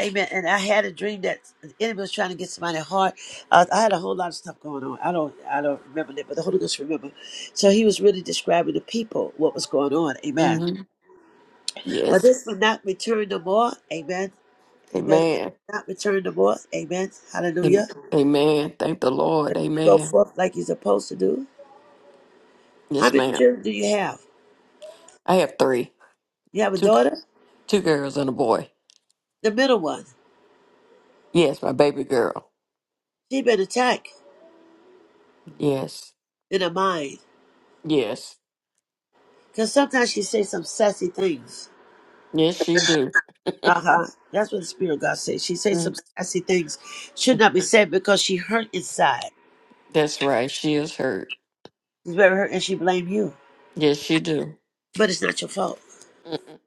S1: Amen. And I had a dream that the enemy was trying to get somebody's heart. Uh, I had a whole lot of stuff going on. I don't, I don't remember that, but the Holy Ghost remember. So he was really describing the people what was going on. Amen.
S7: hmm
S1: But
S7: Yes,
S1: this will not return no more. Amen. Amen. This
S7: Amen.
S1: will Not return no more. Amen.
S7: Amen.
S1: Hallelujah.
S7: Amen. Thank the Lord.
S1: But Go
S7: Amen.
S1: forth like you're supposed to do. How
S7: Yes,
S1: many
S7: ma'am.
S1: children do you have?
S7: I have three.
S1: You have a daughter.
S7: Two girls and a boy.
S1: The middle one.
S7: Yes, my baby girl.
S1: She been attacked
S7: Yes.
S1: in her mind
S7: Yes.
S1: because sometimes she say some sassy things.
S7: Yes, she do.
S1: Uh-huh. That's what the Spirit of God says. She says some
S7: Mm,
S1: sassy things should not be said because she hurt inside.
S7: That's right. She is hurt.
S1: She's very hurt and she blamed you.
S7: Yes, she do.
S1: But it's not your fault.
S7: Mm-mm.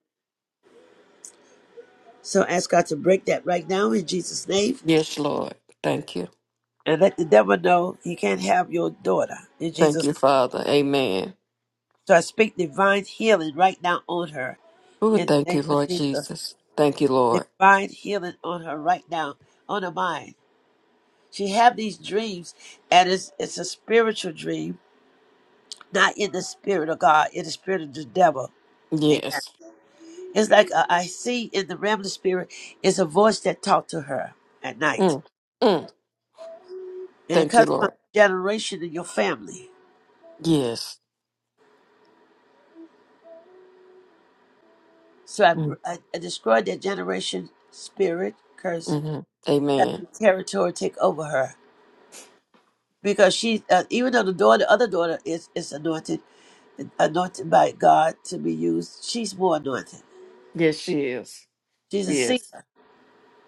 S1: So ask God to break that right now in Jesus' name
S7: Yes, Lord. Thank you.
S1: and let the devil know he can't have your daughter in
S7: Thank
S1: Jesus.
S7: you, Father. Amen.
S1: So I speak divine healing right now on her
S7: Oh,
S1: in the
S7: thank
S1: name
S7: you,
S1: of
S7: Lord
S1: Jesus.
S7: Jesus. Thank you, Lord.
S1: Divine healing on her right now, on her mind. She have these dreams and it's, it's a spiritual dream, not in the spirit of God, in the spirit of the devil. Amen.
S7: Yes.
S1: It's like uh, I see in the realm of the spirit is a voice that talked to her at night,
S7: Mm. Mm.
S1: and it
S7: Thank you,
S1: comes from
S7: Lord.
S1: the generation in your family.
S7: Yes.
S1: So I,
S7: Mm.
S1: I, I destroyed that generation spirit curse
S7: hmm Amen.
S1: and territory take over her because she, uh, even though the daughter, other daughter is is anointed, anointed by God to be used. She's more anointed.
S7: Yes, she is.
S1: She's a
S7: Yes.
S1: seer.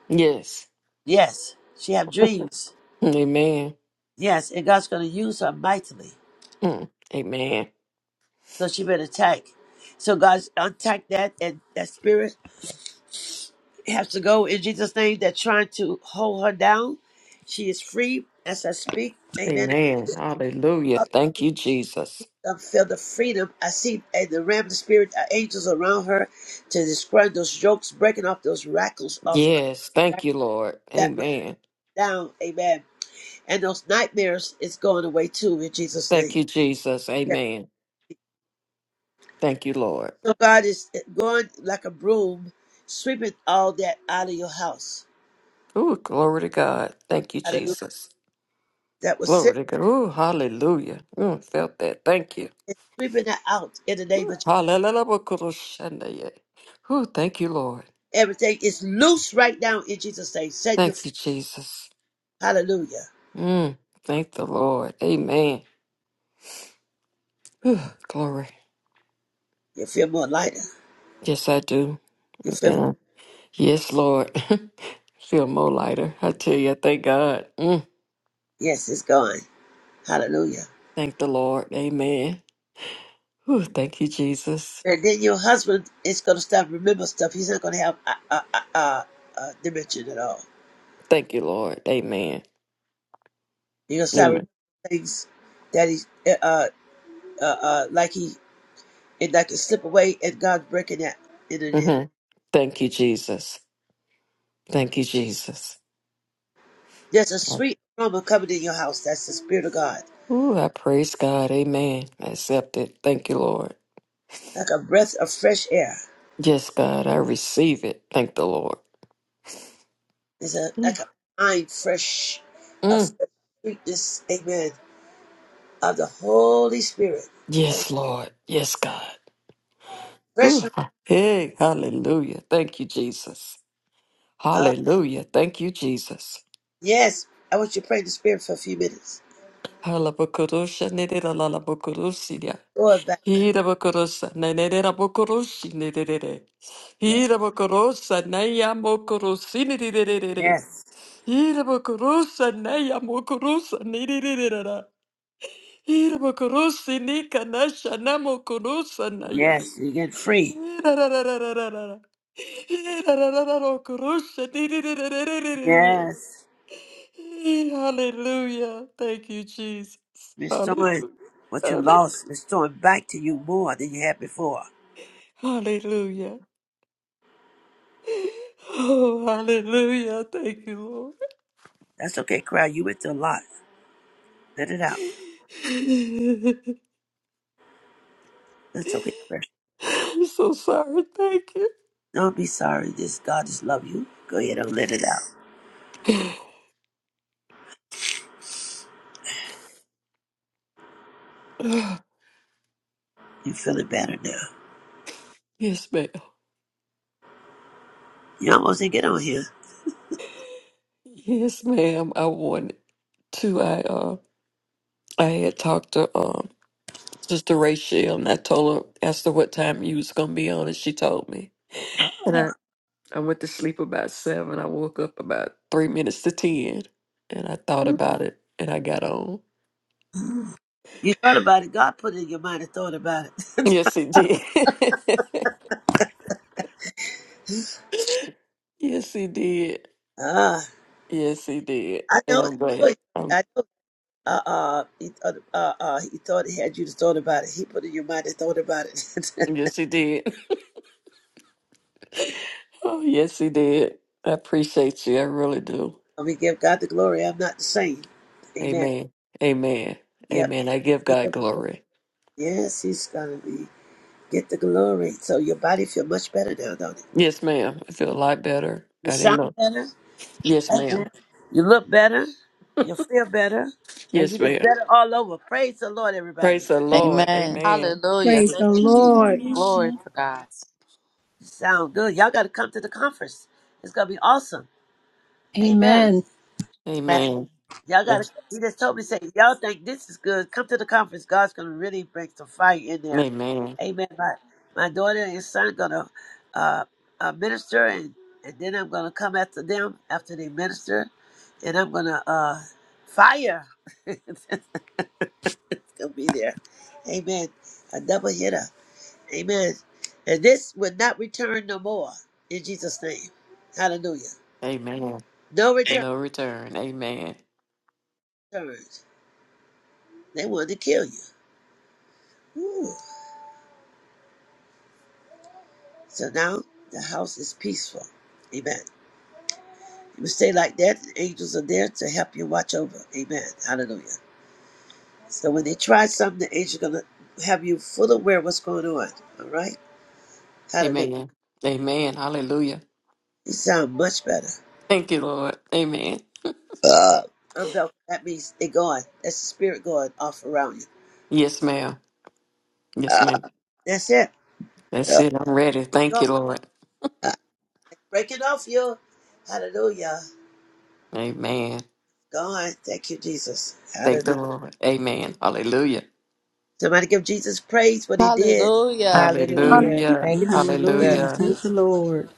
S7: Yes.
S1: Yes, she have dreams.
S7: Amen.
S1: Yes, and God's going to use her mightily.
S7: Mm. Amen.
S1: So she been attacked. So God attack that and that spirit has to go in Jesus' name that trying to hold her down. She is free as I speak. Amen.
S7: Amen. Hallelujah. Thank you, Jesus.
S1: I feel the freedom. I see and the ram of the spirit, uh, angels around her to describe those jokes, breaking off those rackles off her.
S7: Yes. Thank
S1: Rack
S7: you, Lord.
S1: That was
S7: Amen.
S1: down. Amen. And those nightmares is going away too in Jesus'
S7: Thank
S1: name.
S7: you, Jesus.
S1: Yeah.
S7: Amen. Thank you, Lord.
S1: So God is eh, going like a broom, sweeping all that out of your house.
S7: Ooh, glory to God. Thank you, Jesus.
S1: that was sitting
S7: Glory to God. Ooh, hallelujah. Mm, felt that. Thank you.
S1: and sweeping it out in the name of Jesus.
S7: Hallelujah. Ooh, thank you, Lord.
S1: Everything is loose right now in Jesus' name. Send you.
S7: Thank you, Jesus.
S1: Hallelujah.
S7: Mm, thank the Lord. Amen. Ooh, glory.
S1: You feel more lighter.
S7: Yes, I do.
S1: You feel,
S7: Been- Yes, Lord. [LAUGHS] Feel more lighter. I tell you, I thank God. Mm,
S1: yes, it's gone. Hallelujah.
S7: thank the Lord. Amen. Ooh, thank you, Jesus.
S1: And then your husband is going to start remembering stuff. He's not going to have a, a, a, a, a dimension at all.
S7: Thank you, Lord. Amen.
S1: He's going to start remembering
S7: Amen.
S1: things that he, uh, uh, uh, uh, like he, and that can slip away and God's breaking that in the name.
S7: hmm Thank you, Jesus. Thank you, Jesus.
S1: There's a sweet aroma coming in your house. That's the Spirit of God.
S7: Ooh, I praise God. Amen. I accept it. Thank you, Lord.
S1: Like a breath of fresh air.
S7: Yes, God, I receive it. Thank the Lord.
S1: It's a,
S7: Mm.
S1: like a fine, fresh, a fresh
S7: Mm.
S1: sweetness, amen, of the Holy Spirit. A
S7: Yes, Lord. Yes, God.
S1: fresh,
S7: Ooh. Hey, hallelujah. Thank you, Jesus.
S1: uh,
S7: Hallelujah. Thank you, Jesus.
S1: yes. I want you to pray in the Spirit for a few minutes.
S7: Hallelujah.
S1: Lord, back.
S7: Hirabokorosa, Nanera Bokoroshi, Nidere.
S1: Yes.
S7: Hirabokorosa, Naya Mokorosi, Nidere.
S1: Yes.
S7: Hirabokorosa, Naya Mokorosa, Nidere. Hirabokorosi, Nika Nasha, Namokorosa, Naya.
S1: Yes. You get free.
S7: Hirararararara. Hirararararokorosa, Nidere.
S1: Yes.
S7: Hallelujah. Thank you, Jesus.
S1: Restoring
S7: Hallelujah.
S1: what you
S7: Hallelujah.
S1: lost, restoring back to you more than you had before.
S7: Hallelujah. Oh, hallelujah. Thank you,
S1: That's okay, crowd. You went through a lot. Let it out.
S7: Lord.
S1: That's okay, crowd.
S7: [LAUGHS] I'm so sorry. Thank you.
S1: Don't be sorry. This God just love you. Go ahead and let it out.
S7: Ah,
S1: You feeling better now.
S7: yes, ma'am.
S1: You almost didn't get on here.
S7: Yes, ma'am. I wanted to. I uh, I had talked to um Sister Rachel, and I told her, asked her what time you was gonna be on, and she told me. And I I went to sleep about seven. I woke up about three minutes to ten, and I thought about it, and I got on.
S1: You thought about it. God put it in your mind and thought about it. [LAUGHS]
S7: Yes, it did. [LAUGHS] yes, it did.
S1: Ah,
S7: Yes, he did.
S1: I
S7: And
S1: know.
S7: I'm glad.
S1: I know.
S7: Um,
S1: I know uh, uh, he thought, uh, uh, he thought he had you to thought about it. He put it in your mind and thought about it.
S7: yes, he did. [LAUGHS] Oh, yes, he did. I appreciate you. I really do.
S1: [LAUGHS] we give God the glory. I'm not the same. Amen.
S7: Amen. Amen.
S1: Yep.
S7: Amen. I give God glory.
S1: Yes, he's gonna be get the glory. So your body feel much better now, don't it?
S7: Yes, ma'am. I feel a lot better.
S1: You
S7: I didn't
S1: sound
S7: know.
S1: better.
S7: Yes, ma'am.
S1: Amen. You look better. You feel better, and you
S7: Yes,
S1: just
S7: ma'am.
S1: better all over. Praise the Lord,
S7: Praise
S1: everybody.
S7: the Lord.
S3: Amen.
S7: Amen.
S3: Hallelujah.
S2: Praise
S3: Thank
S2: the
S3: you, Jesus.
S2: Lord.
S3: Glory
S6: Hallelujah.
S3: to God.
S1: Sound good. Y'all got to come to the conference. It's gonna be awesome. Amen.
S2: Amen.
S3: Amen.
S7: Amen.
S1: Y'all got to.
S7: Yes.
S1: He just told me say y'all think this is good. Come to the conference. God's gonna really break some fire in there.
S7: Amen.
S1: Amen. My my daughter and son gonna uh, uh, minister, and and then I'm gonna come after them after they minister, and I'm gonna uh, fire. [LAUGHS] gonna be there. Amen. A double hitter. Amen. And this will not return no more in Jesus' name. Hallelujah.
S7: Amen.
S1: No return
S7: No return. Amen.
S1: returns. They wanted to kill you. Ooh. So now the house is peaceful. Amen. You stay like that, the angels are there to help you watch over. Amen. Hallelujah. So when they try something, the angels gonna have you full aware of what's going on. All right? Hallelujah.
S7: Amen. Amen. Hallelujah.
S1: You sound much better.
S7: Thank you, Lord. Amen.
S1: Uh, unbelt. That means they gone. That's the spirit going off around you.
S7: Yes, ma'am. Yes,
S1: Uh,
S7: ma'am.
S1: that's it.
S7: That's
S1: Uh,
S7: it. I'm ready. Thank
S1: gone.
S7: you, Lord.
S1: Uh, breaking off you. Hallelujah.
S7: Amen.
S1: Gone. Thank you, Jesus.
S7: Thank
S1: Hallelujah.
S7: the Lord. Amen. Hallelujah.
S1: Somebody give Jesus praise what he did.
S3: Hallelujah.
S8: Hallelujah.
S6: Hallelujah,
S7: Hallelujah.
S8: Thank you, Jesus.
S4: Hallelujah.
S7: Hallelujah.
S4: Thank you,
S6: Jesus.
S4: Lord.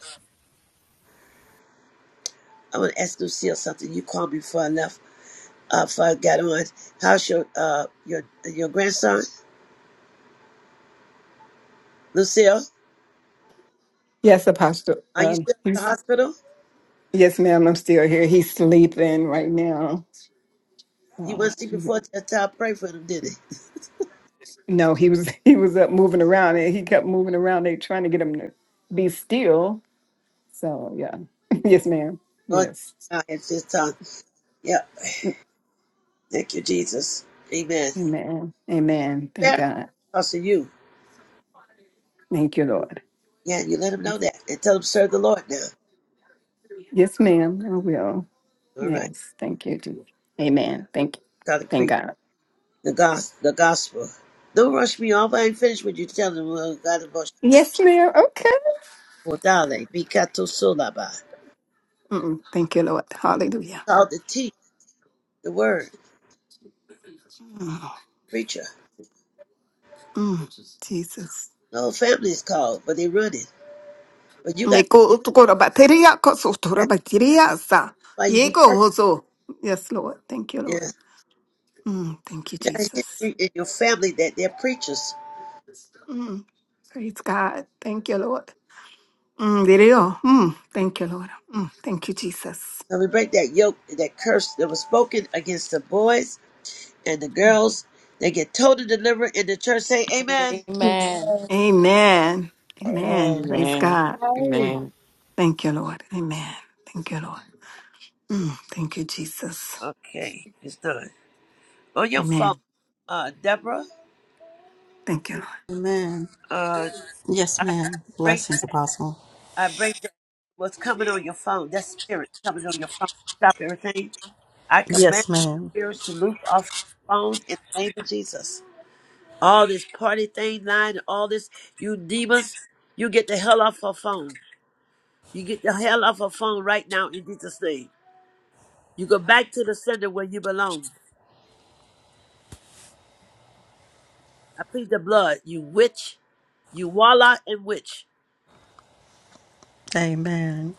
S1: I want to ask Lucille something. You called me before I left, uh, before I got on. How's your uh your your grandson, Lucille?
S5: Yes, Apostle.
S1: Are you
S5: Um,
S1: still at the
S5: he's
S1: hospital?
S5: yes, ma'am. I'm still here. He's sleeping right now.
S1: He
S5: So
S1: went to see before the time. Pray for him, did he?
S5: no, he was [LAUGHS] he was up moving around and he kept moving around. They trying to get him to be still. So yeah. [LAUGHS] yes, ma'am.
S1: Lord,
S5: Yes.
S1: I had his tongue. Yeah, thank you, Jesus. Amen.
S5: Amen. Amen. Thank
S1: Very
S5: God.
S1: close to you.
S5: Thank you, Lord.
S1: Yeah, you let him know that and tell him serve the Lord now.
S5: Yes, ma'am. I will.
S1: All right,
S5: Yes. Thank you, Jesus. Amen. Thank you.
S1: gotta
S5: Thank
S1: preach
S5: God.
S1: the gospel. The gospel. Don't rush me off. I ain't finished with you. Tell them uh, God about
S5: Yes, ma'am. Okay.
S1: Modale, Picato Solaba.
S5: Mm, Thank you, Lord. Hallelujah.
S1: called to teach the word,
S5: Mm,
S1: preacher.
S5: mm, Jesus.
S1: The whole family is called, but they run it. But you got
S5: Neko utukora bateria koso tora
S1: that's
S5: bateria sa.
S1: why you be
S5: Yeko hoso. Yes, Lord. Thank you, Lord.
S1: yes.
S5: Mm, Thank you,
S1: You got a
S5: Jesus.
S1: history in your family that they're preachers.
S5: Mm, Praise God. Thank you, Lord. Mm, there you Mm, Thank you, Lord. Mm, Thank you, Jesus.
S1: So we break that yoke, that curse that was spoken against the boys and the girls. They get total deliverance in the church. Say amen.
S3: Amen.
S5: Amen. Amen.
S8: Amen.
S5: Praise
S7: Amen.
S5: God.
S9: Amen.
S7: Amen.
S5: Thank you, Lord. Amen. Thank you, Lord. Mm, Thank you, Jesus.
S1: Okay, it's done. On your phone,
S5: Amen.
S1: uh, Deborah,
S5: Thank you, Lord.
S4: Amen.
S1: uh,
S4: Yes,
S1: I
S4: ma'am.
S1: break,
S4: Blessings, Apostle.
S1: I break that what's coming on your phone. That spirit coming on your phone. Stop everything. I command
S4: Yes, ma'am.
S1: spirits to loose off your phone in the name of Jesus. All this party thing, lying, and all this, you demons, you get the hell off her phone. You get the hell off her phone right now in Jesus' name. You go back to the center where you belong. I plead the blood, you witch, you warlock and witch.
S4: Amen.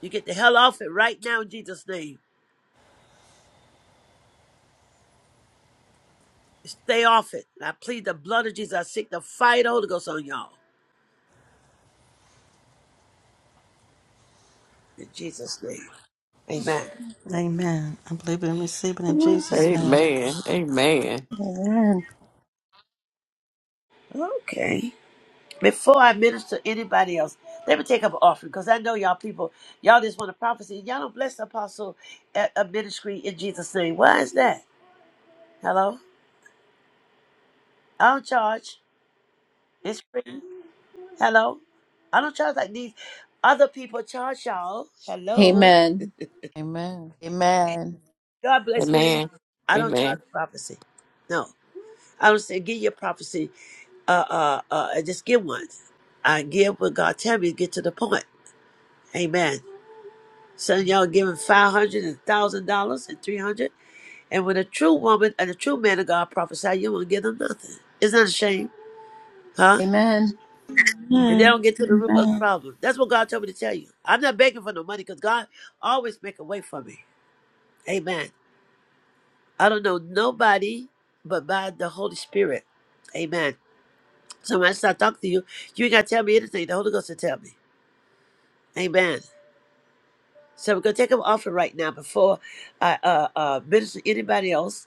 S1: You get the hell off it right now in Jesus' name. Stay off it. I plead the blood of Jesus. I seek the fire of the Holy Ghost on y'all. In Jesus' name. Amen.
S4: Amen. I believe it and receive it in Jesus' name.
S7: Amen. Amen. Amen.
S2: Amen.
S1: Okay. before I minister to anybody else, let me take up an offering because I know y'all people, y'all just want a prophecy. Y'all don't bless the apostle at a ministry in Jesus' name. Why is that? Hello? I don't charge. It's free. Hello? I don't charge like these other people charge y'all. Hello?
S2: Amen.
S3: Amen. Amen.
S1: God bless me. anyhow.
S7: Amen.
S1: I don't charge for prophecy. No. I don't say give your prophecy. Uh, uh, uh, just give one. I give what God tell me to get to the point. Amen. Some of y'all giving five hundred and thousand dollars and three hundred. And when a true woman and a true man of God prophesy, you won't give them nothing. It's not a shame, huh?
S2: Amen.
S1: And they
S6: Amen.
S1: don't get to the root of the
S6: Amen.
S1: problem. That's what God told me to tell you. I'm not begging for no money because God always make a way for me. Amen. I don't know nobody but by the Holy Spirit. Amen. So when I start talking to you, you ain't gotta tell me anything. The Holy Ghost will tell me. Amen. So we're gonna take an offering right now before I uh, uh, minister to anybody else.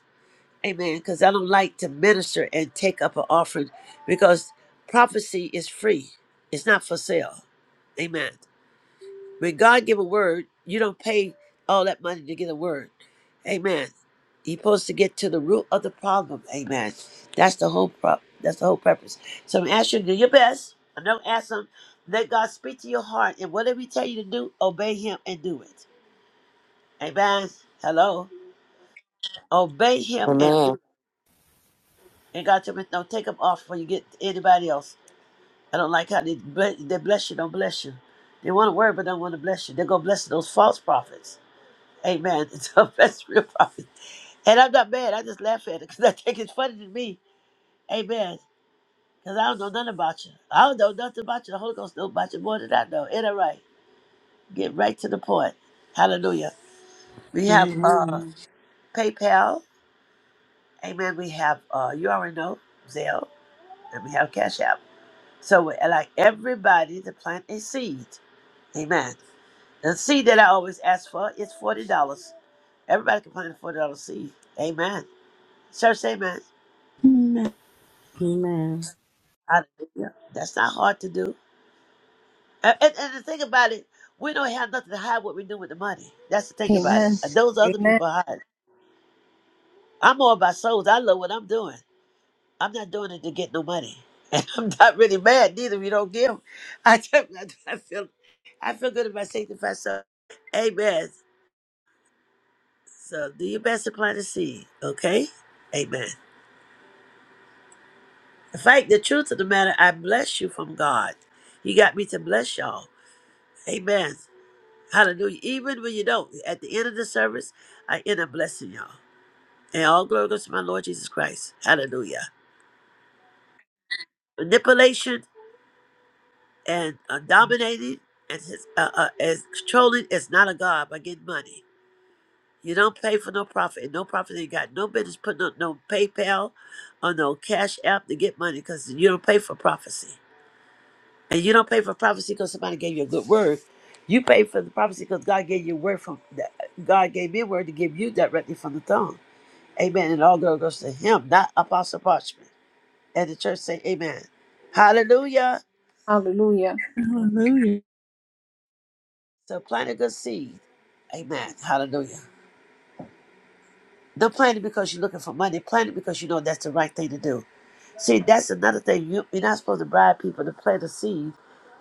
S1: Amen. Because I don't like to minister and take up an offering because prophecy is free. It's not for sale. Amen. When God give a word, you don't pay all that money to get a word. Amen. You're supposed to get to the root of the problem. Amen. That's the whole prop. That's the whole purpose. So I'm asking you to do your best. I don't ask them. Let God speak to your heart, and whatever He tell you to do, obey Him and do it. Amen. Hello. Obey Him and
S7: Amen.
S1: And God told me, no, take them off before you get anybody else. I don't like how they, ble- they bless you, don't bless you. They want to worry, but don't want to bless you. They're going to bless those false prophets. Amen. [LAUGHS] So bless real prophets. And I'm not mad. I just laugh at it because I think it's funny to me. Amen. Because I don't know nothing about you. I don't know nothing about you. The Holy Ghost knows about you more than I know. Ain't that right? Get right to the point. Hallelujah. We have uh,
S4: Amen.
S1: PayPal. Amen. We have, uh, you already know, Zelle. And we have Cash App. So I like everybody to plant a seed. Amen. The seed that I always ask for is forty dollars. Everybody can plant a forty dollar seed. Amen. Church, amen.
S6: Amen.
S4: Amen.
S1: Hallelujah. That's not hard to do. And, and, and the thing about it, we don't have nothing to hide what we do with the money. That's the thing about it.
S2: Amen.
S1: And Those other
S2: Amen.
S1: people hide. I'm all about souls. I love what I'm doing. I'm not doing it to get no money. [LAUGHS] And I'm not really mad neither if you don't give. [LAUGHS] I, just- I feel I feel good about sanctified soul. Amen. So do your best to plant a seed, okay? Amen. In fact, the truth of the matter, I bless you from God. He got me to bless y'all. Amen. Hallelujah. Even when you don't, at the end of the service, I end up blessing y'all. And all glory goes to my Lord Jesus Christ. Hallelujah. Manipulation and uh, dominating and his, uh, uh, and controlling is not a God by getting money. You don't pay for no profit, and no profit ain't got no business putting up no PayPal or no Cash App to get money because you don't pay for prophecy, and you don't pay for prophecy because somebody gave you a good word. You pay for the prophecy because God gave you a word from that- God gave me a word to give you directly from the throne. Amen. And all glory goes to Him, not Apostle Parchment. And the church say, Amen. Hallelujah.
S2: Hallelujah.
S6: Hallelujah.
S1: So plant a good seed. Amen. Hallelujah. Don't plan it because you're looking for money. Plan it because you know that's the right thing to do. See, that's another thing. You, you're not supposed to bribe people to plant a seed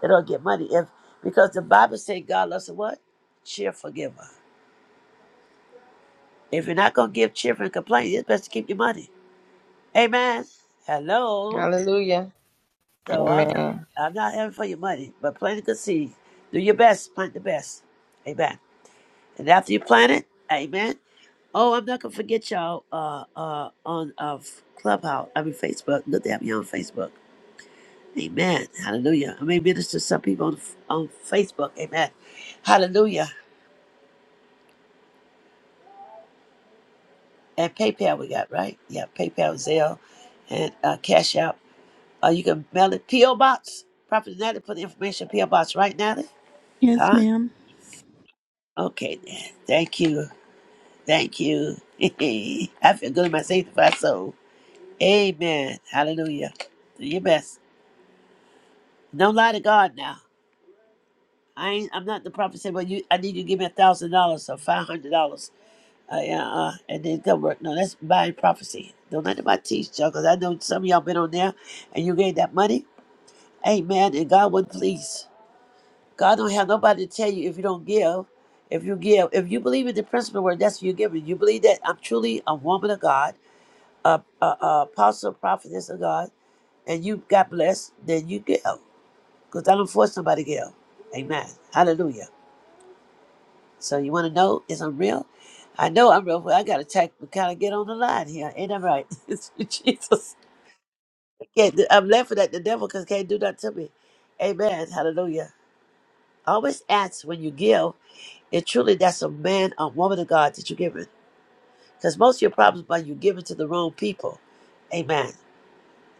S1: that don't get money. If because the Bible says God loves a what? Cheerful giver. If you're not gonna give cheerful and complain, it's best to keep your money. Amen. Hello.
S8: Hallelujah.
S1: So I'm not
S8: Amen.
S1: I'm not having for your money, but plant a good seed. Do your best, plant the best. Amen. And after you plant it, amen. Oh, I'm not gonna forget y'all. Uh, uh, on uh Clubhouse. I mean Facebook. Look at me on Facebook. Amen. Hallelujah. I may minister to some people on on Facebook. Amen. Hallelujah. And PayPal we got right. Yeah, PayPal, Zelle, and uh, Cash App. Uh, you can mail it PO Box. Prophet Natalie put the information PO Box right, Natalie.
S6: Yes,
S1: Huh?
S6: ma'am.
S1: Okay then. Thank you. Thank you. [LAUGHS] I feel good in my sanctified soul. Amen. Hallelujah. Do your best. No lie to God now. I ain't, I'm not the prophet said, well, you, I need you to give me a thousand dollars or five hundred dollars. Uh, yeah, uh, and then go work. No, that's by prophecy. Don't let nobody teach y'all, cause I know some of y'all been on there, and you gave that money. Amen. And God would please. God don't have nobody to tell you if you don't give. If you give, if you believe in the principle where that's what you're giving, you believe that I'm truly a woman of God, a, a, a apostle, prophetess of God, and you got blessed, then you give. Cause I don't force somebody to give. Amen. Hallelujah. So you want to know is I'm real? I know I'm real. Well, I got to tack, kind of get on the line here. Ain't that right? [LAUGHS] Jesus. I can't do, I'm laughing at the devil because can't do that to me. Amen. Hallelujah. Always ask when you give if truly that's a man or woman of God that you're giving. Because most of your problems are you giving to the wrong people. Amen.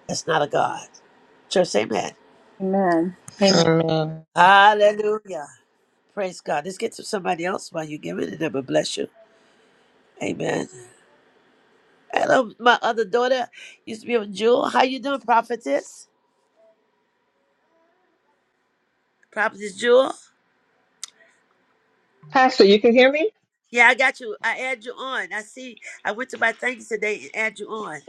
S1: That's not a God. Church, say amen.
S2: Amen. Amen.
S8: Amen.
S1: Hallelujah. Praise God. Let's get to somebody else while you're giving and it will bless you. Amen. Hello, my other daughter used to be with Jewel. How you doing, prophetess? Prophetess Jewel?
S10: Pastor, you can hear me?
S1: Yeah, I got you. I add you on. I see. I went to my things today and add you on.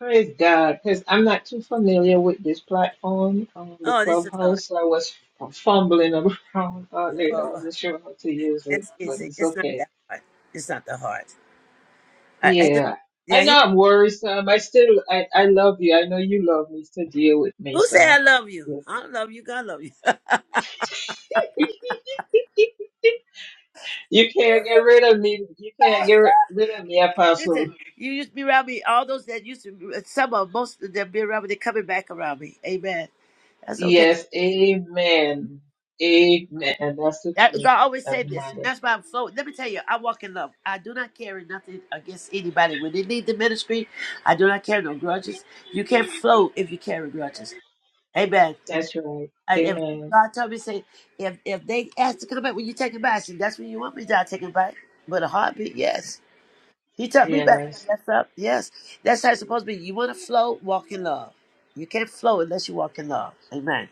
S10: Praise God, because I'm not too familiar with this platform, um, the
S1: Oh, this is hard.
S10: clubhouse, so I was fumbling around [LAUGHS] earlier. I
S1: Oh,
S10: wasn't sure how to use it,
S1: it's
S10: but
S1: easy.
S10: it's
S1: It's not
S10: okay.
S1: that hard. It's not that hard. I, I hear-
S10: Yeah,
S1: yeah.
S10: I
S1: I hear-
S10: know I'm worrisome. I still, I, I love you. I know you love me to deal with me,
S1: who say I
S10: so
S1: love you?
S10: yeah.
S1: I don't love you. God love you. [LAUGHS]
S10: [LAUGHS] you can't get rid of me. You can't get ri- rid of me,
S1: Listen,
S10: Apostle.
S1: you used to be around me. All those that used to, be, some of most of them be around me. They're coming back around me. Amen. That's okay.
S10: Yes, amen. Amen. And that's the
S1: That, I always say this.
S10: truth.
S1: and That's why I'm so. Let me tell you, I walk in love. I do not carry nothing against anybody. When they need the ministry, I do not carry no grudges. You can't float if you carry grudges. Amen.
S10: That's right.
S1: I, if
S10: Amen.
S1: God told me, say, if if they ask to come back, when you take it back? I said, that's when you want me to die, take it back. But a heartbeat, yes. He took me back when
S10: Yes.
S1: I messed up, yes. That's how it's supposed to be. You want to float, walk in love. You can't float unless you walk in love. Amen.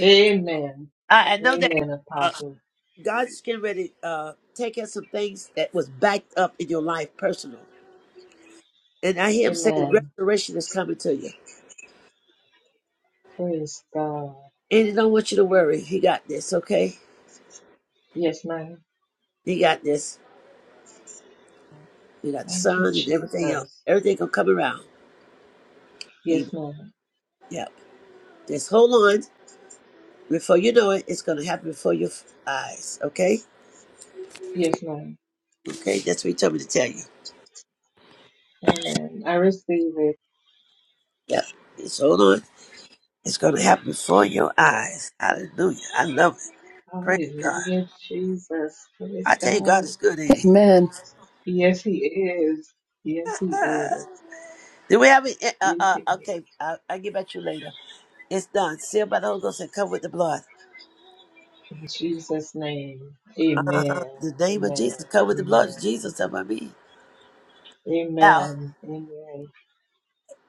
S10: Amen.
S1: I, I know that.
S10: Amen, Apostle.
S1: God's getting ready to uh, take out some things that was backed up in your life personal. And I hear him say
S10: Amen.
S1: restoration is coming to you.
S10: Praise God.
S1: And he don't want you to worry. He got this, okay?
S10: Yes, ma'am.
S1: He got this. He got the
S10: Thank
S1: sun
S10: you,
S1: and everything else.
S10: Jesus.
S1: Everything gonna come around. Amen.
S10: Yes, ma'am.
S1: Yep. Just hold on. Before you know it, it's gonna happen before your f- eyes, okay?
S10: Yes, ma'am.
S1: Okay, that's what he told me to tell you.
S10: Amen. I receive it.
S1: Yep. Just hold on. It's gonna happen before your eyes. Hallelujah. I love it. Praise God.
S10: Hallelujah, Jesus.
S1: I
S10: Praise
S1: tell you, God
S10: God.
S1: is good, ain't
S10: Yes, He is. Yes, He
S1: he? [LAUGHS]
S10: is.
S1: Do we have a, uh,
S10: Yes,
S1: uh,
S10: He is.
S1: okay, I'll, I'll get back to you later. It's done. Sealed by the Holy Ghost and covered with the blood.
S10: In Jesus' name.
S1: Uh-huh.
S10: Amen.
S1: The name of
S10: Amen.
S1: Jesus, covered with the blood.
S10: Amen.
S1: Jesus, that's what I Now,
S10: Amen. Amen.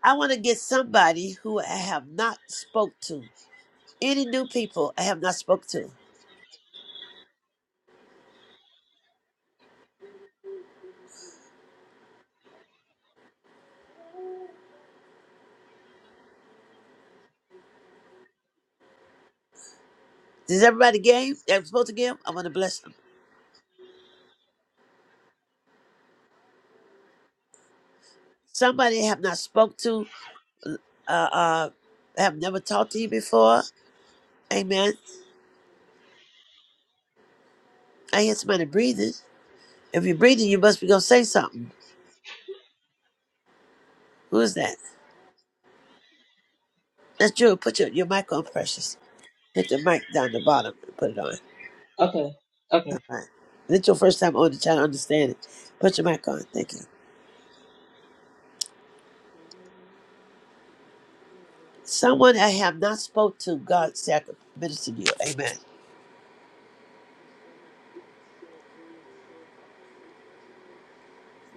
S1: I want to get somebody who I have not spoke to. Any new people I have not spoke to. Does everybody game? I'm supposed to give? I want to bless them. Somebody I have not spoke to, uh, uh, I have never talked to you before. Amen. I hear somebody breathing. If you're breathing, you must be going to say something. Who is that? That's Jewel. Put your, your mic on, precious. Put your mic down the bottom and put it on. All
S10: Okay. Okay.
S1: right. If It's your first time on the channel. understand it. Put your mic on. Thank you. Someone I have not spoke to, God said I could minister to you. Amen.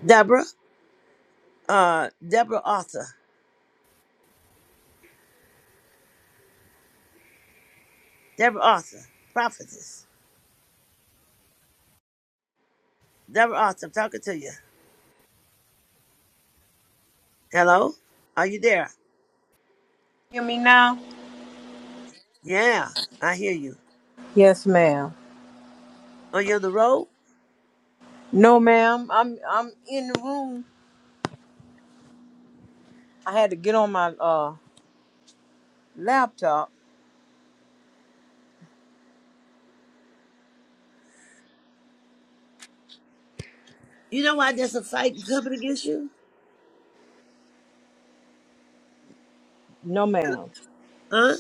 S1: Deborah, uh, Deborah Arthur. Deborah Arthur, prophetess. Deborah Arthur, I'm talking to you. Hello? Are you there?
S11: Hear me now?
S1: Yeah, I hear you.
S11: Yes, ma'am.
S1: Are you on the road?
S11: No, ma'am. I'm I'm in the room. I had to get on my uh laptop.
S1: You know why there's a fight coming against you?
S11: No, ma'am.
S1: Huh?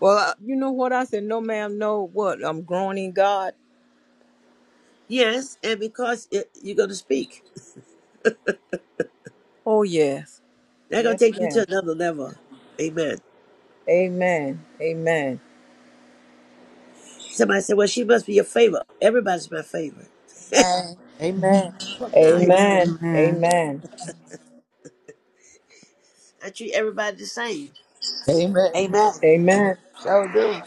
S11: Well, uh, you know what I said? No, ma'am. No, what? I'm growing in God.
S1: Yes, and because it, you're going to speak.
S11: Oh, yes.
S1: They're going to
S11: Yes,
S1: take you to
S11: ma'am.
S1: another level. Amen.
S11: Amen. Amen.
S1: Somebody said, Well, she must be your favorite. Everybody's my favorite.
S3: Amen. Amen.
S1: Well, now everybody.
S11: Amen.
S4: Amen.
S11: Amen.
S1: I treat everybody the same.
S3: Amen.
S1: Amen.
S11: Amen.
S1: So do.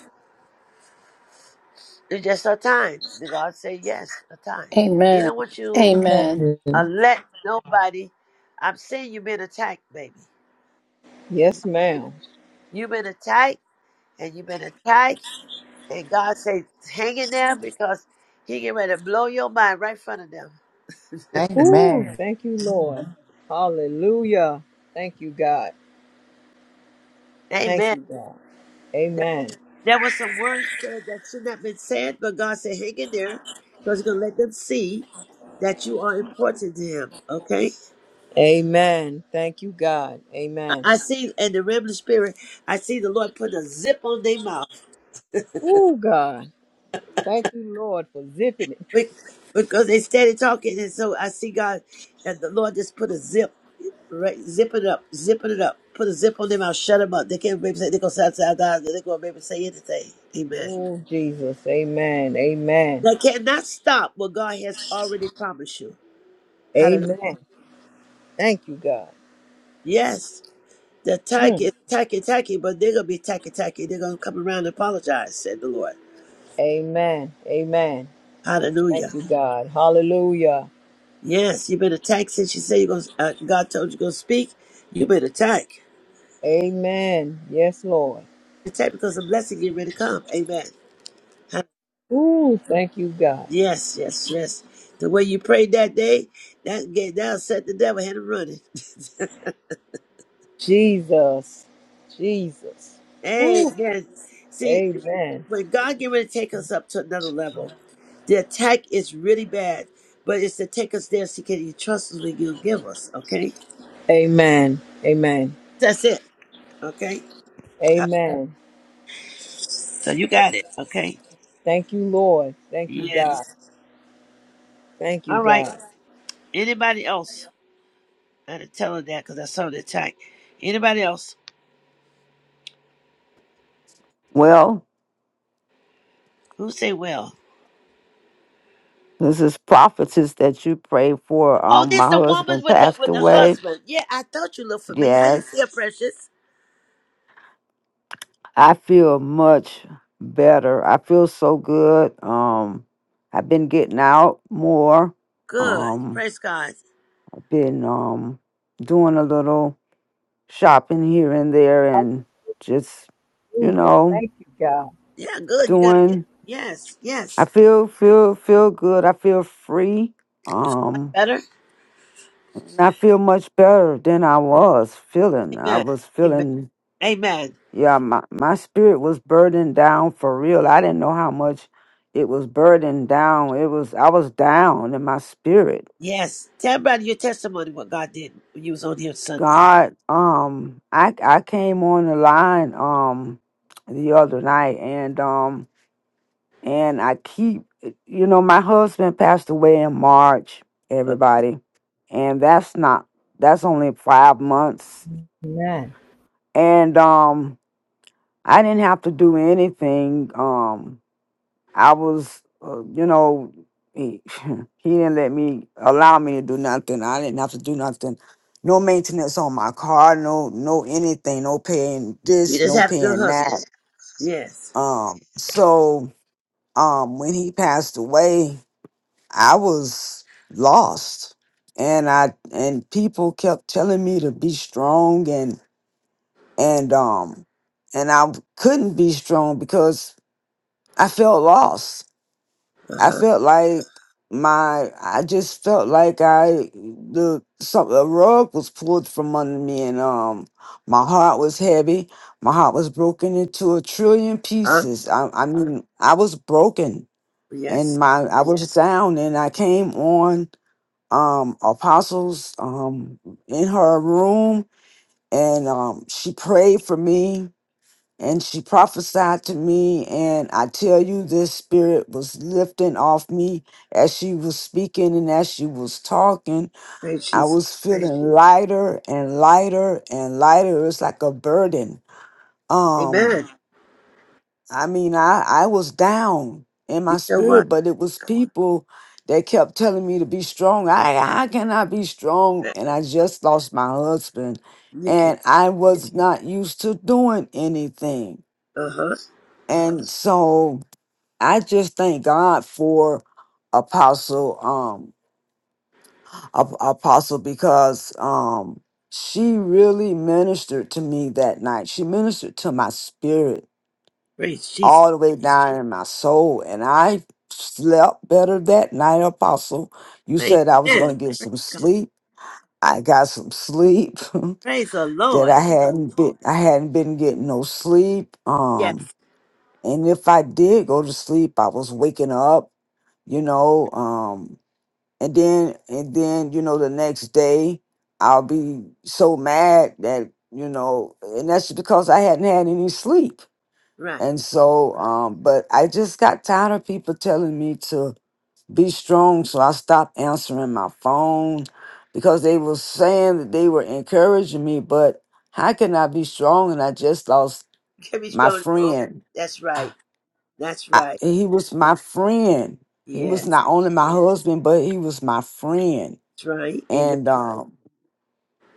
S1: It's just a time. Did God say yes? A time. He
S2: Amen. Amen.
S1: don't want you
S2: Amen.
S1: to
S3: Amen.
S1: let nobody. I'm saying you've been attacked, baby.
S11: Yes, ma'am.
S1: You've been attacked, and you've been attacked, and God say hang in there because He get ready to blow your mind right in front of them.
S11: Ooh,
S3: Amen.
S11: thank you, Lord. Hallelujah. Thank you, God. Thank
S1: Amen.
S11: you, God. Amen.
S1: There was some words said that should not have been said, but God said, hang in there, because He's going to let them see that you are important to Him, okay?
S11: Amen. Thank you, God.
S1: I
S11: Amen.
S1: I see, in the realm of the spirit, I see the Lord put a zip on their mouth
S11: Oh, God. Thank you, Lord, for zipping it.
S1: be- because they started talking, and so I see God, and the Lord just put a zip, right? Zip it up, zipping it up, put a zip on their mouth, shut them up. They can't maybe say, they're going to say, outside they're going to maybe say anything. Amen.
S11: Oh, Jesus. Amen. Amen.
S1: They cannot stop what God has already promised you. Hallelujah.
S11: Amen. Thank you, God.
S1: Yes. They're tacky,
S11: Mm.
S1: is tacky, tacky, but they're going to be tacky, tacky. They're going to come around and apologize, said the Lord.
S11: Amen. Amen. Thank
S1: Hallelujah.
S11: you, God. Hallelujah.
S1: Yes, you better attack since you say you're going to, uh, God told you going to speak. You better attack.
S11: Amen. Yes, Lord.
S1: Attack because the blessing is ready to come. Amen. Huh?
S11: Ooh, thank you, God.
S1: Yes, yes, yes. The way you prayed that day, that gave, that'll set the devil head and running.
S11: Jesus. Jesus.
S1: [LAUGHS]
S11: Ooh.
S1: Amen. See,
S11: Amen.
S1: when God get ready to take us up to another level, the attack is really bad, but it's to take us there so can you trust us when you give us, okay?
S11: Amen. Amen.
S1: That's it, okay? Uh,
S11: Amen.
S1: So you got it, okay?
S11: Thank you, Lord. Thank you,
S1: Yes.
S11: God. Thank you,
S1: All right.
S11: God.
S1: Anybody else? I had to tell her that because I saw the attack. Anybody else?
S12: Well,
S1: Who say well?
S12: this is prophecies that you pray for.
S1: Oh,
S12: Um, my
S1: this the woman
S12: husband
S1: with the
S12: passed
S1: with the
S12: away.
S1: husband. Yeah, I thought you looked familiar. How you
S12: Yes,
S1: feel, precious?
S12: I feel much better. I feel so good. Um, I've been getting out more.
S1: Good.
S12: Um,
S1: Praise God.
S12: I've been um doing a little shopping here and there, and just you
S11: Hallelujah.
S12: know
S11: Thank you, God.
S1: Yeah, good. You gotta get
S12: doing.
S1: yes,
S12: I
S1: yes.
S12: feel feel feel good. I feel free. Um.
S1: Better?
S12: And I feel much better than I was feeling. I was
S1: Amen.
S12: feeling,
S1: Amen.
S12: yeah, my, my spirit was burdened down for real. I didn't know how much it was burdened down. It was I was down in my spirit.
S1: Yes. Tell about your testimony what God did when you was on here Sunday.
S12: God, um, I I came on the line um the other night and um and I keep you know, my husband passed away in March, everybody. And that's not that's only five months.
S11: Amen.
S12: And um I didn't have to do anything. Um, I was, uh, you know, he, [LAUGHS] he didn't let me allow me to do nothing. I didn't have to do nothing. No maintenance on my car. No, no anything. No paying
S1: You
S12: this.
S1: just
S12: No
S1: have a good
S12: paying that.
S1: husband. Yes.
S12: Um, so um, when he passed away, I was lost, and I and people kept telling me to be strong and and um and I couldn't be strong because I felt lost. I
S1: Uh-huh.
S12: felt like my I just felt like I the some the rug was pulled from under me and um my heart was heavy. My heart was broken into a trillion
S1: huh
S12: pieces. I I mean I was broken and
S1: Yes.
S12: my I was down and I came on um apostles um in her room and um she prayed for me and she prophesied to me and i tell you this spirit was lifting off me as she was speaking and as she was talking
S1: Praise
S12: i
S1: Jesus.
S12: was feeling lighter and lighter and lighter it's like a burden um
S1: Amen.
S12: i mean i i was down in my
S1: You know what?
S12: spirit but it was people that kept telling me to be strong i i cannot be strong and i just lost my husband
S1: You can.
S12: and i was not used to doing anything
S1: Uh-huh.
S12: and so I just thank God for Apostle um Ap- Apostle because um she really ministered to me that night. She ministered to my spirit
S1: Praise Jesus.
S12: all the way down in my soul and I slept better that night, Apostle. You said I was
S1: Amen.
S12: going to get
S1: Praise
S12: some
S1: God.
S12: sleep. I got some sleep [LAUGHS]
S1: Praise the
S12: that
S1: Lord.
S12: I hadn't been I hadn't been getting no sleep.
S1: Yes.
S12: Um and if I did go to sleep, I was waking up you know. Um, and then and then you know the next day i'll be so mad that you know and that's because i hadn't had any sleep
S1: Right.
S12: and so um but i just got tired of people telling me to be strong so i stopped answering my phone because they were saying that they were encouraging me but how can i be strong and i just lost
S1: Can we
S12: my
S1: scroll it on?
S12: friend
S1: That's right. That's
S12: I,
S1: right.
S12: he was my friend he was
S1: Yes.
S12: not only my husband but he was my friend
S1: That's right. Amen.
S12: and um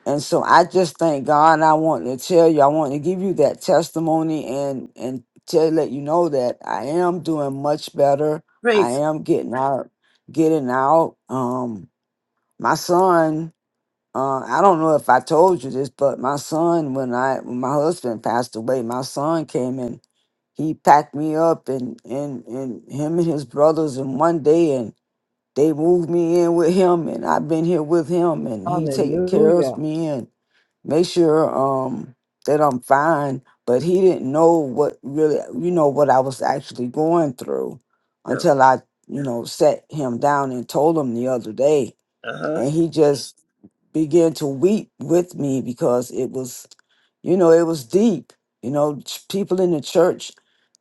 S12: And so I just thank God. I want to tell you, I want to give you that testimony and and to let you know that I am doing much better. I
S1: Praise God.
S12: am getting out, getting out. Um, my son, uh, I don't know if I told you this, but my son, when I when my husband passed away, my son came and he packed me up and and and him and his brothers in one day and they moved me in with him and I've been here with him and he takes cares of
S11: Hallelujah.
S12: me and make sure um that I'm fine. But he didn't know what really, you know, what I was actually going through
S1: No.
S12: until I, you know, sat him down and told him the other day.
S1: Uh-huh.
S12: And he just began to weep with me because it was, you know, it was deep. You know, ch- people in the church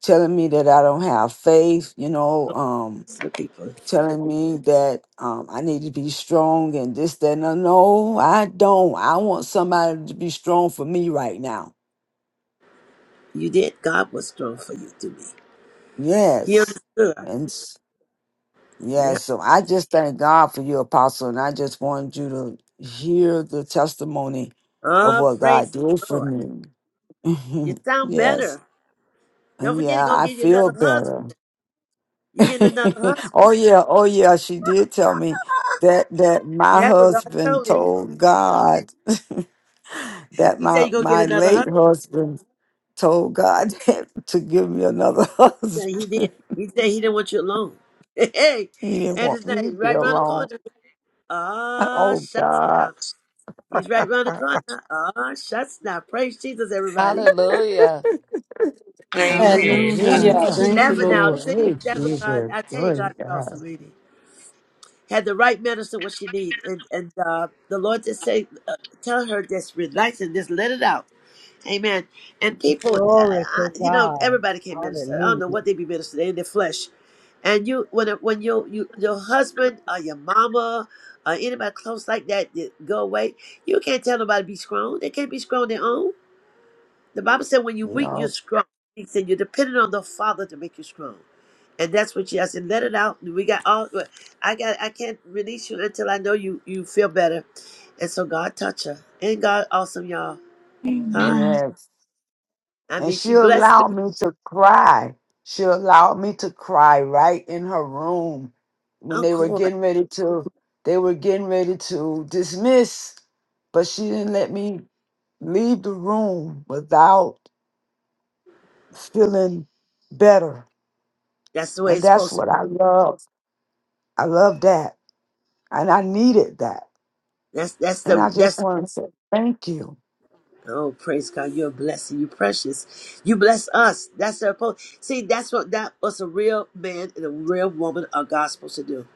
S12: telling me that I don't have faith, you know, um,
S1: So people,
S12: telling me that um, I need to be strong and this, that. No, no, I don't. I want somebody to be strong for me right now.
S1: you did. God was strong for you to me. He
S12: Yes.
S1: understood.
S12: And s-
S1: Yeah.
S12: yes, so I just thank God for you, Apostle. And I just wanted you to hear the testimony of
S1: Oh,
S12: what God
S1: praise the
S12: did for
S1: Lord.
S12: me.
S1: You
S12: [LAUGHS]
S1: sound
S12: yes.
S1: better. Don't
S12: And
S1: forget
S12: yeah,
S1: he's gonna
S12: I
S1: give you
S12: feel
S1: another husband.
S12: better.
S1: You getting
S12: [LAUGHS]
S1: another
S12: oh,
S1: husband.
S12: yeah. Oh, yeah. She did tell me that that my
S1: That's what God
S12: husband
S1: told me.
S12: told God. [LAUGHS] that
S1: He said
S12: my
S1: you're gonna get
S12: my
S1: another
S12: late
S1: husband.
S12: husband told God [LAUGHS] to give me another [LAUGHS]
S1: And
S12: husband.
S1: he did. He said he didn't want you alone. [LAUGHS] Hey,
S12: He didn't
S1: and
S12: want
S1: it's
S12: me
S1: nice,
S12: to be
S1: right round the
S12: alone. [LAUGHS]
S1: corner. Ah,
S12: Oh
S1: shuts
S12: God,
S1: down. He's
S12: [LAUGHS]
S1: right
S12: you
S1: round the corner. Ah, shuts down. Praise Jesus, everybody.
S3: Hallelujah.
S13: Oh,
S2: Amen.
S8: Amen.
S4: Hallelujah.
S2: hallelujah.
S8: Hallelujah.
S13: Hallelujah.
S1: She
S4: Thank you,
S1: laughing
S6: Hallelujah.
S1: now.
S4: Lord.
S1: See,
S13: Praise
S1: that's what God.
S13: Jesus.
S1: I tell you, God
S13: Glory
S1: is
S13: to God.
S1: awesome, lady. Had the right medicine, what she need, and and uh, the Lord just say, uh, tell her just relax and just let it out. Amen. And people, uh,
S11: Glory
S1: I-
S11: to
S1: you know,
S11: God.
S1: everybody can minister. I don't know
S11: Hallelujah.
S1: what they be ministering in their flesh. And you, when it- when you, you your husband or your mama or anybody close like that that go away, you can't tell nobody to be strong. They can't be strong on their own. The Bible said when you weak, you're
S12: know,
S1: strong. He said you're dependent on the Father to make you strong. And that's what she. I said, let it out. We got all. uh, I got. I can't release you until I know you. You feel better. And so God touch her. And God awesome, y'all. Huh?
S6: Amen.
S12: yes.
S1: I
S12: And
S1: mean,
S12: she
S1: she blessed me.
S12: allowed me to cry. She allowed me to cry right in her room when
S1: Of
S12: they were
S1: course.
S12: getting ready to they were getting ready to dismiss, but she didn't let me leave the room without feeling better.
S1: That's the way
S12: And
S1: it's
S12: that's
S1: supposed to
S12: what
S1: be.
S12: I love. I love that. And I needed that.
S1: That's that's
S12: And
S1: the
S12: I just
S1: that's
S12: want to say thank you.
S1: oh praise God, you're a blessing, you're precious. You bless us. That's the po- see, that's what that was a real man and a real woman are God supposed to do.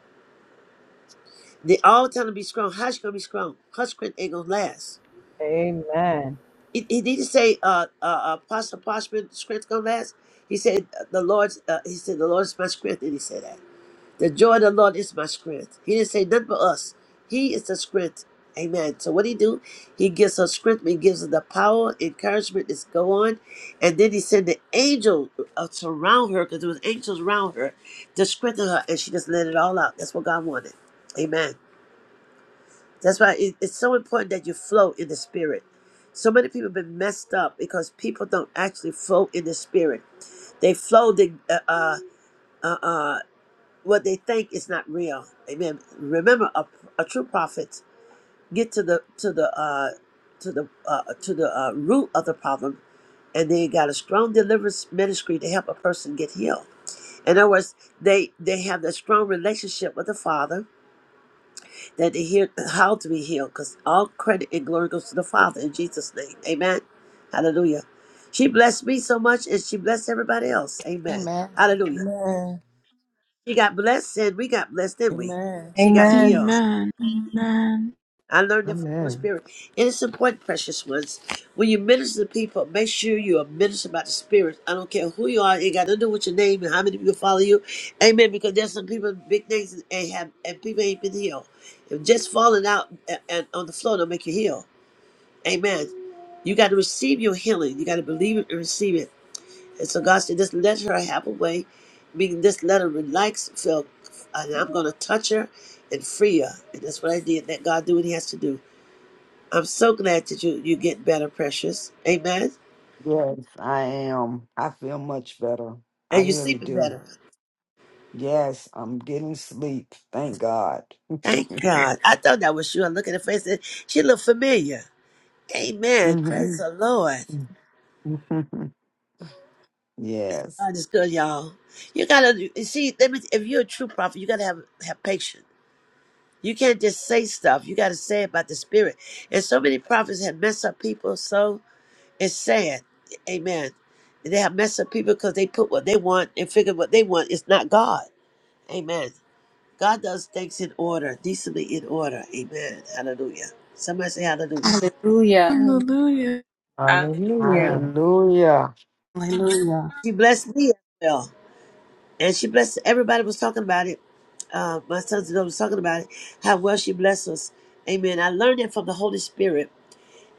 S1: They all tell him to be strong. Hush gonna be strong. Hush strength ain't gonna last.
S11: Amen.
S1: He, he didn't say uh uh apostle parchment strength gonna last. He said uh, the Lord's uh, he said the Lord's my strength and he said that. The joy of the Lord is my strength. He didn't say nothing but us. He is the strength. Amen. So what he do? He gives her strength. He gives her the power, encouragement to go on. And then he sent the angel uh, to surround her because there was angels around her to strengthen her. And she just let it all out. That's what God wanted. Amen. That's why it- it's so important that you flow in the spirit. So many people have been messed up because people don't actually flow in the spirit. They flow the, uh, uh, uh, uh, what they think is not real. Amen. Remember, a, a true prophet get to the to the uh, to the uh, to the uh, root of the problem, and they got a strong deliverance ministry to help a person get healed. In other words, they they have that strong relationship with the Father that they hear how to be healed, because all credit and glory goes to the Father in Jesus' name. Amen. Hallelujah. She blessed me so much, and she blessed everybody else. Amen.
S3: Amen.
S1: Hallelujah.
S3: Amen.
S1: She got blessed, and we got blessed, didn't we?
S3: Amen.
S1: She got
S2: Amen.
S1: healed.
S6: Amen. Amen.
S1: I learned that from the Holy
S13: Amen.
S1: Spirit. And it's important, precious ones. When you minister to people, make sure you are ministering about the Spirit. I don't care who you are. It got nothing to do with your name and how many people follow you. Amen. Because there's some people, big names, and, and have, and people ain't been healed. If just falling out and, and on the floor don't make you heal. Amen. You got to receive your healing. You got to believe it and receive it. And so God said, just let her have a way. Meaning, just let her relax, feel, and I'm going to touch her and free her. And that's what I did. Let God do what he has to do. I'm so glad that you you get better, precious. Amen.
S12: Yes, I am. I feel much better. I
S1: And you're
S12: really
S1: sleeping
S12: do.
S1: better.
S12: Yes, I'm getting sleep. Thank God. [LAUGHS]
S1: Thank God. I thought that was you. I look at her face and she looked familiar. Amen.
S12: hmm
S1: Praise the Lord.
S12: [LAUGHS] yes.
S1: God is good, y'all. You gotta you see. Let me. If you're a true prophet, you gotta have have patience. You can't just say stuff. You gotta say about the Spirit. And so many prophets have messed up people. So it's sad. Amen. They have messed up people because they put what they want and figure what they want is not God. Amen. God does things in order, decently in order. Amen. Hallelujah. Somebody say hallelujah.
S2: Hallelujah.
S6: Hallelujah.
S8: Hallelujah.
S13: Hallelujah.
S12: Hallelujah.
S4: Hallelujah.
S1: She blessed me as well. And she blessed everybody was talking about it. Uh, my sons and daughters was talking about it, how well she blessed us. Amen. I learned it from the Holy Spirit.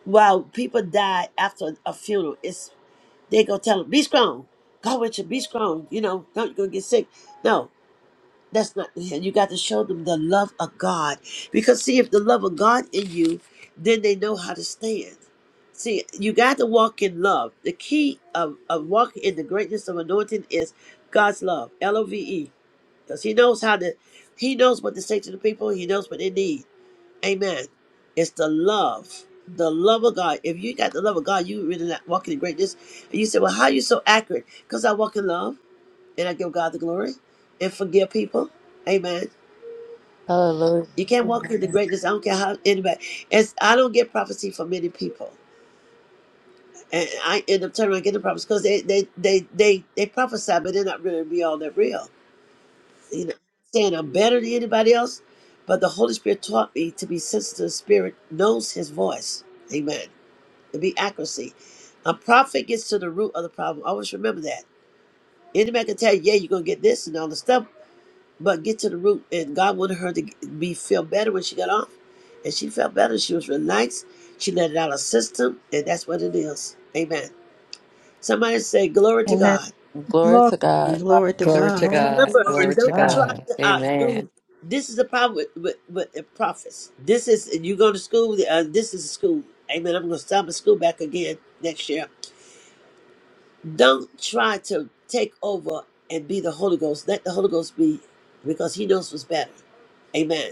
S1: While people die after a funeral, it's they gonna tell them, be strong. God with you, be strong. You know, don't you go get sick. No. That's not You got to show them the love of God. Because see, if the love of God in you, then they know how to stand. See, you got to walk in love. The key of, of walking in the greatness of anointing is God's love. L-O-V-E. Because he knows how to he knows what to say to the people. He knows what they need. Amen. It's the love. The love of God. If you got the love of God, you really not walking in greatness. And you say, Well, how are you so accurate? Because I walk in love and I give God the glory and forgive people. Amen.
S3: Hallelujah.
S1: You can't walk into
S3: Amen.
S1: greatness. I don't care how anybody. It's I don't get prophecy from many people, and I end up turning around getting prophecy because they they they they they prophesy, but they're not really be all that real. You know, saying I'm better than anybody else, but the Holy Spirit taught me to be sensitive. to The Spirit knows His voice. Amen. To be accuracy. A prophet gets to the root of the problem. Always remember that. Anybody can tell you, yeah, you're gonna get this and all the stuff, but get to the root. And God wanted her to be feel better when she got off, and she felt better. She was relaxed. She let it out of her system, and that's what it is. Amen. Somebody say glory to
S2: Amen.
S1: God.
S3: Glory
S2: Glory.
S3: to God.
S4: Glory to
S7: Glory to
S4: God.
S7: God.
S13: Glory
S1: Remember,
S8: Glory
S13: to
S7: Glory
S8: to
S7: to
S1: don't
S8: God.
S1: try
S7: God.
S13: God.
S1: to
S7: Amen.
S1: outdo. This is the problem with with, with the prophets. This is you go to school. Uh, this is a school. Amen. I'm going to start my school back again next year. Don't try to take over and be the Holy Ghost. Let the Holy Ghost be, because He knows what's better. Amen.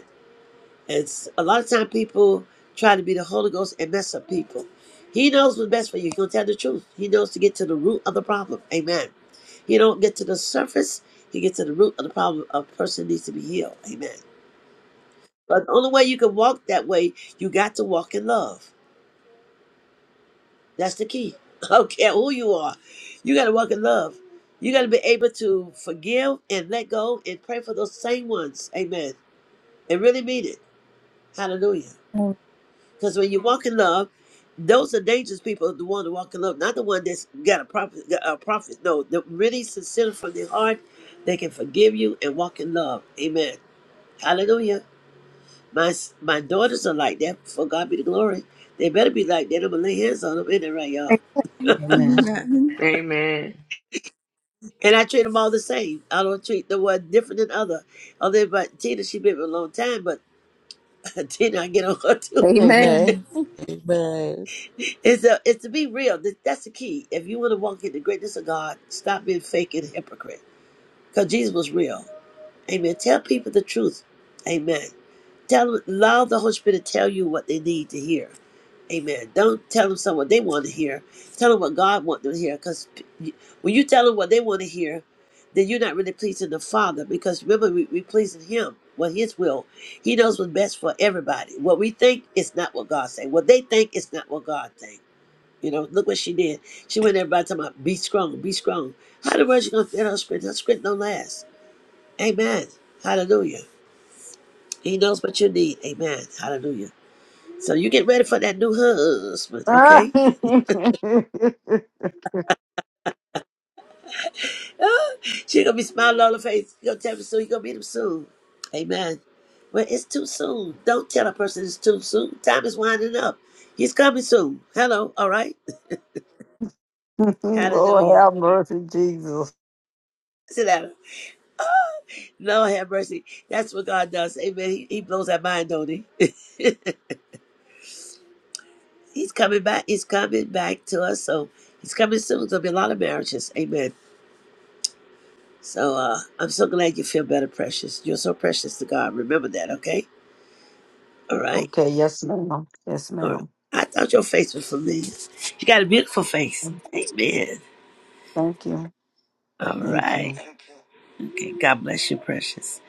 S1: It's a lot of time people try to be the Holy Ghost and mess up people. He knows what's best for you. He's gonna tell the truth. He knows to get to the root of the problem. Amen. He don't get to the surface. He gets to the root of the problem. A person needs to be healed. Amen. But the only way you can walk that way, you got to walk in love. That's the key. [LAUGHS] I don't care who you are. You got to walk in love. You got to be able to forgive and let go and pray for those same ones. Amen. And really mean it. Hallelujah.
S2: Amen.
S1: Because when you walk in love, those are dangerous people. The one that walk in love, not the one that's got a prophet. A prophet. No, the really sincere from their heart, they can forgive you and walk in love. Amen. Hallelujah. My my daughters are like that. For God be the glory. They better be like that. I'm gonna lay hands on them. Ain't that right, y'all?
S4: Amen.
S6: Amen.
S8: Amen.
S1: And I treat them all the same. I don't treat the one different than other. Other than but Tina, she been with a long time, but [LAUGHS] Tina, I get on her too.
S2: Amen.
S3: Amen. Amen.
S1: It's a, it's to be real. Th- That's the key. If you want to walk in the greatness of God, stop being fake and hypocrite. Because Jesus was real. Amen. Tell people the truth. Amen. Tell them, allow the Holy Spirit to tell you what they need to hear. Amen. Don't tell them something they want to hear. Tell them what God wants them to hear. Because when you tell them what they want to hear, then you're not really pleasing the Father. Because remember, we, we pleasing Him, what His will. He knows what's best for everybody. What we think is not what God say. What they think is not what God think. You know, look what she did. She went everybody talking about be strong, be strong. How the world you gonna fit on script? That script don't last. Amen. Hallelujah. He knows what you need. Amen. Hallelujah. So you get ready for that new husband, okay?
S12: [LAUGHS]
S1: Ah, she gonna be smiling all her face. You gonna tell me soon, you gonna meet him soon. Amen. Well, it's too soon. Don't tell a person it's too soon. Time is winding up. He's coming soon. Hello, all right?
S12: Lord
S1: Hallelujah.
S12: have mercy, Jesus.
S1: Sit down. Lord have mercy. That's what God does. Amen. He, he blows our mind, don't he? He's coming back. He's coming back to us. So he's coming soon. There'll be a lot of marriages. Amen. So uh, I'm so glad you feel better, precious. You're so precious to God. Remember that, okay? All right.
S12: Okay, yes, ma'am. Yes,
S1: All right.
S12: ma'am.
S1: I thought your face was familiar. You got a beautiful face. Amen.
S12: Thank you.
S1: All
S12: Thank
S1: right.
S12: you.
S1: Okay. God bless you, precious.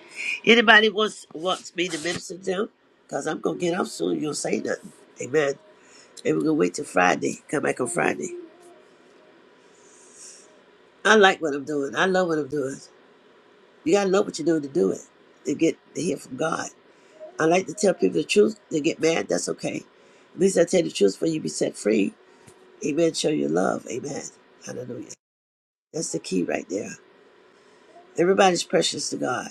S1: Anybody wants wants me to minister to them? Because I'm gonna get off soon. You don't say nothing. Amen. And we're gonna wait till Friday. Come back on Friday. I like what I'm doing. I love what I'm doing. You gotta know what you're doing to do it, to get to hear from God. I like to tell people the truth. They get mad, that's okay. At least I tell the truth for you be set free. Amen. Show your love. Amen. Hallelujah. That's the key right there. Everybody's precious to God.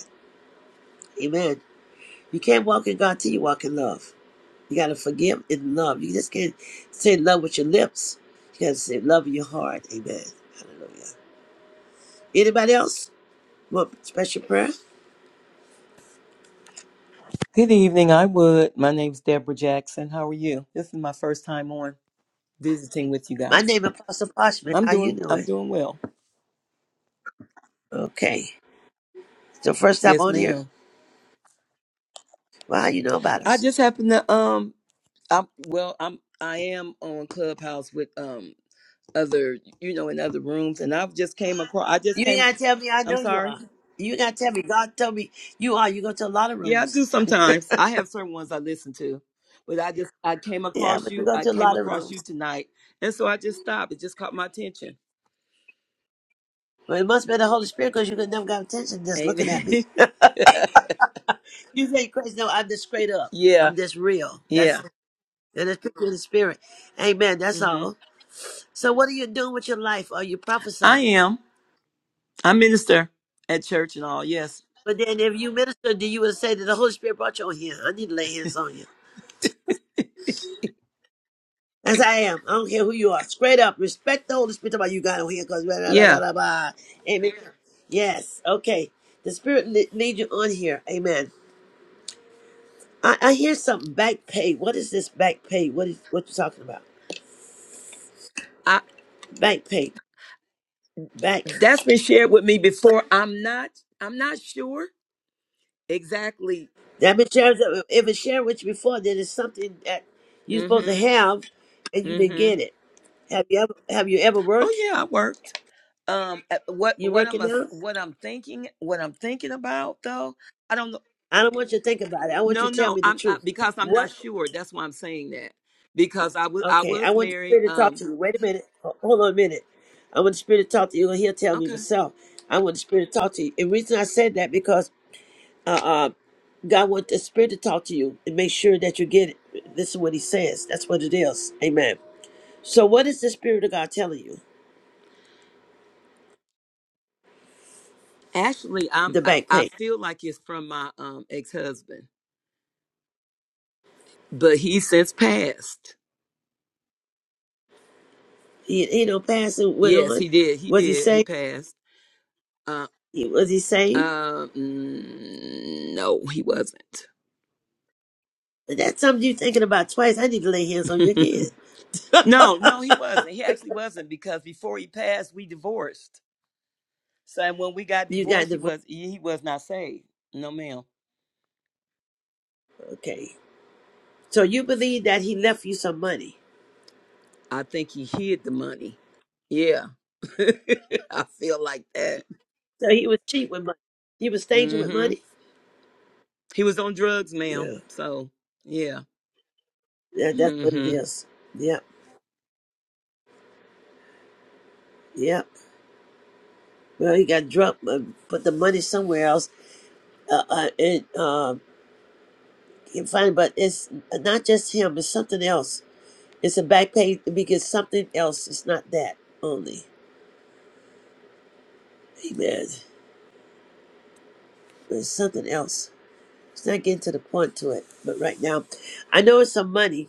S1: Amen. You can't walk in God till you walk in love. You gotta forgive in love. You just can't say love with your lips. You gotta say love in your heart. Amen. Hallelujah. Anybody else? Want special prayer?
S14: Good evening. I would. My name's Deborah Jackson. How are you? This is my first time on visiting with you
S1: My
S14: guys.
S1: name is Apostle Parchman.
S14: I'm
S1: How you
S14: doing. I'm
S1: doing?
S14: doing well.
S1: Okay. So first time
S14: Yes,
S1: on here,
S14: ma'am.
S1: well, how you know about
S14: I
S1: us?
S14: just happen to um. I'm well. I'm. I am on Clubhouse with um other you know in other rooms, and I've just came across. I just
S1: You ain't
S14: came.
S1: gotta tell me. I
S14: I'm
S1: know you
S14: sorry.
S1: are. You ain't gotta tell me. God told me you are. You go to a lot of
S14: Yeah, I
S1: rooms.
S14: do sometimes. I have certain ones I listen to, but I just I came
S1: Yeah,
S14: across
S1: but you
S14: you.
S1: go
S14: I
S1: to a
S14: came
S1: lot of
S14: across you
S1: rooms.
S14: tonight, and so I just stopped. It just caught my attention.
S1: Well, it must be the Holy Spirit because you could never got attention just looking at me. [LAUGHS]
S14: Amen.
S1: You say crazy. No, I'm just straight
S14: [LAUGHS]
S1: up.
S14: yeah,
S1: I'm just real. That's
S14: Yeah.
S1: and it's picture of the spirit. Amen. That's
S14: hmm
S1: all. So what are you doing with your life? Are you
S14: I
S1: prophesying?
S14: am. I minister at church and all. Yes.
S1: But then if you minister, do you would say that the Holy Spirit brought you on here? I need to lay hands on you. As I am. I don't care who you are. Straight up. Respect the Holy Spirit about you got on here because blah, blah, blah, blah,
S14: Yeah.
S1: blah, blah. Amen. Yes. Okay. The Spirit le- lead you on here. Amen. I, I hear something. Back pay. What is this back pay? What is what you talking about?
S14: I
S1: Back pay. Back.
S14: that's been shared with me before. I'm not I'm not sure exactly.
S1: That been shared, if it shared with you before, then it's something that you're supposed to
S14: Mhm.
S1: have and you didn't
S14: Mhm.
S1: get it. Have you ever have you ever
S14: Oh
S1: worked?
S14: yeah, I worked. Um uh, what
S1: You
S14: what I'm
S1: working
S14: a,
S1: now?
S14: what I'm thinking, what I'm thinking about though, I don't know.
S1: I don't want you to think about it. I want you
S14: No,
S1: to tell
S14: no.
S1: me the
S14: I'm I,
S1: truth.
S14: because I'm not
S1: What?
S14: sure. That's why I'm saying that. Because I was I
S1: Okay, I
S14: was
S1: want the
S14: married
S1: spirit to talk
S14: um
S1: to you. Wait a minute. Ho- Hold on a minute. I want the spirit to talk to you, and he'll tell me
S14: okay.
S1: myself. I want the spirit to talk to you. And the reason I said that because uh, uh, God wants the spirit to talk to you and make sure that you get it. This is what he says. That's what it is. Amen. So what is the spirit of God telling you?
S14: Actually, I'm
S1: The
S14: I,
S1: back
S14: I
S1: pain.
S14: feel like it's from my um ex-husband but he since passed.
S1: He, he don't pass and went
S14: Yes,
S1: on.
S14: he did. He
S1: Was he
S14: did. He
S1: saved?
S14: passed. Uh,
S1: He- Was he saved?
S14: um, mm, no, he wasn't.
S1: That's something you're thinking about twice. I need to lay hands on you again.
S14: [LAUGHS] no, no, he wasn't. He actually wasn't because before he passed, we divorced. So and when we got
S1: You got
S14: divorced, he
S1: divorced.
S14: was he was not saved. No, ma'am.
S1: Okay. So you believe that he left you some money.
S14: I think he hid the money. Yeah, [LAUGHS] I feel like that.
S1: So he was cheap with money. He was staging with
S14: Mm-hmm.
S1: money.
S14: He was on drugs, ma'am.
S1: Yeah,
S14: So yeah.
S1: yeah, that's what it
S14: Mm-hmm.
S1: is. Yep, yep. Well, he got drunk, uh, put the money somewhere else, uh, uh, and uh, can find. But it's not just him; it's something else. It's a back page because something else. It's not that only. Amen. it's something else. It's not getting to the point to it. But right now, I know it's some money,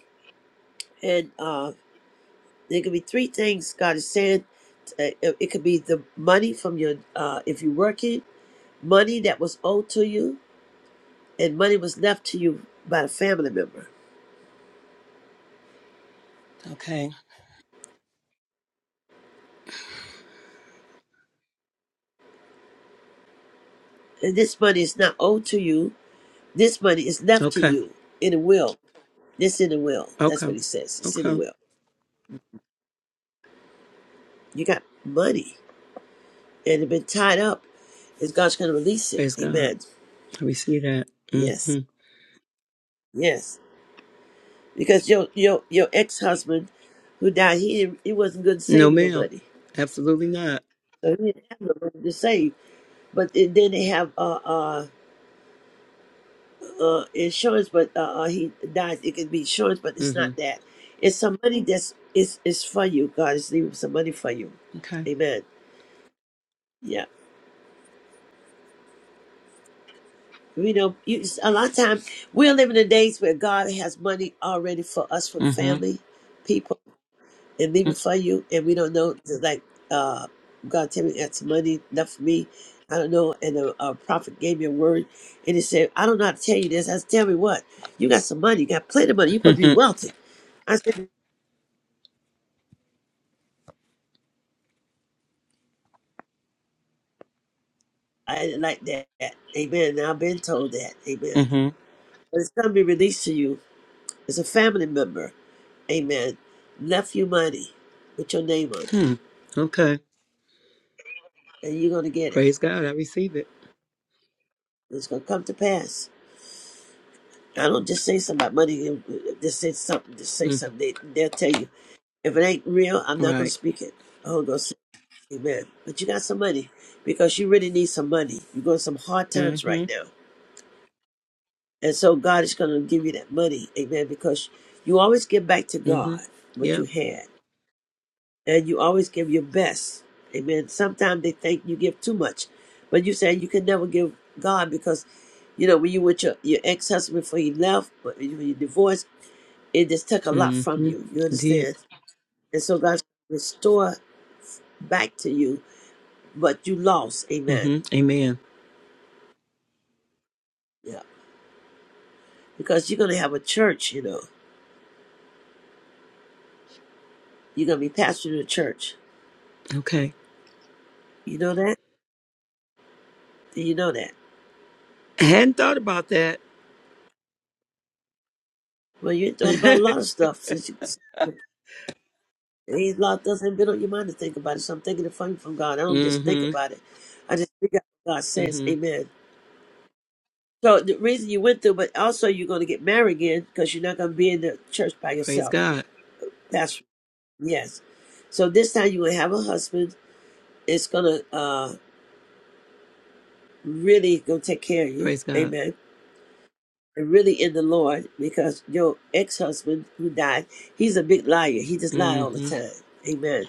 S1: and uh, there could be three things God is saying. Uh, It it could be the money from your uh, if you're working. money that was owed to you and money was left to you by a family member.
S14: Okay.
S1: And this money is not owed to you. This money is left to
S14: Okay.
S1: you in a will. This in a will. That's what
S14: Okay.
S1: he says. It's in a
S14: Okay.
S1: will. You got money and it's been tied up. And God's going to release it.
S14: Praise God.
S1: Amen.
S14: we see that.
S1: Yes.
S14: hmm
S1: Yes. Because your your your ex husband who died, he didn't, he wasn't good at
S14: No,
S1: saving no
S14: ma'am.
S1: money.
S14: Absolutely not.
S1: So he didn't have no money to save. But then then they have uh, uh uh, insurance, but uh, uh, he dies. It could be insurance, but it's
S14: hmm
S1: not that. It's some money that's is is for you. God is leaving some money for you.
S14: Okay.
S1: Amen. Yeah. you know you, a lot of times we're living in days where God has money already for us for
S14: hmm
S1: family, people, and leaving for you, and we don't know. It's like uh, God tell me that's money left for me. I don't know. And a, a prophet gave me a word, and he said, "I don't know how to tell you this. I said, tell me what. You got some money. You got plenty of money. You
S14: Mm-hmm.
S1: gonna be
S14: [LAUGHS]
S1: wealthy." I said. I didn't like that. Amen. Now I've been told that. Amen.
S14: Mm-hmm.
S1: But it's going to be released to you as a family member. Amen. Left you money with your name on it,
S14: Hmm. Okay.
S1: and you're going to get it.
S14: Praise God. I receive it.
S1: It's going to come to pass. I don't just say something about money. and, uh, Just say something. Just say
S14: Mm.
S1: something. They, they'll tell you. If it ain't real, I'm not going to
S14: Right.
S1: speak it. Oh, go say amen. But you got some money because you really need some money. You're going some hard times
S14: Mm-hmm.
S1: right now. And so God is going to give you that money, amen, because you always give back to
S14: Mm-hmm.
S1: God what you
S14: Yep.
S1: had, and you always give your best, amen. Sometimes they think you give too much, but you say you can never give God because, you know, when you with your, your ex husband before you left, but when you when you divorced, it just took a lot from
S14: Mm-hmm.
S1: you. You
S14: Did.
S1: understand? And so God's gonna restore back to you what you lost, amen.
S14: Mm-hmm. Amen.
S1: Yeah, because you're going to have a church, you know, you're going to be pastoring a church.
S14: Okay.
S1: You know that? You know that.
S14: I hadn't thought about that.
S1: Well, you
S14: [LAUGHS]
S1: thought about a lot of
S14: mm-hmm.
S1: stuff since you ain't a lot doesn't been on your mind to think about it. So I'm thinking it from from God. I don't just think about it. I just think out what God says.
S14: Mm-hmm.
S1: Amen. So the reason you went through, but also you're going to get married again because you're not going to be in the church by
S14: Praise
S1: yourself.
S14: God.
S1: That's yes. So this time you're going to have a husband. It's going to uh, really going to take care of you.
S14: Praise God.
S1: Amen. And really in the Lord because your ex-husband who died, he's a big liar. He just lied all the
S14: Mm-hmm.
S1: time. Amen.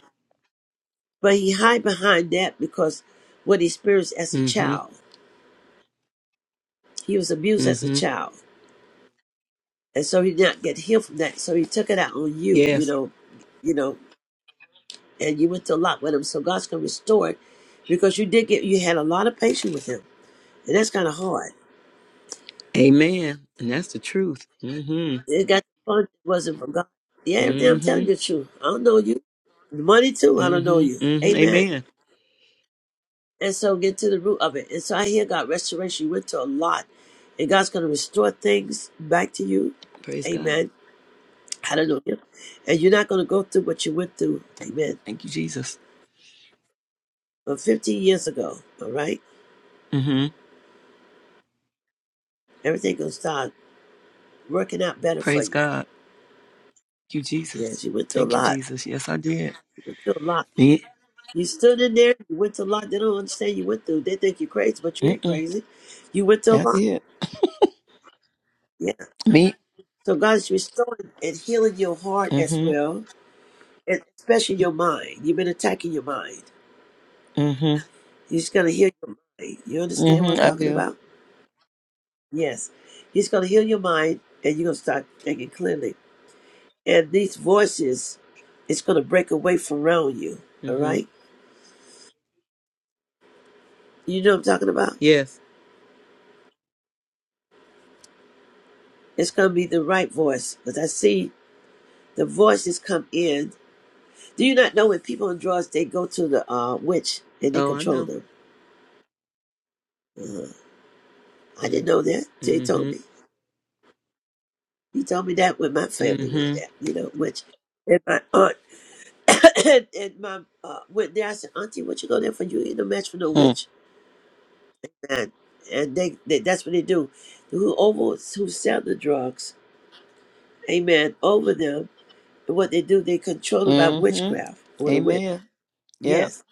S1: But he hide behind that because what he experienced as a
S14: Mm-hmm.
S1: child. He was abused as a
S14: Mm-hmm.
S1: child. And so he did not get healed from that. So he took it out on you, you
S14: Yes.
S1: know, you know, and you went to a lot with him. So God's gonna restore it because you did get you had a lot of patience with him. And that's kinda hard.
S14: Amen. And that's the truth. Mm-hmm.
S1: It got fun wasn't from God. Yeah, everything I'm
S14: Mm-hmm.
S1: telling you the truth. I don't know you. The money too, I don't know
S14: hmm
S1: you.
S14: hmm
S1: Amen.
S14: Amen.
S1: And so get to the root of it. And so I hear God restoration. You went to a lot. And God's going to restore things back to you.
S14: Praise God.
S1: Amen. Hallelujah. And you're not going to go through what you went through. Amen.
S14: Thank you, Jesus.
S1: But 15 years ago, all right,
S14: hmm
S1: everything going to start working out better for
S14: Praise
S1: you.
S14: God. Thank you, Jesus.
S1: Yes, you went through a
S14: Thank you,
S1: lot.
S14: Jesus. Yes, I did.
S1: You went through a lot.
S14: Me?
S1: You stood in there. You went through a lot. They don't understand you went through. They think you're crazy, but you ain't
S14: Mm-mm.
S1: crazy. You went through
S14: Yeah, I
S1: a lot.
S14: did.
S1: Yeah.
S14: Me?
S1: So God's restoring and healing your heart
S14: hmm
S1: as well and especially your mind. You've been attacking your mind.
S14: hmm
S1: He's going to heal your mind. You understand what I'm
S14: hmm I
S1: talking
S14: do.
S1: about? Yes. He's going to heal your mind, and you're going to start thinking clearly. And these voices, it's going to break away from around you. All
S14: hmm
S1: right? You know what I'm talking about?
S14: Yes.
S1: It's going to be the right voice because I see the voices come in. Do you not know when people on drugs, they go to the uh, witch and they
S14: Oh, I
S1: control
S14: know.
S1: them? I didn't know that. Jay told
S14: Mm-hmm.
S1: me. He told me that when my family went there,
S14: hmm
S1: you know, which and my aunt [COUGHS] and, and my uh, went there. I said, Auntie, what you go there for? You ain't no match for no witch, man. And they, they that's what they do. Whoever who sell the drugs, amen, over them. And what they do, they control them by
S14: Mm-hmm.
S1: witchcraft or the witch.
S14: Amen. Yep.
S1: Yes,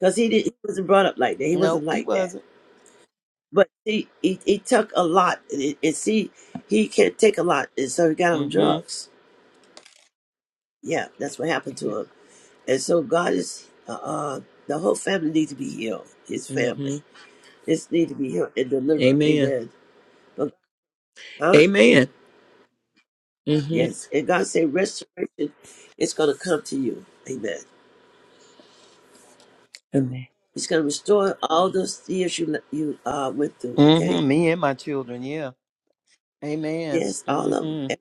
S1: because he did, he wasn't brought up like that. He
S14: No,
S1: wasn't
S14: he
S1: like that.
S14: wasn't.
S1: But he he, he took a lot, and, it- and see, he can't take a lot, and so he got
S14: hmm
S1: on drugs. Yeah, that's what happened to him. And so God is uh, uh the whole family needs to be healed. His family.
S14: hmm
S1: This need to be healed and delivered.
S14: Amen.
S1: Amen. But huh?
S14: Amen. hmm
S1: Yes. And God said restoration is gonna come to you. Amen.
S14: Amen.
S1: He's gonna restore all those years you you uh went through. Okay.
S14: hmm Me and my children. Yeah. Amen.
S1: Yes, all of them.
S14: hmm
S1: And,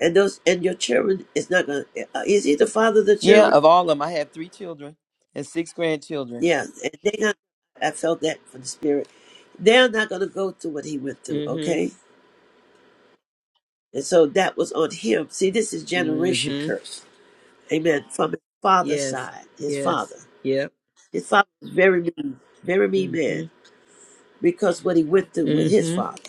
S1: and those and your children is not gonna. Uh, is he the father of the
S14: Yeah,
S1: children?
S14: of all of them, I have three children and six grandchildren.
S1: Yeah. And they not. I felt that from the spirit. They're not gonna go through what he went through.
S14: Mm-hmm.
S1: Okay. And so that was on him. See, this is generation
S14: Mm-hmm.
S1: curse. Amen. From his father's
S14: Yes.
S1: side, his
S14: Yes.
S1: father.
S14: Yep.
S1: His father was very mean, very mean
S14: Mm-hmm.
S1: man because what he went through with his
S14: Mm-hmm.
S1: father.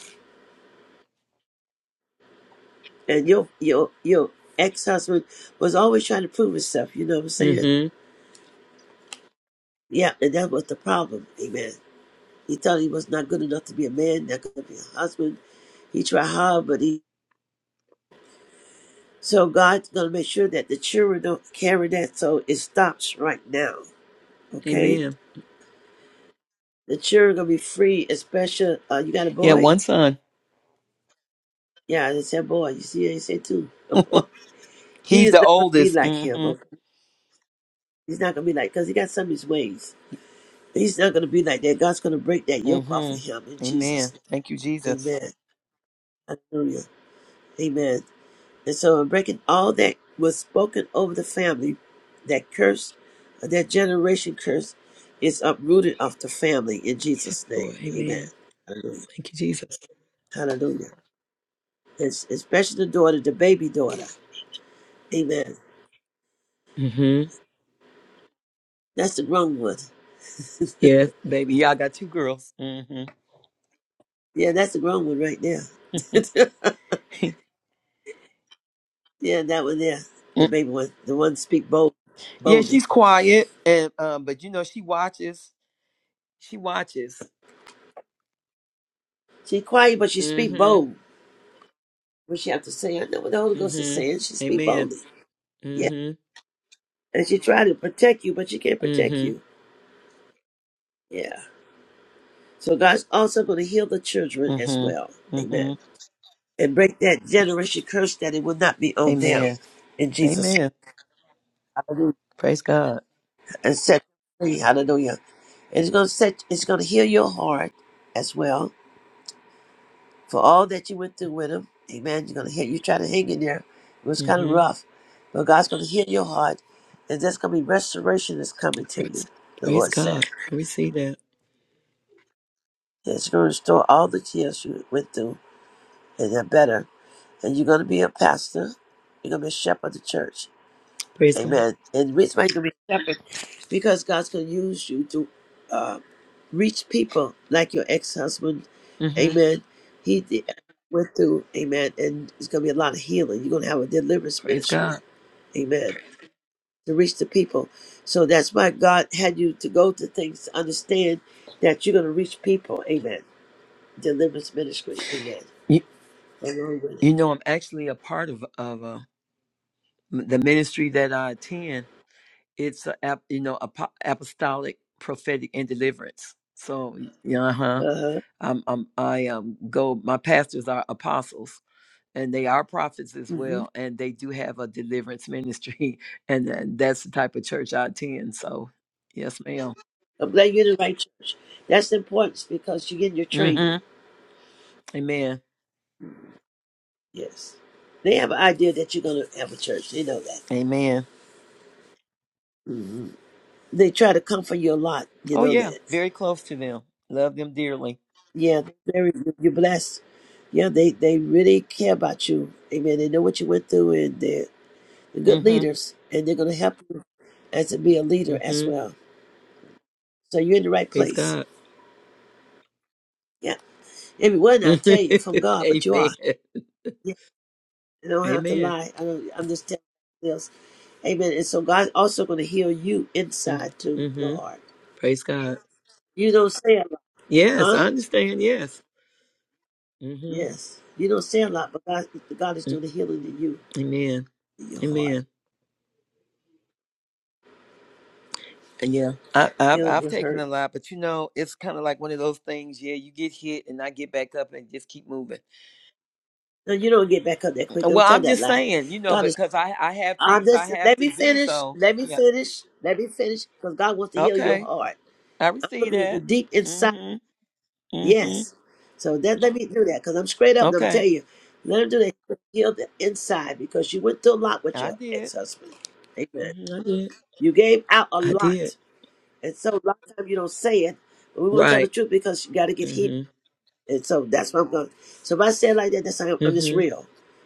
S1: And your your your ex husband was always trying to prove himself, you know what I'm saying?
S14: Mm-hmm.
S1: Yeah, and that was the problem, amen. He thought he was not good enough to be a man, not gonna be a husband. He tried hard, but he so God's gonna make sure that the children don't carry that so it stops right now. Okay?
S14: Amen.
S1: The children gonna be free, especially uh you got a
S14: Yeah,
S1: boy?
S14: one son.
S1: Yeah, they said boy. You see I said too [LAUGHS] A
S14: [LAUGHS]
S1: boy. He
S14: He's
S1: is
S14: the
S1: not gonna be
S14: oldest.
S1: like him, okay?
S14: Mm-hmm.
S1: He's not gonna be like because he got some of his ways. He's not gonna be like that. God's gonna break that yoke off of him in
S14: Mm-hmm.
S1: Jesus'
S14: Amen. Thank you,
S1: name.
S14: Jesus.
S1: Amen. Hallelujah. Amen. And so I'm breaking all that was spoken over the family, that curse, that generation curse, is uprooted off the family in Jesus' name.
S14: Lord,
S1: Amen.
S14: amen.
S1: Hallelujah.
S14: Thank you, Jesus.
S1: Hallelujah. It's, especially the daughter, the baby daughter. Amen.
S14: Mm-hmm.
S1: That's the grown one.
S14: Yes, baby. Yeah, I got two girls. Mm-hmm.
S1: Yeah, that's the grown one right there. [LAUGHS]
S14: [LAUGHS]
S1: Yeah, that one there. The
S14: Mm.
S1: baby one. The one speak bold,
S14: yeah,
S1: boldly.
S14: she's quiet, and um, but you know she watches. She watches.
S1: She quiet, but she speak
S14: Mm-hmm.
S1: bold. What she have to say? I know what the Holy Ghost is saying. She
S14: Mm-hmm.
S1: speak
S14: Amen.
S1: boldly. Yeah.
S14: Mm-hmm.
S1: And she try to protect you, but she can't protect you.
S14: Mm-hmm.
S1: Yeah. So God's also going to heal the children as well.
S14: Mm-hmm. Mm-hmm.
S1: Amen. And break that generation curse that it will not be on them.
S14: Amen.
S1: In Jesus.
S14: Amen.
S1: Hallelujah.
S14: Praise God.
S1: And set free. Hallelujah. And it's going to set, it's going to heal your heart as well for all that you went through with him. Amen. You're gonna hit. You try to hang in there. It was kind of
S14: Mm-hmm.
S1: rough, but God's gonna heal your heart, and there's gonna be restoration that's coming to you.
S14: Praise,
S1: The
S14: praise
S1: Lord said,
S14: God. I receive that.
S1: "It's gonna restore all the tears you went through, and they're better. And you're gonna be a pastor. You're gonna be a shepherd of the church.
S14: Praise God.
S1: Amen. And the reason why you're gonna be because God's gonna use you to." uh, reach people like your ex-husband
S14: Mm-hmm.
S1: amen he di- went through amen and it's going to be a lot of healing you're going to have a deliverance
S14: Praise
S1: ministry
S14: God.
S1: amen to reach the people so that's why god had you to go to things to understand that you're going to reach people amen deliverance ministry amen
S14: You,
S1: along with
S14: you
S1: it
S14: know, I'm actually a part of of uh, m- the ministry that I attend. It's a, ap- you know apo- apostolic, prophetic, and deliverance. So yeah, uh huh.
S1: uh-huh
S14: I'm, I'm I um go. My pastors are apostles. and they are prophets as
S1: hmm
S14: well, and they do have a deliverance ministry, [LAUGHS] and then that's the type of church I attend. So, yes, madam
S1: i'm glad you're in the right church that's important because you're getting your training
S14: Mm-hmm. Amen.
S1: yes they have an idea that you're going to have a church they know that
S14: Amen.
S1: Mm-hmm. They try to comfort you a lot. You
S14: Oh
S1: know
S14: yeah,
S1: that.
S14: very close to them. Love them dearly.
S1: Yeah, very. You're blessed. Yeah, they they really care about you. Amen. They know what you went through, and they're, they're good
S14: hmm
S1: leaders, and they're going to help you as to be a leader as
S14: hmm
S1: well. So you're in the right
S14: Praise
S1: place.
S14: God.
S1: Yeah, everyone
S14: [LAUGHS]
S1: I
S14: Amen.
S1: tell you from God, but you are. Yeah, I don't have to
S14: Amen.
S1: lie. I don't. I'm just telling you else. Amen. And so God's also going to heal you inside too, your
S14: Mm-hmm.
S1: heart.
S14: Praise God.
S1: You don't say a lot,
S14: Yes,
S1: huh?
S14: I understand. Yes. Mm-hmm.
S1: Yes, you don't say a lot, but God, God is doing the healing in you,
S14: Amen.
S1: in your heart.
S14: Amen. Yeah, I, I've
S1: heal
S14: I've
S1: your
S14: taken
S1: hurt.
S14: a lot, but you know, it's kind of like one of those things. Yeah, you get hit, and I get back up and just keep moving.
S1: No, you don't get back up that quick.
S14: Uh,
S1: Don't
S14: Well,
S1: tell
S14: I'm
S1: that
S14: just
S1: lie.
S14: saying, you know,
S1: God is.
S14: because I I have
S1: Uh,
S14: things I
S1: listen,
S14: have
S1: let
S14: to
S1: me
S14: do.
S1: finish.
S14: So
S1: Let me
S14: yeah,
S1: finish. Let me finish. Because God wants to heal your
S14: okay,
S1: heart.
S14: I
S1: I'm
S14: receive
S1: looking at the
S14: that.
S1: deep inside.
S14: Mm-hmm. Mm-hmm.
S1: Yes. So that let me do that. Because I'm straight up. And I'm
S14: Okay,
S1: telling you, let him do that. Heal the inside. Because you went through a lot with
S14: I
S1: your
S14: did.
S1: ex husband. Amen.
S14: hmm I did.
S1: You gave out a
S14: I did.
S1: lot. And so a lot of times you don't say it. But we want to tell the
S14: Right.
S1: truth because you got to get healed.
S14: Mm-hmm.
S1: And so that's what I'm going. So if I say it like that, that's how I'm, I'm just
S14: Mm-hmm.
S1: real.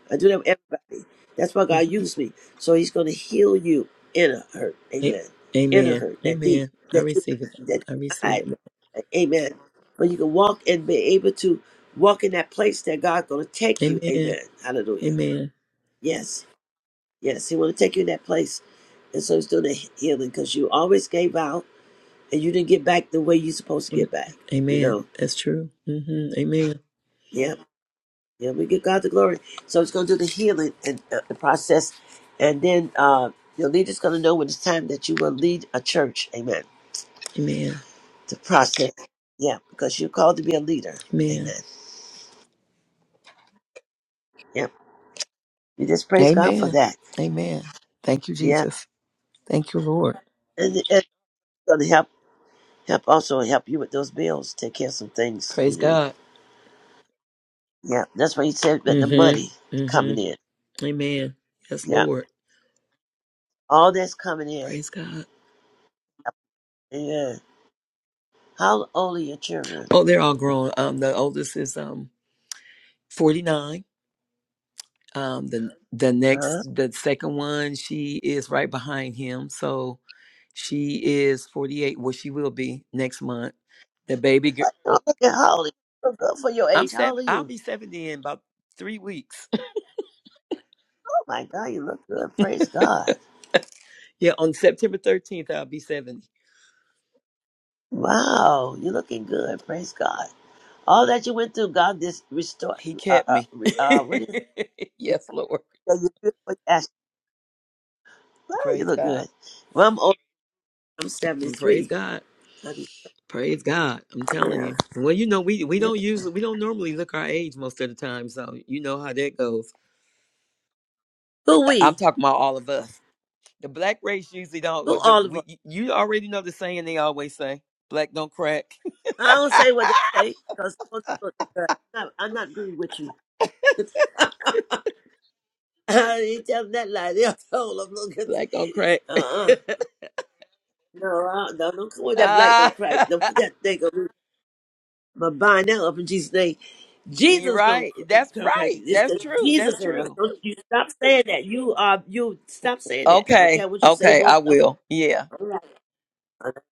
S1: I do that with everybody. That's why God used me. So He's going to heal you inner hurt.
S14: mm-hmm.
S1: Amen. Inner
S14: Amen.
S1: hurt that deep
S14: Amen. I
S1: that you
S14: receive it.
S1: that
S14: I
S1: you
S14: receive
S1: hide.
S14: it.
S1: Amen. But you can walk and be able to walk in that place that God's going to take you.
S14: Amen.
S1: Amen. Hallelujah.
S14: Amen.
S1: Yes. Yes. He want to take you in that place, and so He's doing the healing because you always gave out and you didn't get back the way you supposed to
S14: Amen.
S1: get back. You
S14: Amen.
S1: know.
S14: That's true. mm hmm Amen.
S1: Yeah. Yeah, we give God the glory. So it's going to do the healing and uh, the process, and then uh, your leader's going to know when it's time that you will lead a church. Amen.
S14: Amen.
S1: The process. Yeah, because you're called to be a leader.
S14: Amen.
S1: Amen. Yeah, you just praise God for
S14: Amen.
S1: that.
S14: Amen. Thank you,
S1: Yeah,
S14: Jesus. Thank you, Lord.
S1: and and it's going to help help also help you with those bills, take care of some things you
S14: Praise
S1: need.
S14: God.
S1: Yeah, that's why you said that the money
S14: Mm-hmm.
S1: coming
S14: Mm-hmm.
S1: in.
S14: Amen. Yes,
S1: Yeah,
S14: Lord.
S1: all that's coming in.
S14: Praise God.
S1: Yeah. How old are your children?
S14: Oh, they're all grown. Um, the oldest is um 49. Um, the the
S1: Huh?
S14: next the second one, she is right behind him. So she is 48. Well, she will be next month. The baby girl.
S1: Oh, look at how old you look good for your
S14: I'm
S1: age. How old
S14: seven.
S1: are
S14: I'll
S1: you?
S14: be 70 in about three weeks.
S1: Oh my God, you look good. Praise
S14: [LAUGHS]
S1: God.
S14: Yeah, on September 13th, I'll be 70.
S1: Wow, you're looking good. Praise God. All that you went through, God this restore.
S14: He
S1: Uh,
S14: kept
S1: uh,
S14: me.
S1: re, uh what is? It?
S14: [LAUGHS] yes, Lord.
S1: Yeah, you're good for Wow, you
S14: Praise
S1: look
S14: God.
S1: good. Well, I'm old. I'm
S14: And praise
S1: 73.
S14: God.
S1: I mean,
S14: Praise God. I'm telling
S1: yeah,
S14: you. Well, you know, we, we
S1: yeah.
S14: don't usually, we don't normally look our age most of the time. So you know how that goes.
S1: Who
S14: I'm
S1: we?
S14: talking about all of us. The black race usually don't, or
S1: Who
S14: the,
S1: all of us?
S14: we, you already know the saying they always say, black don't crack.
S1: I don't say what they
S14: [LAUGHS]
S1: say because I'm not, I'm not agreeing with you. [LAUGHS] I didn't tell them that lie. They [LAUGHS] all told them, look at,
S14: black don't crack. [LAUGHS]
S1: uh-uh. No, uh, no, don't come with that black
S14: Ah,
S1: don't crack. Don't put that
S14: [LAUGHS]
S1: thing on me. My bind now up in Jesus' name.
S14: You're
S1: Jesus don't
S14: right.
S1: cr-
S14: That's
S1: don't crack.
S14: right.
S1: It's
S14: That's
S1: the
S14: true.
S1: Jesus
S14: That's
S1: in us.
S14: true.
S1: Don't you stop saying that. You are you stop saying that now. Okay, I
S14: Okay,
S1: want you to say
S14: okay,
S1: more
S14: I
S1: stuff.
S14: will. Yeah.
S1: All right. I'm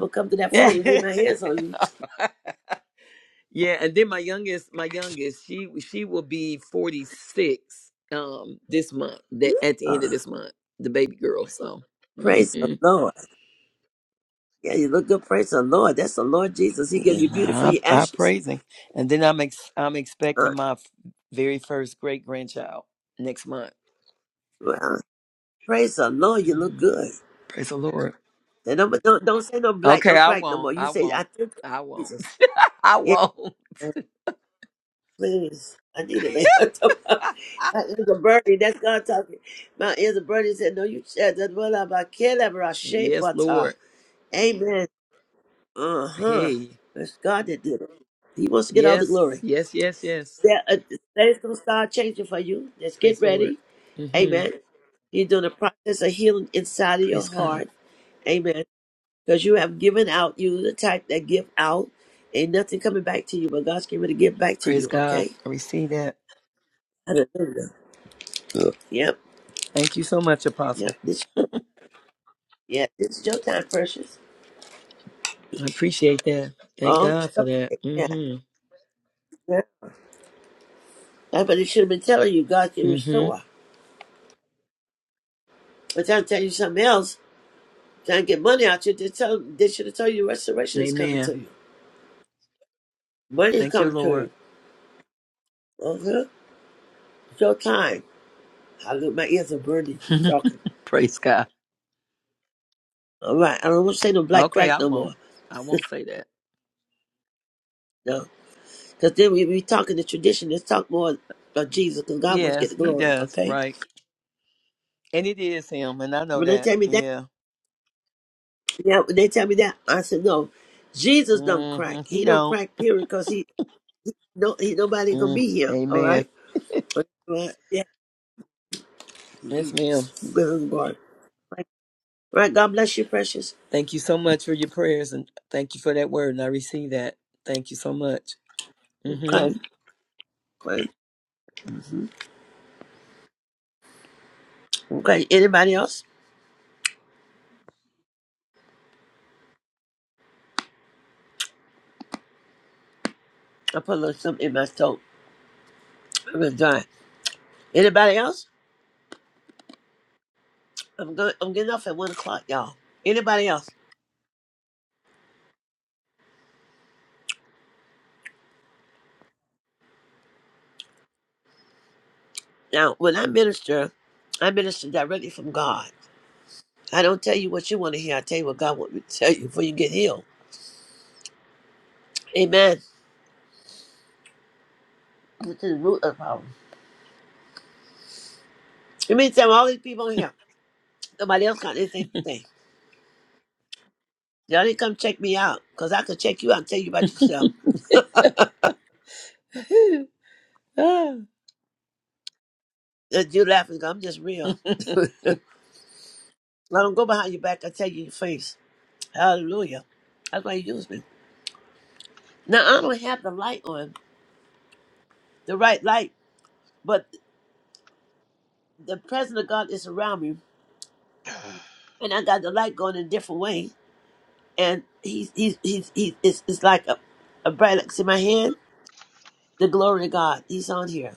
S1: gonna come to
S14: [LAUGHS]
S1: that
S14: yeah,
S1: phone and lay my hands on you.
S14: and then my youngest, my youngest, she she will be 46 um this month, that at the
S1: Uh,
S14: end of this month, the baby girl, so
S1: praise the
S14: mhm.
S1: Lord. Yeah, you look good. Praise the Lord. That's the Lord Jesus. He gave
S14: Yeah,
S1: you beauty for
S14: I,
S1: your
S14: I
S1: ashes.
S14: praise him. And then I'm ex- I'm
S1: Uh,
S14: expecting my f- very first great grandchild next month.
S1: well, praise the Lord. You look
S14: hmm
S1: good.
S14: Praise the Lord.
S1: And don't, don't don't say no black,
S14: Okay,
S1: no
S14: I
S1: crack no
S14: won't.
S1: more. You
S14: I
S1: say I
S14: won't.
S1: think
S14: I won't.
S1: Jesus.
S14: [LAUGHS] I
S1: Yeah.
S14: won't.
S1: Please, I need a laptop. [LAUGHS]
S14: [LAUGHS]
S1: My ears are burning. That's God talking. My ears are burning. He said, No, you said that. Well, I'm about I shape
S14: yes,
S1: but uh,
S14: Lord.
S1: Amen. Uh huh.
S14: Hey.
S1: It's God that did it. He wants to get all the
S14: Yes,
S1: glory.
S14: yes, yes, yes.
S1: Yeah, uh, things gonna start changing for you. Just get
S14: Praise Lord.
S1: ready.
S14: hmm
S1: Amen. You're doing a process of healing inside of your
S14: Praise God.
S1: heart. Amen. Because you have given out. You the type that give out. Ain't nothing coming back to you, but God's getting ready to give back to
S14: Praise
S1: you.
S14: God.
S1: Okay.
S14: I receive that.
S1: Hallelujah. Yep.
S14: Thank you so much,
S1: Yep,
S14: Apostle.
S1: it's your, yeah, it's your time, precious.
S14: I appreciate that. Thank
S1: All the
S14: God for
S1: stuff
S14: that.
S1: like that.
S14: Mm-hmm.
S1: Yeah. That's what they should have been telling you. God can
S14: Mm-hmm.
S1: restore. But trying to tell you something else, trying to get money out you, they, tell, they should have told you restoration is coming
S14: Amen.
S1: to you. Money is
S14: Thank you,
S1: coming to
S14: Lord.
S1: you. Okay? It's your time. Hallelujah. My ears are burning. He's
S14: [LAUGHS]
S1: talking.
S14: Praise God.
S1: All right. I don't want to say no black
S14: Okay,
S1: crack
S14: I
S1: no
S14: won't.
S1: more.
S14: I won't say that.
S1: No. Because then we be talking the tradition. Let's talk more about Jesus because God wants to
S14: Yes,
S1: get the
S14: he
S1: glory.
S14: does.
S1: Okay?
S14: Right. And it is him, and I know
S1: When they
S14: that.
S1: tell me
S14: Yeah.
S1: Yeah, when they tell me that, I said, no, Jesus don't crack.
S14: Mm-hmm. He
S1: He don't
S14: don't.
S1: crack, period, because he, no, he, nobody gonna
S14: Mm.
S1: be here, all
S14: Amen.
S1: right? But, uh, yeah,
S14: Yes, ma'am.
S1: good God. Right, Right, God bless you, precious.
S14: Thank you so much for your prayers and thank you for that word. And I receive that. Thank you so much. Mm-hmm.
S1: Okay, okay. Mhm. Okay, anybody else? I put a little something in my throat. I'm gonna die. Anybody else? I'm going. I'm getting off at one o'clock, y'all. Anybody else? Now, when I minister, I minister directly from God. I don't tell you what you want to hear. I tell you what God wants me to tell you before you get healed. Amen. This is the root of the problem. It means there are all these people in here. Nobody else got anything to say. Y'all didn't come check me out, because I could check you out and tell you about yourself.
S14: [LAUGHS] Ah.
S1: That you laughing, 'cause I'm just real.
S14: [LAUGHS]
S1: I don't go behind your back, I tell you in your face. Hallelujah. That's why you use me. Now, I don't have the light on, the right light, but the presence of God is around me, and I got the light going in a different way. And he's, he's, he's, he's it's, it's like a, a bright light in my hand. The glory of God, he's on here.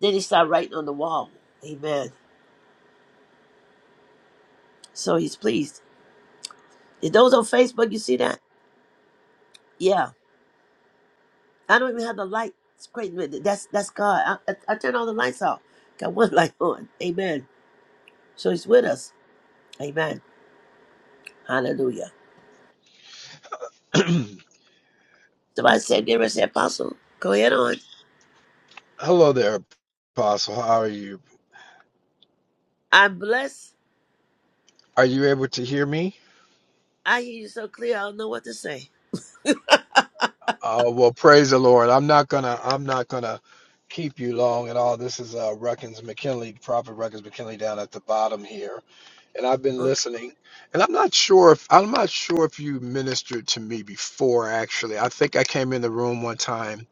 S1: Then he started writing on the wall. Amen. So he's pleased. Is those on Facebook? You see that? Yeah. I don't even have the light. It's crazy. but That's that's God. I, I, I turn all the lights off. Got one [LAUGHS] light on. Amen. So He's with us. Amen. Hallelujah.
S15: [CLEARS THROAT]
S1: Somebody said, "Give us the apostle." Go ahead on.
S15: Hello there, Apostle. How are you?
S1: I'm blessed.
S15: Are you able to hear me?
S1: I hear you so clear. I don't know what to say.
S15: Uh, well, praise the Lord. I'm not gonna. I'm not gonna keep you long at all. This is uh, Ruckins McKinley, Prophet Ruckins McKinley, down at the bottom here, and I've been
S1: Okay.
S15: listening. And I'm not sure if I'm not sure if you ministered to me before. Actually, I think I came in the room one time,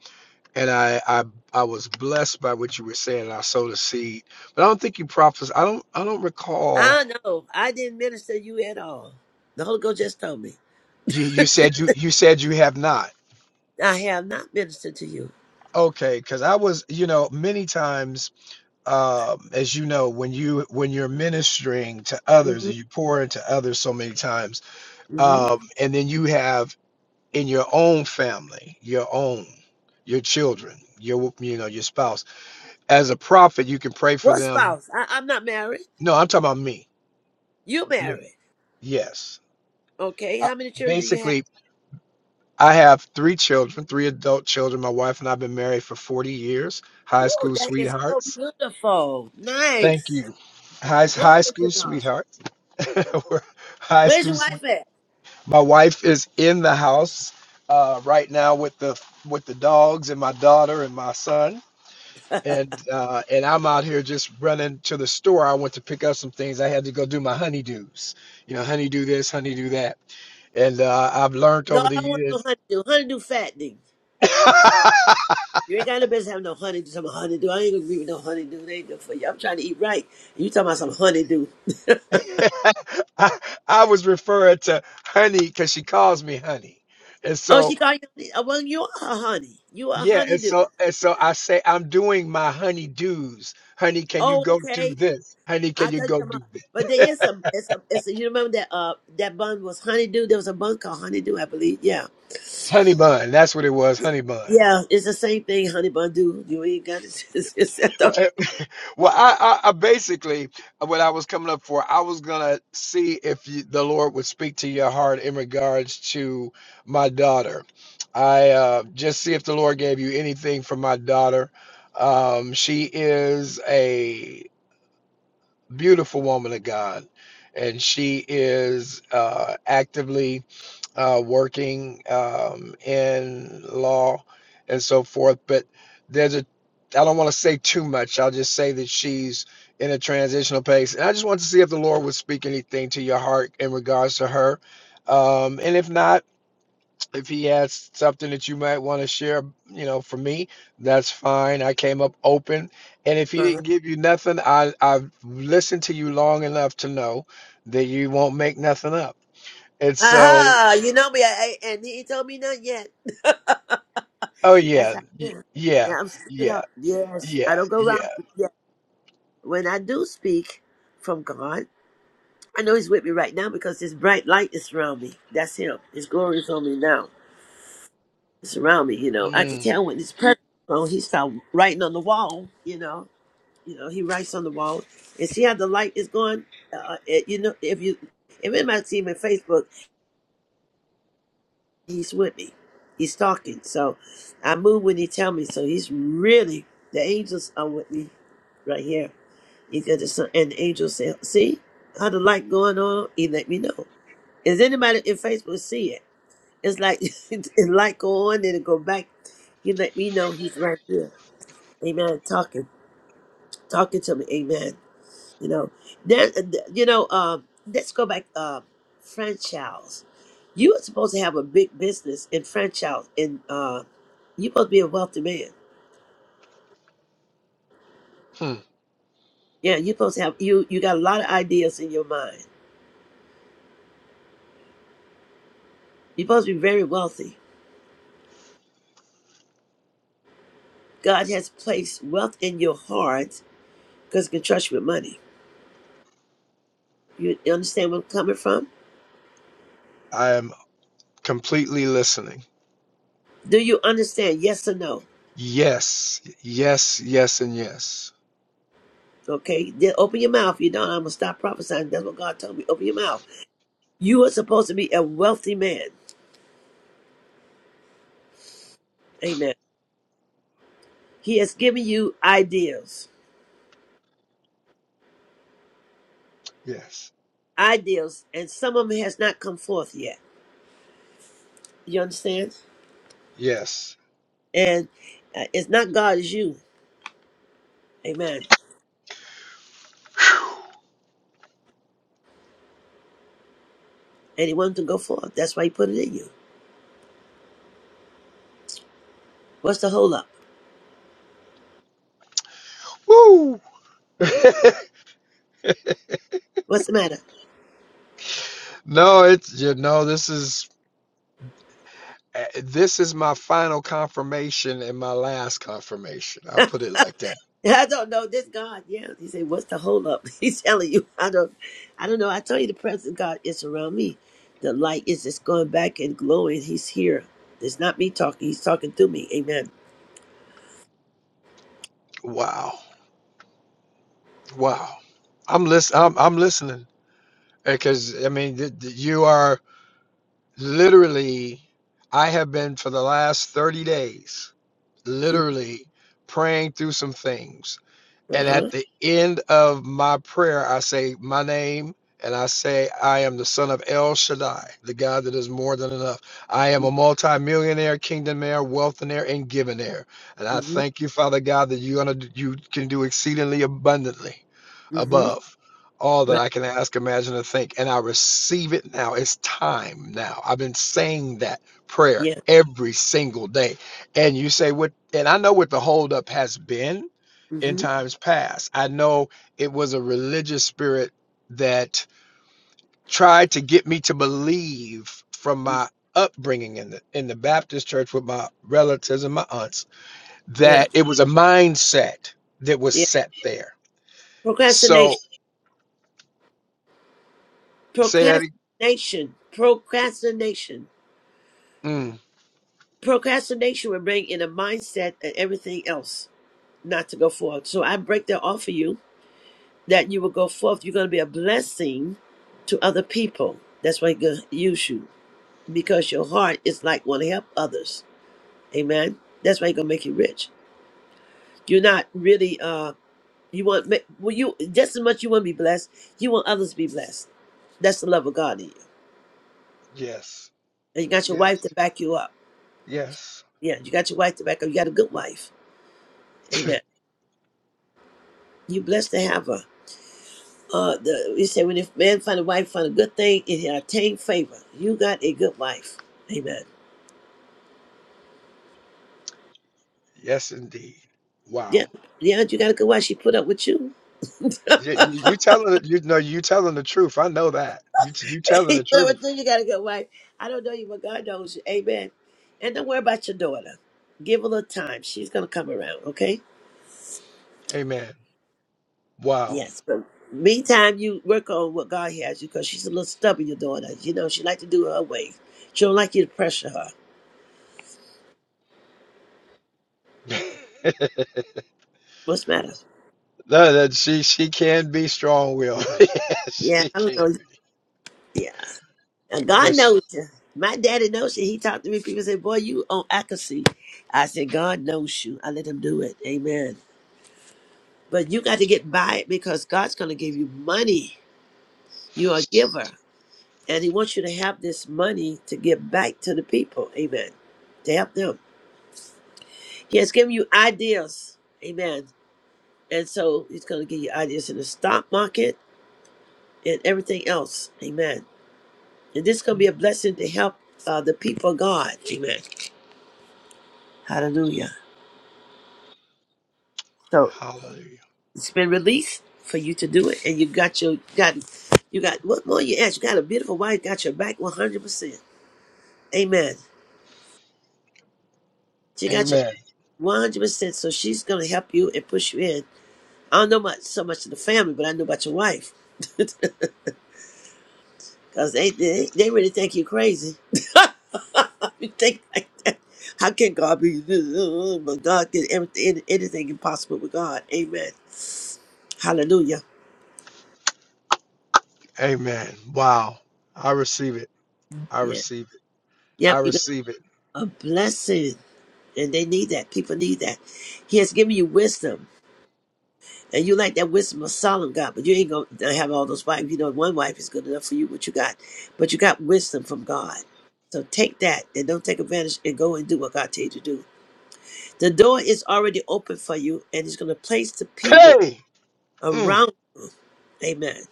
S15: and I I, I was blessed by what you were saying, and I sowed a seed. But I don't think you prophesied. I don't. I don't recall.
S1: I know. I didn't minister to you at all. The Holy Ghost just told me.
S15: You you said you you said you have not.
S1: I have not ministered to you.
S15: Okay, because I was, you know, many times, um, as you know, when you when you're ministering to others
S1: Mm-hmm.
S15: and you pour into others so many times,
S1: Mm-hmm.
S15: um, and then you have in your own family, your own, your children, your you know, your spouse. As a prophet, you can pray for
S1: What
S15: them.
S1: spouse? I, I'm not married.
S15: No, I'm talking about me.
S1: You
S15: Me,
S1: married.
S15: yes.
S1: Okay.
S15: I,
S1: How many children do you have?
S15: basically, I have three children, three adult children. My wife and I've been married for 40 years, high
S1: Ooh,
S15: school
S1: that is so
S15: sweethearts
S1: beautiful.
S15: Thank
S1: Nice.
S15: you. High,
S1: Glory
S15: high
S1: to
S15: school
S1: God.
S15: sweetheart. [LAUGHS] We're high
S1: Where's
S15: school
S1: your wife
S15: sweet.
S1: at?
S15: My wife is in the house uh, right now with the with the dogs and my daughter and my son. And uh, and I'm out here just running to the store. I went to pick up some things. I had to go do my honeydews. You know, honeydew this, honeydew that. And uh, I've learned
S1: No,
S15: over the
S1: I want no
S15: years.
S1: honeydew. Honeydew fattening.
S15: [LAUGHS] I,
S1: You ain't got no business having no honeydew. Some honeydew. I ain't gonna agree with no honeydew. They ain't good for you. I'm trying to eat right. And you talking about some honeydew.
S15: I was referring to honey because she calls me honey. And
S1: Oh,
S15: so
S1: she called you honey. Oh, Well, you are a honey. You are a
S15: Yeah, and
S1: honeydew.
S15: so and so I say I'm doing my honey do's. Honey, can you
S1: Oh,
S15: go
S1: okay.
S15: do this? Honey,
S1: I
S15: can you
S1: thought you
S15: go
S1: were about
S15: do this?
S1: but there is some it's a it's a you remember that uh that bun was honeydew? There was a bun called honeydew, I believe. Yeah.
S15: Honey bun, that's what it was, honey bun.
S1: Yeah, it's the same thing, honey bun do. You ain't got it. [LAUGHS]
S15: Yeah,
S1: It's, it's,
S15: Well, eh,
S1: uh-huh.
S15: [LAUGHS] well, I, I, I basically uh, what I was coming up for, I was gonna see if you, the Lord would speak to your heart in regards to my daughter. I uh, just see if the Lord gave you anything for my daughter. Um, she is a. beautiful woman of God. And she is uh, actively uh, working um, in law and so forth. But there's a, I don't want to say too much. I'll just say that she's in a transitional pace. And I just want to see if the Lord would speak anything to your heart in regards to her. Um, and if not, if he has something that you might want to share, you know, for me, that's fine. I came up open. And if he didn't give you nothing, I, I've listened to you long enough to know that you won't make nothing up. And so,
S1: Aha, you know me, I, I- and he ain't told me nothing yet. [LAUGHS]
S15: oh,
S1: That's
S15: yeah,
S1: how I
S15: y-
S1: am. Yeah,
S15: yeah,
S1: I'm straight
S15: yeah,
S1: up. Yes, I
S15: yeah,
S1: don't go
S15: yeah.
S1: around. Yeah, when I do speak from God, I know He's with me right now because His bright light is around me. That's Him. His glory is on me now. It's around me. You know, I can
S15: Mm,
S1: tell when His presence. Well, He start writing on the wall. You know, you know, He writes on the wall, and see how the light is going. Uh, uh, it, you know, if you, it might see him in Facebook. he's with me. He's talking. So I move when he tell me. So he's really the angels are with me right here. He got the sun and the angels say, see how the light going on? He let me know. Is anybody in Facebook see it? It's like [LAUGHS] the light go on and it go back. He let me know he's right here. Amen. Talking. Talking to me. Amen. You know, there. You know, um, let's go back. Uh, franchise. You were supposed to have a big business in franchise, and uh, you're supposed to be a wealthy man.
S15: hmm.
S1: Yeah, you're supposed to have you. You got a lot of ideas in your mind. You're supposed to be very wealthy. God has placed wealth in your heart because He can trust you with money. You, you understand where I'm coming from?
S15: I am completely listening.
S1: Do you understand? Yes or no?
S15: Yes, yes, yes, and yes,
S1: Okay. Then open your mouth. You don't. I'm gonna stop prophesying. That's what God told me. Open your mouth. You are supposed to be a wealthy man. Amen. He has given you ideals,
S15: yes,
S1: ideals, and some of them has not come forth yet. You understand?
S15: yes.
S1: And uh, it's not God, it's you. Amen. And He wanted to go forth. That's why He put it in you. What's the hold up?
S15: Woo! [LAUGHS]
S1: What's the matter?
S15: no, it's you know this is Uh, This is my final confirmation and my last confirmation. I'll put it like that.
S1: [LAUGHS] I don't know. This God, yeah. He said, "What's the hold up?" [LAUGHS] He's telling you, I don't, I don't know. I tell you, the presence of God is around me. The light is just going back and glowing. He's here. It's not me talking. He's talking through me. Amen.
S15: Wow. Wow. I'm listening. I'm, I'm listening because I mean, th- th- you are literally, I have been for the last 30 days,
S1: Uh
S15: literally praying through some things. And at
S1: huh.
S15: the end of my prayer, I say my name and I say, I am the son of El Shaddai, the God that is more than enough. I am a
S1: Mm-hmm.
S15: multimillionaire, kingdomaire, wealthionaire, and givenaire. And I
S1: Mm-hmm.
S15: thank you, Father God, that you're gonna, you can do exceedingly abundantly
S1: Mm-hmm.
S15: above all that
S1: Right.
S15: I can ask, imagine, or think. And I receive it now. It's time now. I've been saying that prayer
S1: Yeah.
S15: every single day. And you say, what? And I know what the holdup has been in
S1: Mm-hmm.
S15: times past. I know it was a religious spirit that tried to get me to believe from
S1: Mm-hmm.
S15: my upbringing in the in the Baptist church with my relatives and my aunts
S1: Yeah.
S15: that it was a mindset that was
S1: Yeah.
S15: set there. So
S1: Procrastination.
S15: say that. ag-
S1: Procrastination. Procrastination.
S15: Mm,
S1: Procrastination will bring in a mindset and everything else not to go forward. So I break that off of you that you will go forth. You're going to be a blessing to other people. That's why He's going to use you because your heart is like want to help others. Amen. That's why He's going to make you rich. You're not really, uh, you want, ma- well, you, just as much you want to be blessed, you want others to be blessed. That's the love of God in you.
S15: yes,
S1: And you got your wife to
S15: yes,
S1: back you up.
S15: yes,
S1: Yeah, you got your wife to back up. You got a good wife. Amen. You blessed to have her. Uh, the, we say when if man find a wife, find a good thing, and he obtain favor. You got a good wife. Amen.
S15: yes, indeed.
S1: Yeah,
S15: Wow.
S1: yeah, you got a good wife. She put up with you.
S15: You, you you telling it- you know you telling the truth. I know that you you
S1: [LAUGHS]
S15: telling
S1: She
S15: the
S1: put up
S15: truth.
S1: with you. You got a good wife. I don't know you, but God knows you. Amen. And don't worry about your daughter. Give her a little time. She's gonna come around. Okay.
S15: Amen. Wow.
S1: Yes. But meantime, you work on what God has you because she's a little stubborn. Your daughter. You know she like to do her way. She don't like you to pressure her.
S15: [LAUGHS]
S1: What's the matter?
S15: No, that she she can be strong willed. [LAUGHS] yes,
S1: Yeah,
S15: she
S1: I don't
S15: can
S1: know.
S15: be.
S1: Yeah, And God
S15: But she,
S1: knows you. My daddy knows you. He talked to me. People say, "Boy, you on accuracy." I said, "God knows you." I let him do it. Amen. But you got to get by it because God's going to give you money. You are a giver, and He wants you to have this money to give back to the people. Amen. To help them, He has given you ideas. Amen. And so He's going to give you ideas in the stock market and everything else. Amen. And this is going to be a blessing to help uh, the people of God. Amen. Hallelujah. So
S15: hallelujah.
S1: it's been released for you to do it, and you got your got you got what more you ask? You got a beautiful wife, got your back one hundred percent. Amen. She got your
S15: Amen.
S1: one hundred percent, so she's gonna help you and push you in. I don't know much so much of the family, but I know about your wife, [LAUGHS] cause they they, they really think you crazy. [LAUGHS] you think like that. How can God be? [LAUGHS] this? But God can everything, anything impossible with God. Amen. Hallelujah.
S15: Amen. Wow. I receive it. I
S1: Yeah.
S15: receive it. I
S1: Yep. You got
S15: receive it.
S1: a blessing. And they need that. People need that. He has given you wisdom. And you like that wisdom of Solomon, God, but you ain't going to have all those wives. You know, one wife is good enough for you, what you got. But you got wisdom from God. So take that and don't take advantage and go and do what God told you to do. The door is already open for you, and He's going to place the people
S15: Hey. Mm.
S1: around. Amen.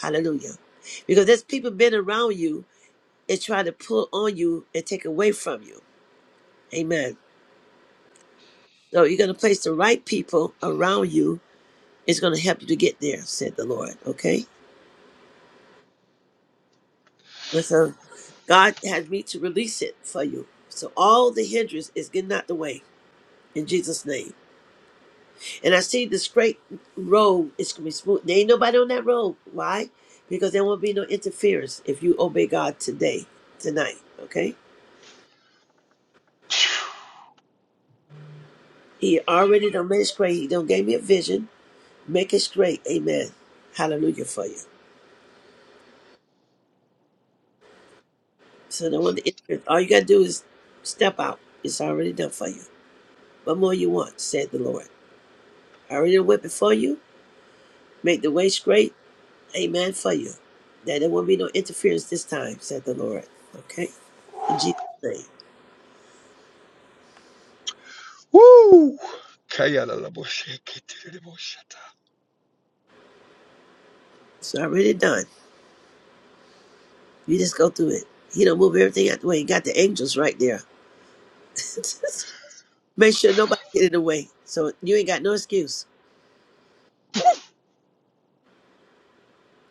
S1: Hallelujah. Because there's people been around you and trying to pull on you and take away from you. Amen. So you're going to place the right people around you It's going to help you to get there, said the Lord. Okay? And so God has me to release it for you. So all the hindrance is getting out the way in Jesus' name. And I see the straight road is going to be smooth. There ain't nobody on that road. Why? Because there won't be no interference if you obey God today, tonight. Okay? He already done made it straight. He done gave me a vision. Make it straight. Amen. Hallelujah for you. So no one to interfere. All you got to do is step out. It's already done for you. What more you want, said the Lord. I already went before you, make the way straight, amen, for you. That there will be no interference this time, said the Lord. Okay? In Jesus' name.
S15: Woo. Kayalalabosheketelebushata.
S1: So I already done. You just go through it. He don't move everything out the way. He got the angels right there. [LAUGHS] make sure nobody get in the way. So you ain't got no excuse.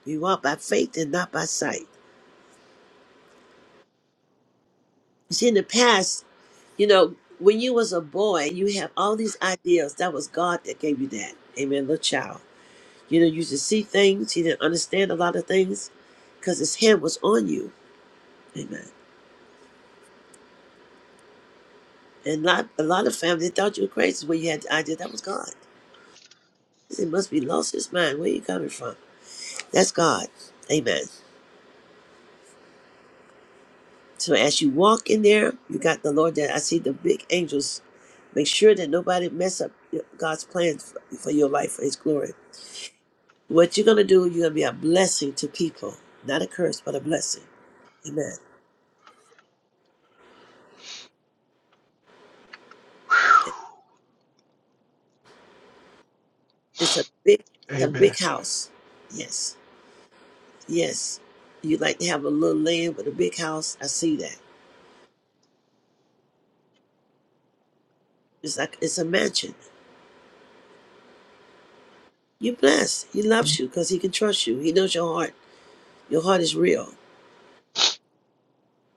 S1: You walk by faith and not by sight. You see, in the past, you know, when you was a boy, you have all these ideas. That was God that gave you that. Amen, little child You know, you should see things. He didn't understand a lot of things because his hand was on you. Amen. And not a lot of family thought you were crazy when you had the idea that was God. He must be lost his mind. Where you coming from? That's God. Amen. So as you walk in there, you got the Lord there. I see the big angels. Make sure that nobody mess up God's plans for for your life, for his glory. What you're going to do, you're going to be a blessing to people. Not a curse, but a blessing. Amen.
S15: Whew.
S1: It's a big, it's a
S15: Amen.
S1: big house. Yes. Yes, you like to have a little land with a big house. I see that. It's like it's a mansion. You're blessed. He loves you because he can trust you. He knows your heart. Your heart is real,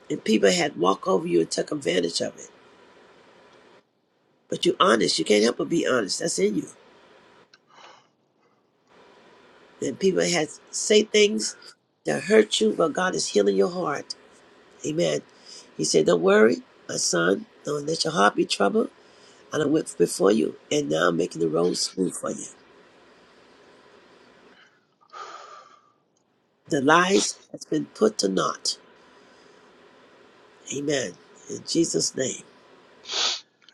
S1: and people had walk over you and took advantage of it. But you're honest. You can't help but be honest. That's in you. And people had say things that hurt you, but God is healing your heart. Amen. He said, "Don't worry, my son. Don't let your heart be troubled. I done went before you, and now I'm making the road smooth for you. The lies has been put to naught." Amen. In Jesus' name.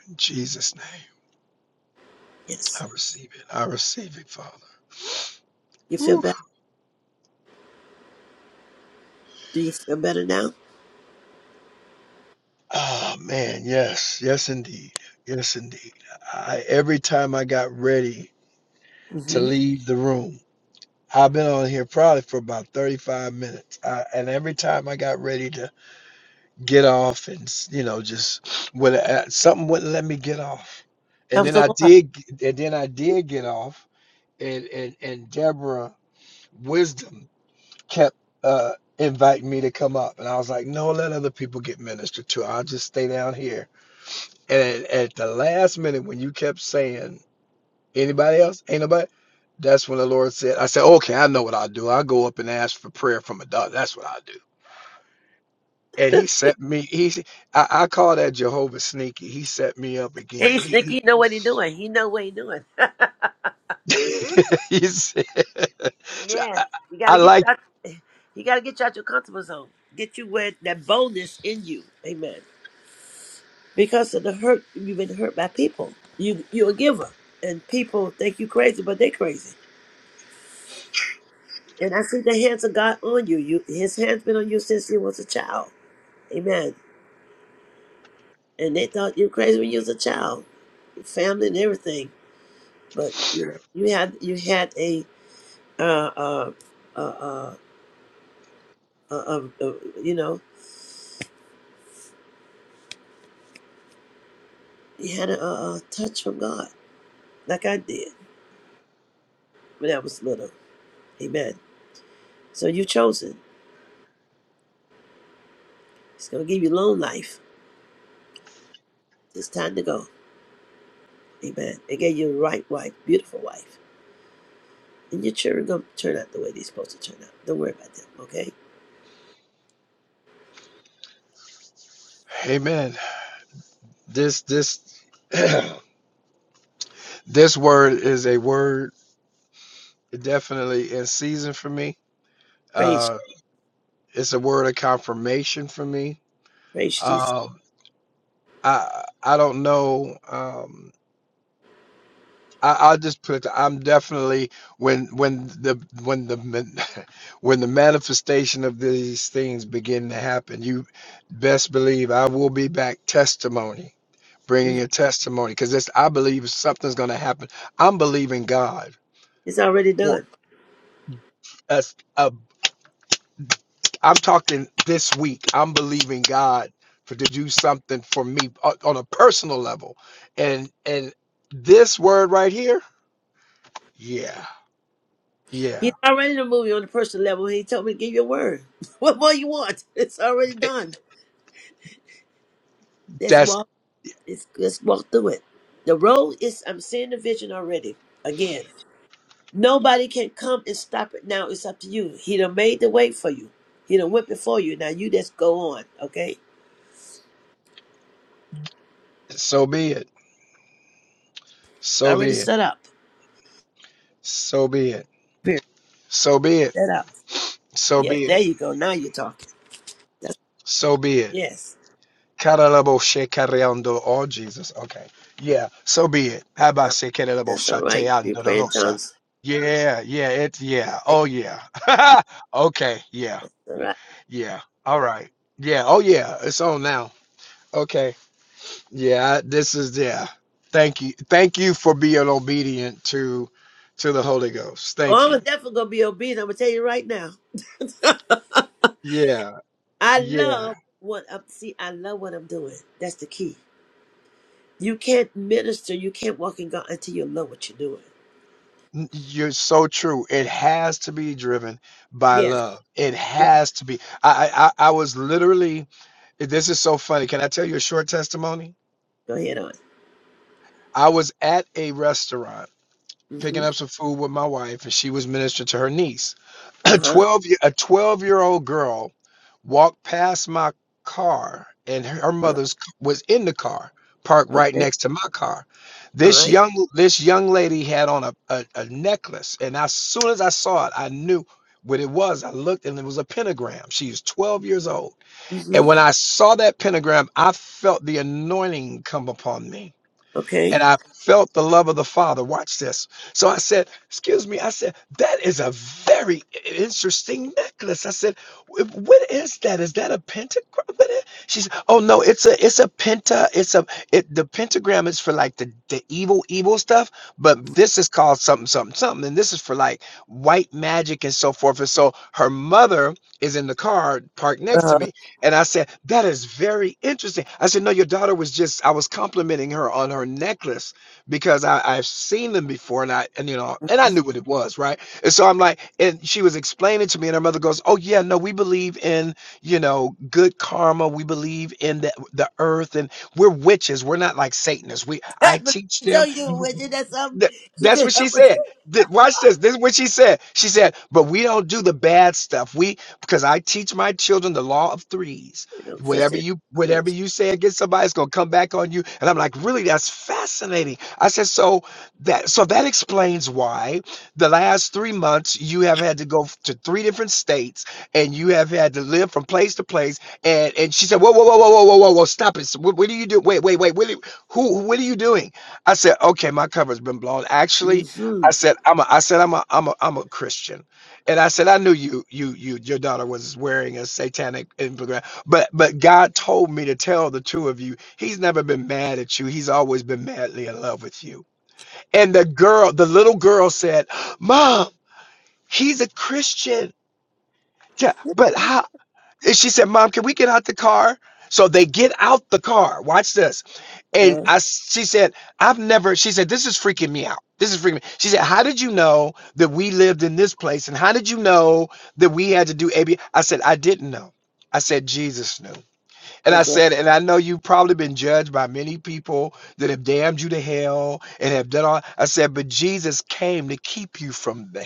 S15: In Jesus' name.
S1: Yes.
S15: I receive it. I receive it, Father.
S1: You feel
S15: Whew.
S1: better? Do you feel better now?
S15: Oh man, yes, yes indeed. Yes indeed. I every time I got ready to
S1: hmm
S15: leave the room. I've been on here probably for about 35 minutes. I, and every time I got ready to get off and, s- you know, just when uh, something wouldn't let me get off.
S1: That
S15: And
S1: was
S15: then
S1: the
S15: I
S1: Lord. [LAUGHS]
S15: did, g- and then I did get off and, and, and Deborah wisdom kept, uh, inviting me to come up. And I was like, no, let other people get ministered to. I'll just stay down here. And at at the last minute, when you kept saying Anybody else? Ain't nobody? That's when the Lord said, I said, okay, I know what I'll do. I'll go up and ask for prayer from a doctor. That's what I'll do. And he set me, he, I I call that Jehovah sneaky. He set me up again.
S1: Hey, Sticky,
S15: He,
S1: you know what he doing. He know what he doing. [LAUGHS]
S15: he, [LAUGHS] he said, so
S1: yeah.
S15: I,
S1: You
S15: I
S1: gotta get
S15: like,
S1: you out. [LAUGHS] You gotta get you out your comfortable zone. Get you with that boldness in you. Amen. Because of the hurt you've been hurt by people. You you're a giver. And people think you crazy, but they crazy. And I see the hands of God on you. You his hands been on you since you was a child. Amen. And they thought you crazy when you was a child. Your family and everything. but you know, you had you had a uh uh uh uh, uh, uh, uh you know you had a, a, a touch from God like I did when I was little. Amen. So you chosen. He's gonna give you long life. It's time to go. Amen. It gave you the right wife, beautiful wife, and your children gonna turn out the way they're supposed to turn out. Don't worry about them. Okay.
S15: amen. This, this, [CLEARS THROAT] this word is a word definitely in season for me.
S1: Praise,
S15: Uh, it's a word of confirmation for me.
S1: praise Jesus.
S15: Um, I, I don't know. Um, I, I'll just put it. I'm definitely when when the when the man- [LAUGHS] when the manifestation of these things begin to happen, you best believe I will be back testimony,
S1: Mm.
S15: bringing a testimony because I believe something's going to happen. I'm believing God.
S1: It's already
S15: Or
S1: done.
S15: as a, I'm talking this week. I'm believing God for to do something for me on, on a personal level, and and this word right here, yeah,
S1: He's
S15: yeah
S1: already in the movie on the personal level. He told me to give you a word. [LAUGHS] What more you want? It's already
S15: eh,
S1: done. That's
S15: that's
S1: why. Let's, let's walk through it. The road is, I'm seeing the vision already. Again, nobody can come and stop it now. It's up to you. He done made the way for you. He done went before you. Now you just go on, okay?
S15: So be it. So be
S1: Already
S15: it.
S1: set up.
S15: So be it.
S1: Period.
S15: So be it.
S1: Set up.
S15: So
S1: Yes,
S15: be
S1: there
S15: it.
S1: you go. Now you're talking. That's,
S15: So be it.
S1: yes.
S15: Caralabo shekariando. Oh Jesus. Okay. Yeah. So be it. Haba sekerelabo
S1: That's all right. You
S15: shateando
S1: pray in
S15: dolosa.
S1: tongues.
S15: Yeah. Yeah. It. Yeah.
S1: That's
S15: Oh yeah. [LAUGHS] okay. Yeah.
S1: all right.
S15: Yeah. All right. Yeah. Oh yeah. It's on now. Okay. Yeah. This is yeah. Thank you. Thank you for being obedient to to the Holy Ghost. Thank
S1: Oh, I'm
S15: you.
S1: definitely going to be obedient. I'm going to tell you right now.
S15: Yeah.
S1: [LAUGHS] I
S15: Yeah.
S1: love what I'm, see, I love what I'm doing. That's the key. You can't minister, you can't walk in God until you know what you're doing.
S15: N- You're so true. It has to be driven by
S1: Yes,
S15: love. It
S1: yes.
S15: has to be. I, I I I was literally. This is so funny. Can I tell you a short testimony?
S1: Go ahead on.
S15: I was at a restaurant
S1: Mm-hmm.
S15: picking up some food with my wife, and she was ministering to her niece. [CLEARS THROAT] A
S1: Uh-huh.
S15: twelve year a twelve year old girl walked past my car, and her, her
S1: Uh,
S15: mother's c- was in the car, parked right
S1: okay.
S15: next to my car.
S1: All
S15: This
S1: right.
S15: young this young lady had on a, a, a necklace, and as soon as I saw it, I knew what it was. I looked, and it was a pentagram. She is twelve years old,
S1: Mm-hmm.
S15: and when I saw that pentagram, I felt the anointing come upon me
S1: Okay.
S15: and I felt the love of the Father. Watch this. So I said, Excuse me. I said, That is a very interesting necklace. I said, "Wh- What is that? Is that a pentagram? What is-" She said, Oh no, it's a it's a penta. It's a it the pentagram is for like the, the evil, evil stuff, but this is called something, something, something. And this is for like white magic and so forth. And so her mother is in the car parked next to me.
S1: Uh-huh.
S15: And I said, That is very interesting. I said, No, your daughter was just, I was complimenting her on her necklace because I, I've seen them before and I, and you know, and I knew what it was, right? And so I'm like, and she was explaining to me, and her mother goes, Oh, yeah, no, we believe in, you know, good karma. We believe in the, the earth and we're witches. We're not like Satanists. We,
S1: [LAUGHS]
S15: I
S1: but
S15: teach
S1: you know
S15: them.
S1: you witch, and that's something
S15: Th-
S1: she
S15: that's what
S1: could
S15: she
S1: help us.
S15: said. Th- watch this. This is what she said. She said, "But we don't do the bad stuff. We because I teach my children the law of threes.
S1: You know, such
S15: Whatever
S1: a
S15: you whatever
S1: witch.
S15: you say against somebody, it's gonna come back on you." And I'm like, "Really? That's fascinating." I said, "So that so that explains why the last three months you have had to go f- to three different states and you have had to live from place to place." And and she said, "Whoa, whoa, whoa, whoa, whoa, whoa, whoa! whoa, Stop it! So What, what are you doing? Wait, wait, wait! What are, you- who? What are you doing?" I said, okay, my cover's been blown. Actually,
S1: Mm-hmm.
S15: I said, I'm a, I said, I'm a, I'm a, I'm a Christian, and I said, I knew you, you, you, your daughter was wearing a satanic infographic, but, but God told me to tell the two of you, He's never been mad at you. He's always been madly in love with you. And the girl, the little girl said, Mom, he's a Christian. Yeah, But how? And she said, Mom, can we get out the car? So they get out the car. Watch this. And
S1: Uh,
S15: I, she said, I've never, she said, this is freaking me out. This is freaking me. She said, How did you know that we lived in this place? And how did you know that we had to do AB? I said, I didn't know. I said, Jesus knew. And
S1: I'm
S15: I
S1: glad.
S15: said, and I know you've probably been judged by many people that have damned you to hell and have done all. I said, but Jesus came to keep you from that.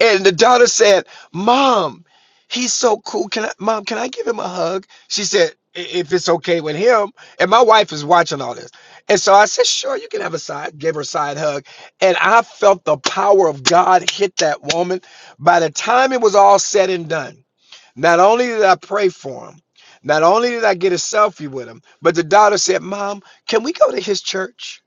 S15: And the daughter said, Mom, he's so cool. Can I, Mom, can I give him a hug? She said, "I- If it's okay with him. And my wife is watching all this. And so I said, Sure, you can have a side, Gave her a side hug. And I felt the power of God hit that woman. By the time it was all said and done, not only did I pray for him, not only did I get a selfie with him, but the daughter said, Mom, can we go to his church?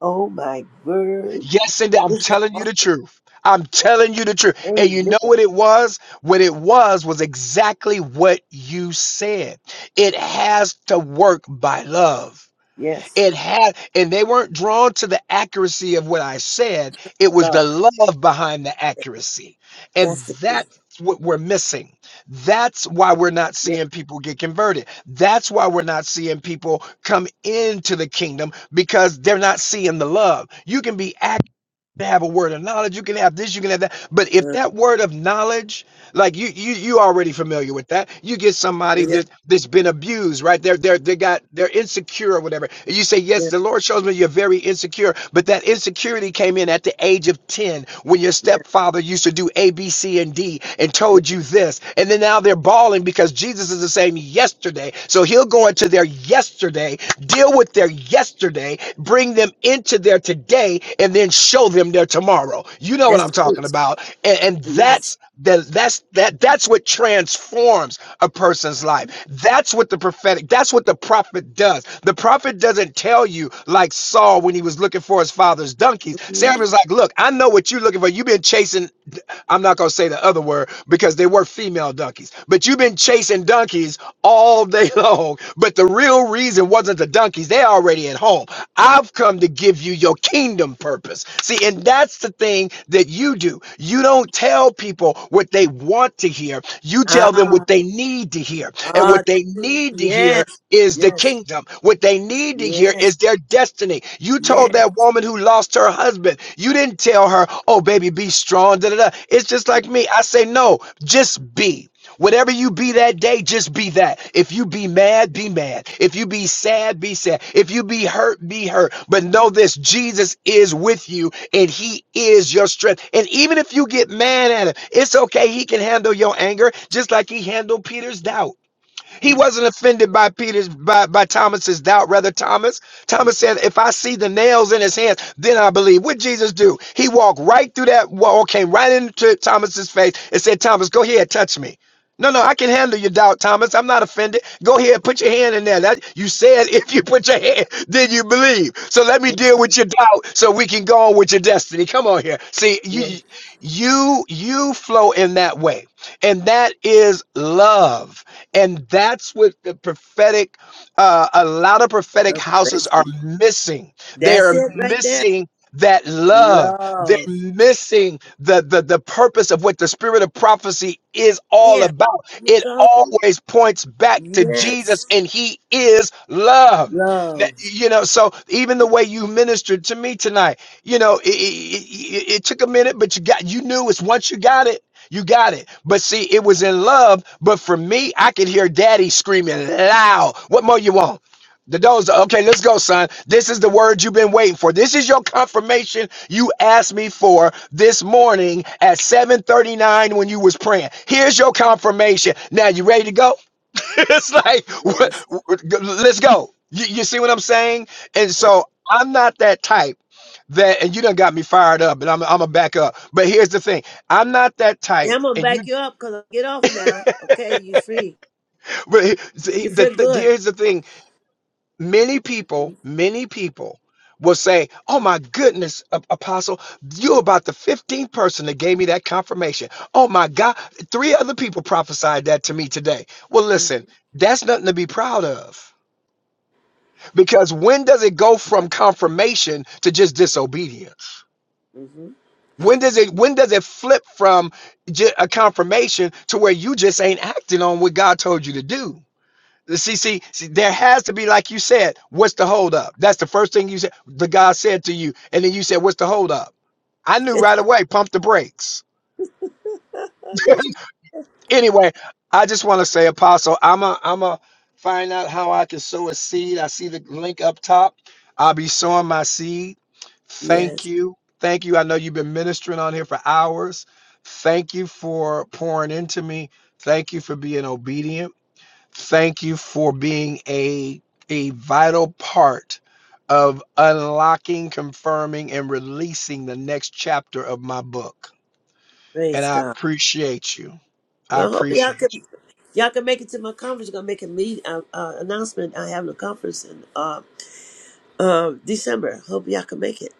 S1: Oh my word.
S15: Yes, and I'm
S1: Listen,
S15: telling you the truth. I'm telling you the truth. And you
S1: Amen.
S15: know what it was? What it was was exactly what you said. It has to work by love.
S1: Yes.
S15: It had, and they weren't drawn to the accuracy of what I said. It was
S1: Lord.
S15: the love behind the accuracy. And
S1: That's the key.
S15: that's what we're missing. That's why we're not
S1: Yes.
S15: seeing people get converted. That's why we're not seeing people come into the kingdom because they're not seeing the love. You can be accurate to have a word of knowledge. You can have this, you can have that. But if
S1: Uh,
S15: that word of knowledge like you, you, you already familiar with that. You get somebody
S1: yeah,
S15: that that's been abused, right? They're they're they got they're insecure or whatever. And you say, yes,
S1: yeah,
S15: the Lord shows me you're very insecure, but that insecurity came in at the age of ten when your stepfather used to do A, B, C, and D and
S1: yeah.
S15: told you this, and then now they're bawling because Jesus is the same yesterday. So He'll go into their yesterday, deal with their yesterday, bring them into their today, and then show them their tomorrow. You know what I'm
S1: That's the
S15: talking
S1: root.
S15: about, and, and
S1: Yes.
S15: that's that that's that that's what transforms a person's life that's what the prophetic that's what the prophet does the prophet doesn't tell you like saul when he was looking for his father's donkeys
S1: Mm-hmm.
S15: samuel's like look i know what you're looking for you've been chasing I'm not going to say the other word because they were female donkeys. But you've been chasing donkeys all day [LAUGHS] long. But the real reason wasn't the donkeys. They're already at home. I've come to give you your kingdom purpose. See, and that's the thing that you do. You don't tell people what they want to hear. You tell them
S1: Ah.
S15: what they need to hear. And
S1: Ah,
S15: what they
S1: that's it.
S15: need to hear
S1: Yes,
S15: is the
S1: yes,
S15: kingdom. What they need to hear
S1: yes,
S15: is their destiny. You told
S1: yes.
S15: that woman who lost her husband, you didn't tell her, oh, baby, be strong. Da, da, da. It's just like me. I say, no, just be. Whatever you be that day, just be that. If you be mad, be mad. If you be sad, be sad. If you be hurt, be hurt. But know this Jesus is with you and he is your strength. And even if you get mad at him, it's okay. He can handle your anger just like he handled Peter's doubt. He wasn't offended by Peter's by, by Thomas's doubt. Rather, Thomas, Thomas said, if I see the nails in his hands, then I believe. What Jesus do? He walked right through that wall, came right into Thomas's face and said, Thomas, go ahead, touch me. No, no, I can handle your doubt, Thomas. I'm not offended. Go ahead, put your hand in there. That you said [LAUGHS] if you put your hand, then you believe. So let me
S1: Thank
S15: deal with your doubt so we can go on with your destiny. Come on here. See,
S1: you.
S15: you you you flow in that way. And that is love. And that's what the prophetic, uh, a lot of prophetic houses are
S1: Salvation.
S15: missing. They
S1: That's
S15: are
S1: it right there.
S15: missing that love. They're
S1: Love.
S15: missing the, the the purpose of what the spirit of prophecy is all
S1: Yeah.
S15: about.
S1: You
S15: It
S1: go.
S15: always points back to Jesus,
S1: Yes.
S15: and He is love. That,
S1: Love.
S15: you know, so even the way you ministered to me tonight, you know, it, it, it it took a minute, but you got you knew it's once you got it. You got it. But see, it was in love. But for me, I could hear daddy screaming loud. What more you want? The doors are okay. Let's go, son. This is the word you've been waiting for. This is your confirmation you asked me for this morning at 7:39 when you was praying. Here's your confirmation. Now you ready to go? [LAUGHS] it's like, what,
S1: Yes.
S15: let's go. You, you see what I'm saying? And so I'm not that type that, and you done got me fired up, and I'm, I'm a back up. But here's the thing I'm not that type.
S1: I'm gonna
S15: And you,
S1: back you up because I get off now. Okay, you free.
S15: but he-
S1: You
S15: the,
S1: feel
S15: the, the-
S1: good.
S15: here's the thing many people, many people will say, Oh my goodness, A- Apostle, you're about the 15th person that gave me that confirmation. Oh my God, three other people prophesied that to me today. Well,
S1: Mm-hmm.
S15: listen, that's nothing to be proud of. Because when does it go from confirmation to just disobedience?
S1: [LAUGHS]
S15: When does it when does it flip from ju- a confirmation to where you just ain't acting on what God told you to do? See, see, see, there has to be, like you said, what's the hold up? That's the first thing you said. The God said to you, and then you said, "What's the hold up?" I knew right away. Pump the brakes. [LAUGHS]
S1: That's
S15: anyway, I just want to say, Apostle, I'm a, I'm a find out how I can sow a seed. I see the link up top. I'll be sowing my seed. Thank
S1: yes.
S15: you, thank you. I know you've been ministering on here for hours. Thank you for pouring into me. Thank you for being obedient. Thank you for being a a vital part of unlocking, confirming, and releasing the next chapter of my book. And
S1: Praise
S15: I
S1: God.
S15: appreciate you. I
S1: Well, I hope y'all
S15: appreciate you.
S1: can y'all can make it to my conference. Gonna make a meet uh, uh, announcement. I have a conference in uh, Uh, December. Hope y'all can make it.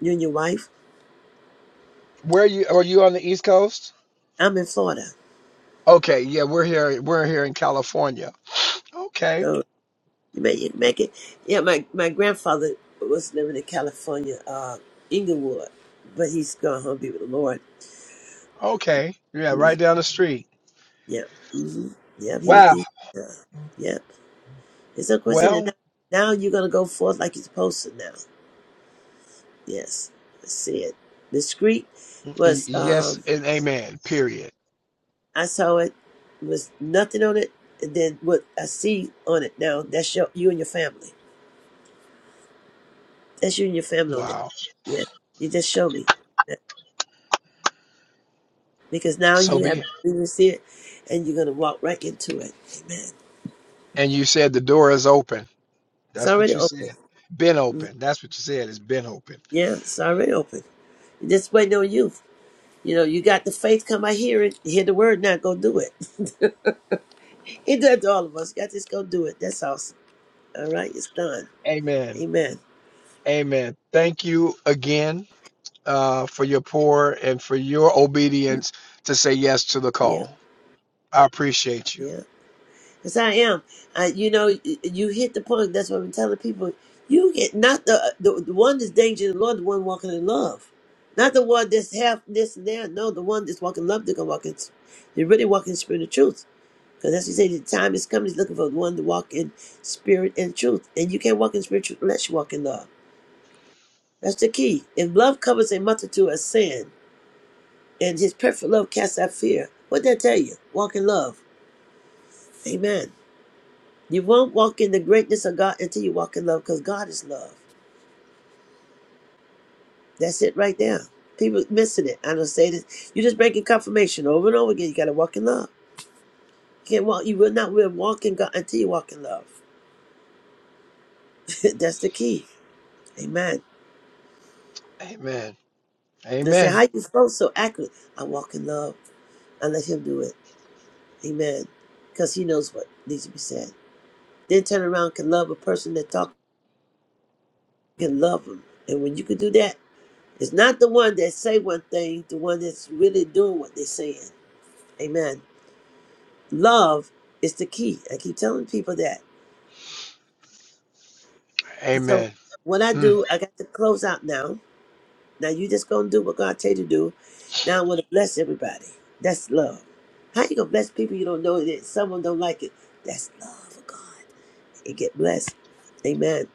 S1: You and your wife.
S15: Where are you? Are you on the East Coast?
S1: I'm in Florida,
S15: Okay, yeah, we're here. We're here in California. Okay,
S1: so you may you make it. Yeah, my my grandfather was living in California, uh, Inglewood, but he's gone home to be with the Lord.
S15: okay, yeah,
S1: Mm-hmm.
S15: right down the street.
S1: Yeah, mm-hmm. yeah. He was.
S15: Wow.
S1: He, yeah, yeah. It's a question that now,
S15: Well,
S1: now you're gonna go forth like you're supposed to. Now, yes, I see it. The street
S15: y-
S1: was.
S15: yes
S1: Um,
S15: and amen. Period.
S1: I saw it was nothing on it, and then what I see on it now. That's your you and your family That's you and your family on it.
S15: Wow.
S1: Yes. You just show me. Amen. Because now
S15: So
S1: you
S15: be
S1: have
S15: it.
S1: you see it and you're gonna walk right into it. Amen.
S15: And you said the door is open.
S1: It's
S15: That's what
S1: already
S15: you
S1: open.
S15: said. Been
S1: Mhm.
S15: open. That's what you said. It's been open.
S1: Yeah, it's already open. Just waiting on you. You know, you got the faith, come I hear it, hear the word, now go do it. [LAUGHS] It does to all of us. got just go do it. That's awesome. All right, it's done.
S15: Amen.
S1: Amen.
S15: Amen. Thank you again uh, for your pour and for your obedience to say yes to the
S1: Yeah,
S15: call. I appreciate you.
S1: yeah. Yes, I am. Uh, you know, y- you hit the point. That's what I'm telling people. You get not the uh, the, the one that's dangerous. the Lord, the one walking in love, not the one that's half this and that. No, the one that's walking in love, they're gonna walk in. They're really walking in spirit and truth. Because as he said, the time is coming. He's looking for the one to walk in spirit and truth. And you can't walk in spirit and truth unless you walk in love. That's the key. If love covers a multitude of sin, and His perfect love casts out fear, what would that tell you? Walk in love. Amen. You won't walk in the greatness of God until you walk in love because God is love. That's it right there. People missing it. I don't say this. You're just breaking confirmation over and over again. You got to walk in love. You can't walk. You will not will walk in God until you walk in love. [LAUGHS] That's the key. Amen.
S15: Amen.
S1: They say,
S15: Amen.
S1: how you flow so accurate? I walk in love. I let him do it. Amen. Because he knows what needs to be said. Then turn around can love a person that talk can love them. And when you can do that, it's not the one that say one thing, the one that's really doing what they're saying. Amen. Love is the key. I keep telling people that. And so
S15: Amen.
S1: what I
S15: Hmm.
S1: do, I got to close out now. Now you just gonna do what God tell you to do. Now I want to bless everybody. That's love. How you gonna bless people you don't know that someone don't like it? That's love of God. And get blessed. Amen.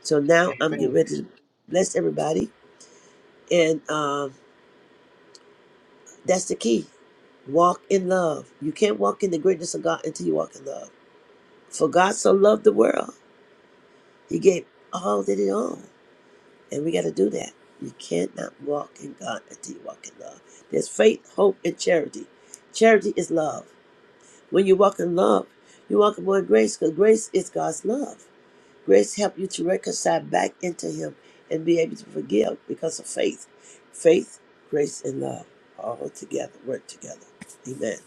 S1: So now I'm getting
S15: Amen.
S1: ready to bless everybody. And um, that's the key. Walk in love. You can't walk in the greatness of God until you walk in love. For God so loved the world. He gave all that he owned, and we got to do that. You cannot walk in God until you walk in love. There's faith, hope, and charity. Charity is love. When you walk in love, you walk in more grace because grace is God's love. Grace helps you to reconcile back into Him and be able to forgive because of faith. Faith, grace, and love all together work together. Amen.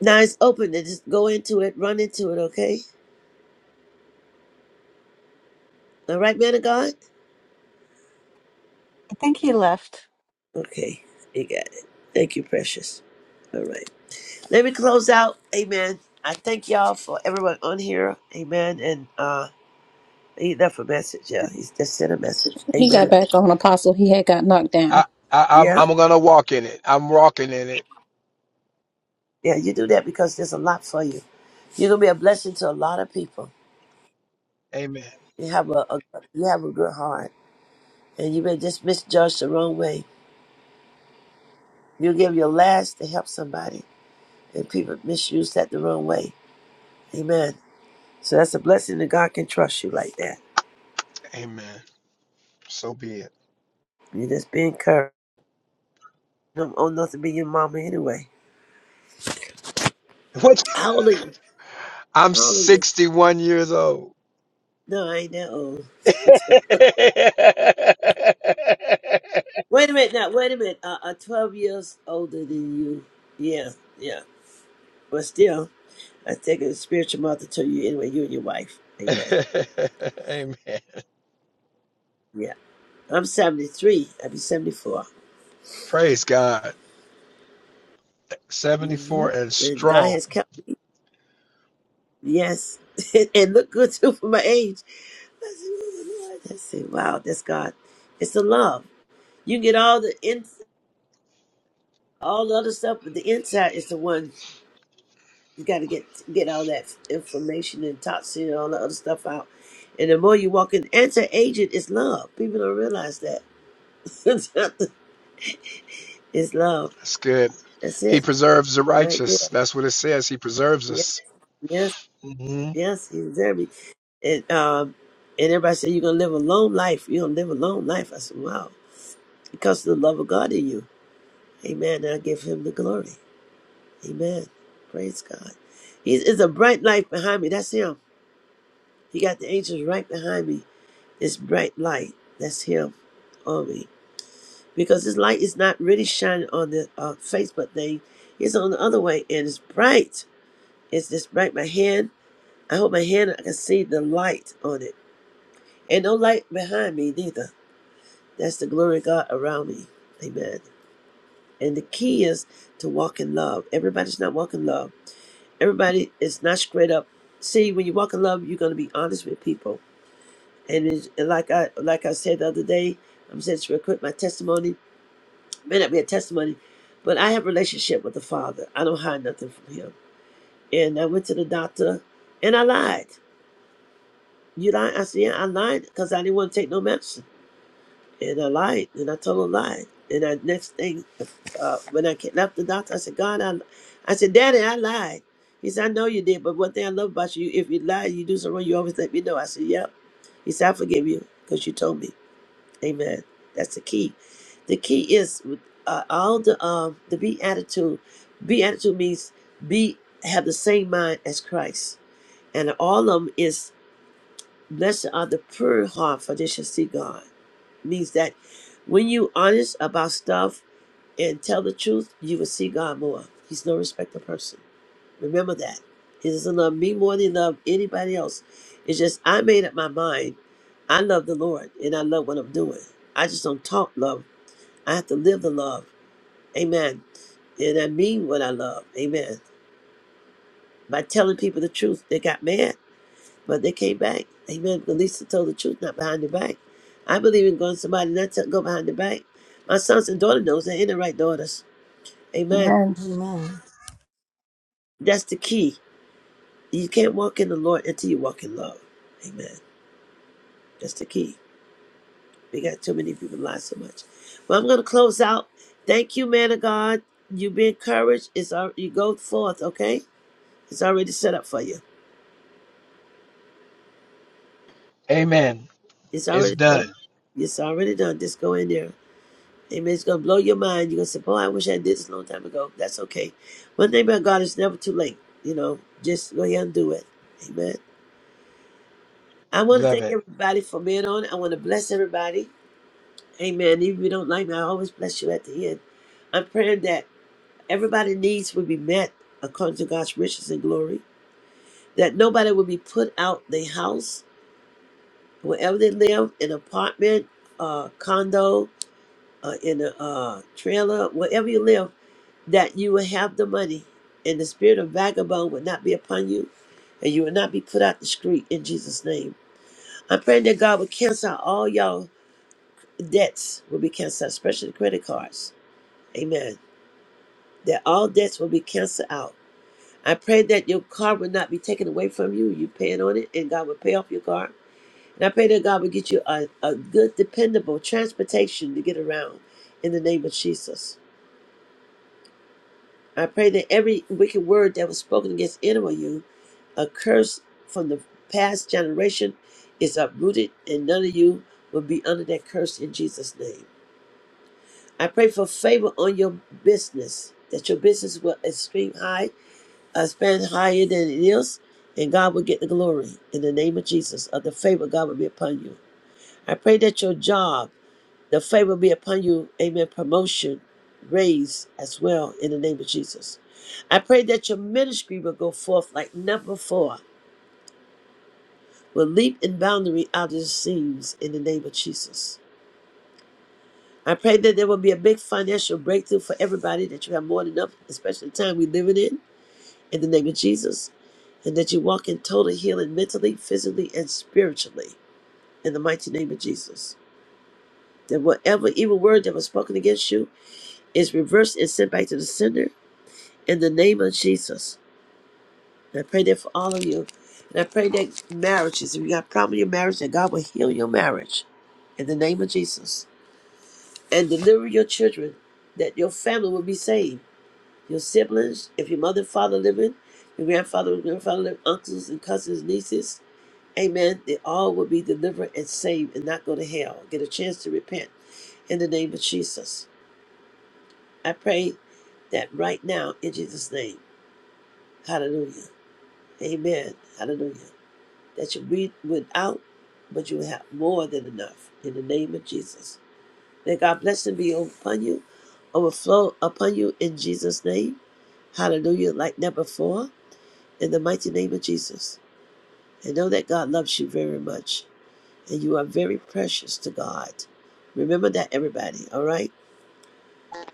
S1: Now it's open to just go into it, run into it, okay? All right, man of God?
S16: think he left.
S1: Okay, you got it. Thank you, precious. All right. Let me close out. Amen. I thank y'all for everyone on here. Amen. And uh he left a message. Yeah, he just sent a message.
S2: He got
S1: Amen.
S2: back on Apostle. He had got knocked down.
S15: I, I, I'm,
S1: Yeah.
S15: I'm gonna walk in it. I'm walking in it.
S1: Yeah, you do that because there's a lot for you. You're gonna be a blessing to a lot of people.
S15: Amen.
S1: You have a, a you have a good heart. And you've been just misjudged the wrong way. You give your last to help somebody and people misuse that the wrong way. Amen. So that's a blessing that God can trust you like that.
S15: Amen. So be it.
S1: You just be encouraged. I'm old enough to be your mama anyway.
S15: [LAUGHS] What?
S1: How old are you?
S15: I'm
S1: How old are you?
S15: 61 years old.
S1: No, I ain't that old. [LAUGHS]
S15: [LAUGHS]
S1: wait a minute now, wait a minute. Uh, am 12 years older than you. Yeah, yeah. But still, I take a spiritual mother to you anyway, you and your wife. Amen.
S15: Amen.
S1: Yeah. I'm 73. I'll be 74.
S15: Praise God.
S1: hmm
S15: 74 and
S1: And God
S15: strong.
S1: has kept me. Yes. [LAUGHS] and look good too for my age. I said, "Oh, Lord." I said, wow, that's God. It's the love. You can get all the in, all the other stuff, but the inside is the one You got to get get all that information and toxin and all the other stuff out. And the more you walk in, anti-aging is love. People don't realize that. [LAUGHS] it's love.
S15: That's good.
S1: That's
S15: He
S1: it,
S15: preserves the
S1: right there.
S15: righteous. That's what it says. He preserves
S1: Yes,
S15: us.
S1: yes,
S15: hmm
S1: yes. He's there. And um, and everybody said you're gonna live a long life. You're gonna live a long life. I said, wow, because of the love of God in you. Amen. And I give Him the glory. Amen. Praise God. He's it's a bright light behind me. That's Him. He got the angels right behind me. This bright light. That's Him. on me because this light is not really shining on the uh, Facebook thing. It's on the other way and it's bright. It's this bright. My hand, I hold my hand, I can see the light on it. And no light behind me neither. That's the glory of God around me. Amen. And the key is to walk in love. Everybody's not walking in love. Everybody is not straight up. See, when you walk in love, you're going to be honest with people. And it's, and like I like I said the other day, I'm saying it's real quick, my testimony. may not be a testimony, but I have a relationship with the Father. I don't hide nothing from Him. And I went to the doctor, and I lied. You lied? I said, yeah, I lied because I didn't want to take no medicine. And I lied, and I told a lie. And I next thing, uh, when I ca- left the doctor, I said, God, I, li-" I said, Daddy, I lied. He said, I know you did, but one thing I love about you, if you lie, you do something wrong, you always let me know. I said, yep. He said, I forgive you because you told me. Amen. That's the key. The key is uh, all the um the be attitude. Be attitude means be have the same mind as Christ, and all of them is blessed are the pure heart, for they shall see God. Means that when you honest about stuff and tell the truth, you will see God more. He's no respecter of person. Remember that. He doesn't love me more than he loves anybody else. It's just I made up my mind. I love the Lord and I love what I'm doing. I just don't talk love. I have to live the love. Amen. And I mean what I love. Amen. By telling people the truth, they got mad, but they came back. Amen. At least they told the truth, not behind the back. I believe in going to somebody not to go behind the back. My sons and daughter knows they ain't the right daughters. Amen
S2: Amen.
S4: Amen.
S1: That's the key. You can't walk in the Lord until you walk in love. Amen. That's the key. We got too many people lie so much. Well, I'm gonna close out. Thank you, man of God. You be encouraged. It's all you go forth, okay? It's already set up for you.
S15: Amen.
S1: It's
S15: It's
S1: already set up.
S15: done.
S1: It's already done. Just go in there. Amen. It's gonna blow your mind. You're gonna say, Boy, I wish I did this a long time ago. That's okay. One thing about God it's never too late. You know, just go ahead and do it. Amen. I want to
S15: Love
S1: thank
S15: it.
S1: everybody for being on. I want to bless everybody. Amen. Even if you don't like me, I always bless you at the end. I'm praying that everybody's needs will be met according to God's riches and glory. That nobody will be put out their house, wherever they live, in an apartment, uh, condo, uh, in a uh, trailer, wherever you live, that you will have the money and the spirit of vagabond will not be upon you and you will not be put out the street in Jesus' name. I'm praying that God will cancel out all y'all debts, will be canceled, especially the credit cards. Amen that all debts will be canceled out. I pray that your car will not be taken away from you. You paying on it, and God will pay off your car. And I pray that God will get you a, a good, dependable transportation to get around in the name of Jesus. I pray that every wicked word that was spoken against any of you, a curse from the past generation, is uprooted, and none of you will be under that curse in Jesus' name. I pray for favor on your business, that your business will extreme high I stand higher than it is, and God will get the glory in the name of Jesus. Of the favor, God will be upon you. I pray that your job, the favor be upon you. Amen. Promotion, raise as well in the name of Jesus. I pray that your ministry will go forth like never before, will leap in boundary out of the seams in the name of Jesus. I pray that there will be a big financial breakthrough for everybody, that you have more than enough, especially the time we're living in. in the name of Jesus, and that you walk in total healing mentally, physically, and spiritually in the mighty name of Jesus. That whatever evil word that was spoken against you is reversed and sent back to the sender in the name of Jesus. And I pray that for all of you. And I pray that marriages, if you got a problem in your marriage, that God will heal your marriage in the name of Jesus and deliver your children, that your family will be saved. Your siblings, if your mother and father living, your grandfather and grandfather living, uncles and cousins, nieces, Amen. They all will be delivered and saved and not go to hell. Get a chance to repent in the name of Jesus. I pray that right now in Jesus' name. Hallelujah. Amen. Hallelujah. That you read without, but you will have more than enough in the name of Jesus. May God bless and be upon you, overflow upon you in Jesus' name. Hallelujah. Like never before, in the mighty name of Jesus. And know that God loves you very much. and you are very precious to God. Remember that, everybody. All right.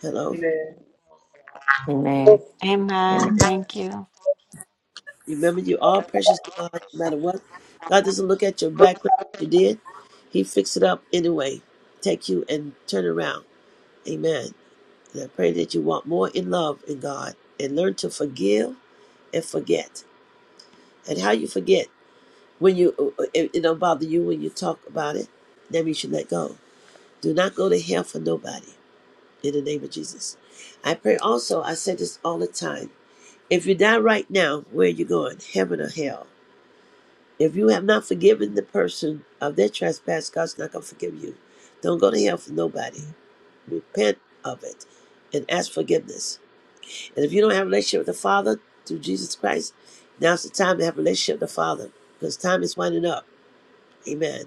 S1: Hello.
S7: Amen. Amen.
S16: Amen.
S1: And
S16: Thank you.
S1: remember, you are precious to God, no matter what. God doesn't look at your background. what You did. He fixed it up anyway. Take you and turn around. Amen. And I pray that you walk more in love in God and learn to forgive and forget. And how you forget when you uh, uh, it, it don't bother you when you talk about it. That means you let go. Do not go to hell for nobody. in the name of Jesus. I pray also, I say this all the time. If you die right now, where are you going? Heaven or hell? If you have not forgiven the person of their trespass, God's not going to forgive you. Don't go to hell for nobody. Repent of it and ask forgiveness. And if you don't have a relationship with the Father through Jesus Christ, now's the time to have a relationship with the Father because time is winding up. Amen.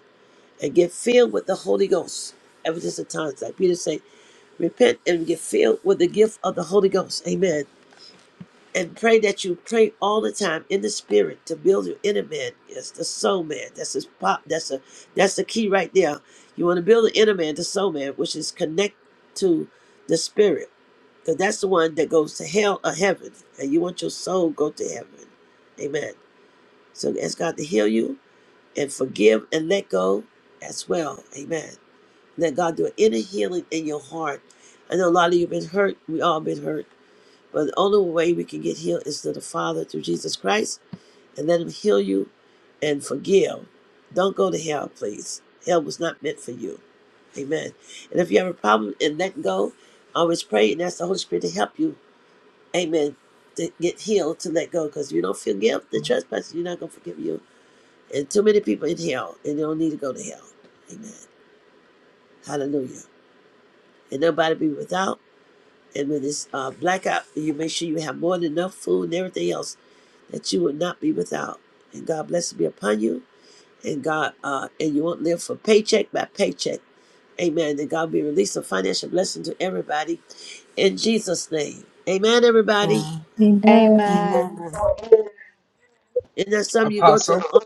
S1: And get filled with the Holy Ghost. Ever since the times, like Peter said, repent and get filled with the gift of the Holy Ghost. Amen. and pray that you pray all the time in the spirit to build your inner man. Yes, the soul man. That's his pop. That's a that's the key right there. You want to build the inner man, the soul man, which is connect to the spirit, because that's the one that goes to hell or heaven, and you want your soul go to heaven. Amen. So ask God to heal you and forgive and let go as well. Amen. Let God do an inner healing in your heart. I know a lot of you have been hurt. We all been hurt but the only way we can get healed is through the Father, through Jesus Christ, and let Him heal you and forgive. Don't go to hell, please. Hell was not meant for you. Amen. And if you have a problem in letting go, always pray and ask the Holy Spirit to help you. Amen. To get healed, to let go, because you don't forgive the trespasses, you're not going to forgive you. And too many people in hell, and they don't need to go to hell. Amen. Hallelujah. And nobody be without. And when it's uh, blackout, you make sure you have more than enough food and everything else that you will not be without. And God bless be upon you. And God, uh, and you won't live for paycheck by paycheck. Amen. And God be release a financial blessing to everybody in Jesus' name. Amen, everybody.
S4: Amen.
S2: Amen.
S4: Amen.
S16: Amen.
S1: And there's some you go to
S15: Apostle.
S1: on,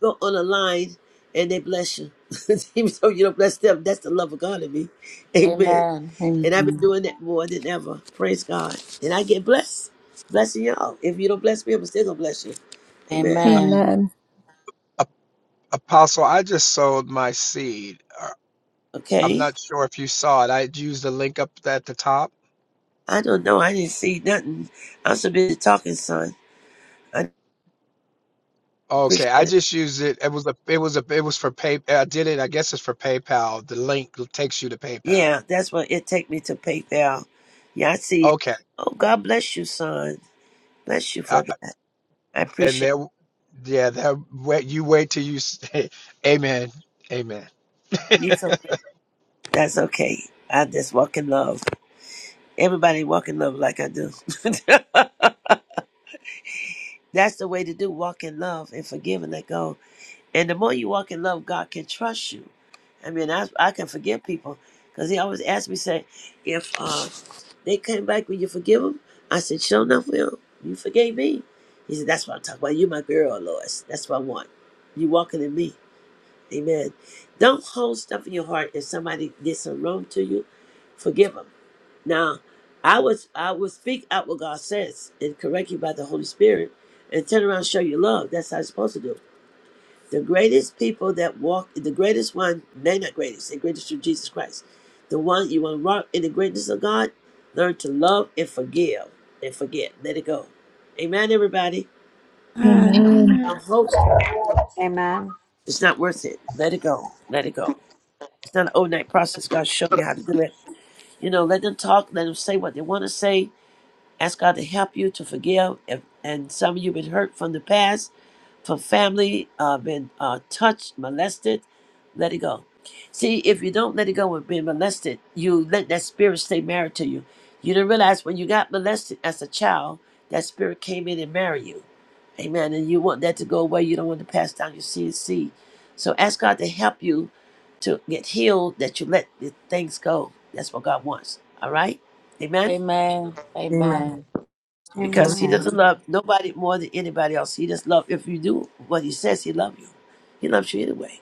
S1: go on a line and they bless you. [LAUGHS] Even though you don't bless them, that's the love of God in me. Amen.
S3: Amen.
S1: And I've been
S3: Amen.
S1: doing that more than ever. Praise God. And I get blessed. Blessing y'all. If you don't bless me, I'm still gonna bless you. Amen.
S3: Amen.
S2: Amen.
S15: A- Apostle, I just sold my seed. uh, I'm
S1: Okay.
S15: not sure if you saw it. I used the link up at the top.
S1: I don't know. I didn't see nothing. I'm so busy talking, son. I
S15: Okay,
S1: appreciate
S15: I
S1: it.
S15: just used it. It was a, it was a, it was for pay. I did it. I guess it's for PayPal. The link takes you to PayPal.
S1: Yeah, that's what it take me to PayPal. Yeah, I see.
S15: Okay,
S1: Oh, God bless you, son. Bless you
S15: uh,
S1: for that. I
S15: and
S1: appreciate it.
S15: there, yeah, there. Wait, you wait till you. s- [LAUGHS] Amen. Amen.
S1: you. So much. That's okay. I just walk in love. Everybody walk in love like I do. [LAUGHS] that's the way to do walk in love and forgive and let go And the more you walk in love, God can trust you. I mean, I, I can forgive people because he always asked me, say, if uh, they came back, will you forgive them? I said, sure enough, will. You forgave me. He said, that's what I'm talking about. you my girl, Lois. That's what I want. You walking in me. Amen. Don't hold stuff in your heart. If somebody did some wrong to you, forgive them. Now, I was I would speak out what God says and correct you by the Holy Spirit and turn around and show you love. That's how it's supposed to do. The greatest people that walk, the greatest one, they not greatest, the greatest through Jesus Christ. The one you want to walk in the greatness of God, learn to love and forgive and forget. Let it go. Amen, everybody.
S6: Amen.
S2: Amen.
S1: Don't
S6: Amen.
S1: hold
S16: Amen.
S1: It's not worth it. Let it go. Let it go. It's not an overnight process. God showed me how to do it. You know, let them talk, let them say what they want to say. Ask God to help you to forgive. If, and some of you have been hurt from the past. for family uh, been uh, touched, molested, let it go. See, if you don't let it go with being molested, you let that spirit stay married to you. You didn't realize when you got molested as a child, that spirit came in and married you. Amen. And you want that to go away. You don't want to pass down your seed seed. So ask God to help you to get healed that you let the things go. That's what God wants. All right? Amen
S3: Amen.
S4: Amen.
S3: Amen.
S1: because he
S16: Amen.
S4: Amen.
S1: doesn't love nobody more than anybody else. He just love if you do what he says, he love you. He loves you anyway.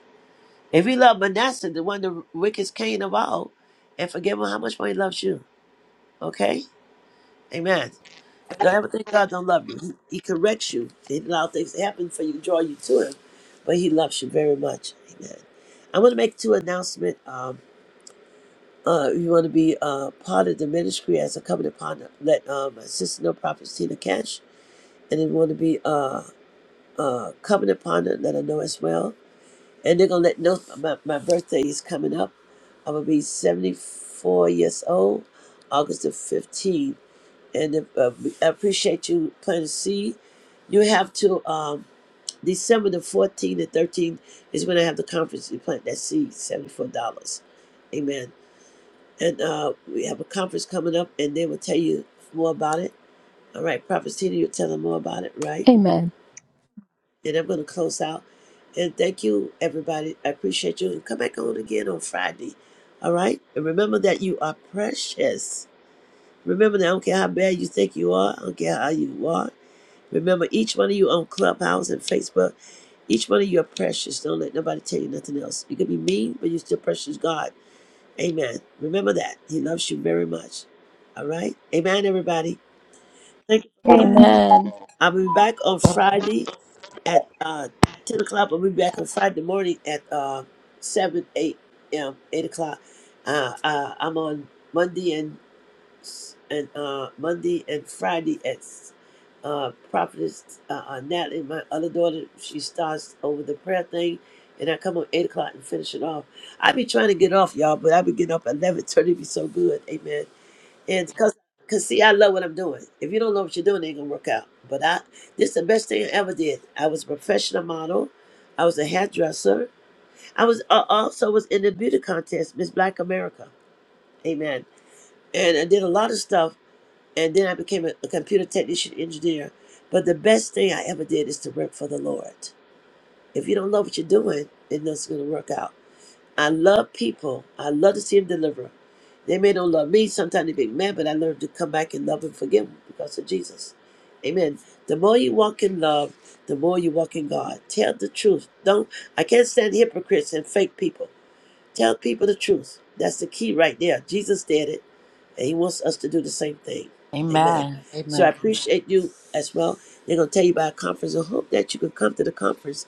S1: If he loved Manasseh, the one, the wickedest king of all, and forgive him how much more he loves you. Okay? Amen. Don't ever think God don't love you. He, he corrects you. He allows things to happen for you, draw you to him. But he loves you very much. Amen. I'm going to make two announcements. Um, uh, if you want to be uh, part of the ministry as a covenant partner, let uh, my sister know, Prophet Tina Cash and then want to be uh, uh, coming upon her, let her know as well. And they're gonna let know my, my birthday is coming up. i will be 74 years old, August the 15th. And uh, I appreciate you planting a seed. You have to um, December the 14th and 13th is when I have the conference. You plant that seed, $74. Amen. And uh, we have a conference coming up, and they will tell you more about it. All right, Prophet Tina, you'll tell them more about it, right?
S2: Amen.
S1: And I'm going to close out. And thank you, everybody. I appreciate you. And come back on again on Friday. All right? And remember that you are precious. Remember that I don't care how bad you think you are, I don't care how you are. Remember, each one of you on Clubhouse and Facebook, each one of you are precious. Don't let nobody tell you nothing else. You can be mean, but you're still precious to God. Amen. Remember that. He loves you very much. All right? Amen, everybody. Thank you for coming.
S6: Amen.
S2: Amen.
S1: I'll be back on Friday at uh, 10 o'clock. I'll be back on Friday morning at uh, 7, 8 a.m., 8 o'clock. Uh, uh, I'm on Monday and s- and uh, Monday and Friday at s- uh, Prophetess uh, uh, Natalie, my other daughter. She starts over the prayer thing, and I come on 8 o'clock and finish it off. I be trying to get off, y'all, but I be getting up at 11 [LAUGHS] 30. be so good. Amen. And cause, cause see, I love what I'm doing. If you don't know what you're doing, it ain't gonna work out. But I, this is the best thing I ever did. I was a professional model. I was a hairdresser. I was uh, also was in the beauty contest, Miss Black America. Amen. And I did a lot of stuff. And then I became a, a computer technician engineer. But the best thing I ever did is to work for the Lord. If you don't love what you're doing, it nothing's gonna work out. I love people. I love to see them deliver. They may not love me. Sometimes they be mad, but I learn to come back and love and forgive them because of Jesus. Amen. The more you walk in love, the more you walk in God. Tell the truth. Don't. I can't stand hypocrites and fake people. Tell people the truth. That's the key right there. Jesus did it, and He wants us to do the same thing. Amen.
S3: Amen.
S1: So I
S3: Amen.
S1: appreciate you as well. They're gonna tell you about a conference. I hope that you can come to the conference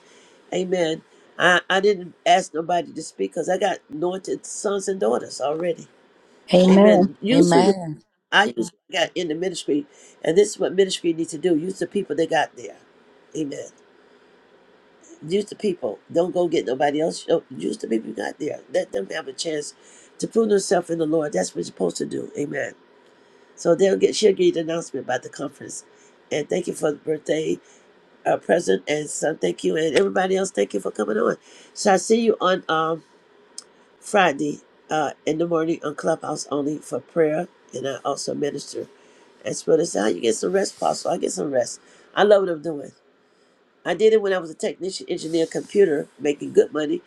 S1: Amen. I, I didn't ask nobody to speak because I got anointed sons and daughters already.
S2: Amen.
S1: Amen. Use who you
S3: Amen.
S1: I use what I got in the ministry, and this is what ministry needs to do. Use the people that got there. Amen. Use the people. Don't go get nobody else. Yo- Use the people you got there. Let them have a chance to prove themselves in the Lord. That's what you're supposed to do. Amen. So they'll get she'll give you announcement about the conference. And thank you for the birthday uh, present and son, thank you. And everybody else, thank you for coming on. So I see you on um Friday uh, in the morning on Clubhouse only for prayer, and I also minister as well as how you get some rest, Apostle. I get some rest. I love what I'm doing. I did it when I was a technician, engineer, computer, making good money,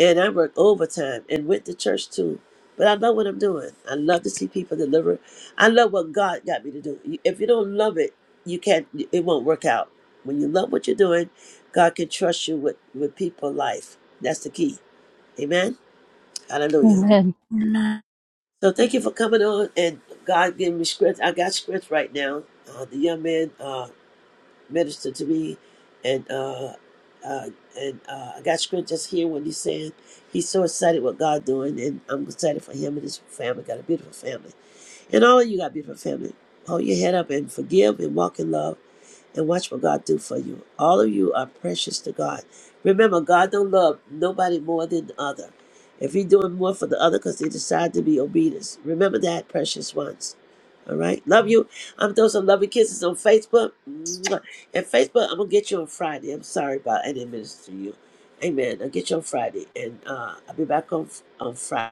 S1: and I worked overtime and went to church too. But I love what I'm doing. I love to see people deliver. I love what God got me to do. You- If you don't love it, you can't. It won't work out. When you love what you're doing, God can trust you with with people life. That's the key. Amen. Hallelujah.
S2: Amen.
S6: Amen.
S1: So thank you for coming on and God giving me scripts. I got scripts right now. Uh, the young man uh, ministered to me and uh, uh, and uh, I got scripts just hearing what he's saying. He's so excited what God doing and I'm excited for him and his family. Got a beautiful family. And all of you got beautiful family. Hold your head up and forgive and walk in love and watch what God do for you. All of you are precious to God. Remember, God don't love nobody more than the other. If He doing more for the other because they decide to be obedient, remember that, precious ones. All right, love you. I'm throwing some loving kisses on Facebook. Mwah. And Facebook, I'm gonna get you on Friday. I'm sorry about I didn't minister to you. Amen. I'll get you on Friday, and uh, I'll be back on on Friday.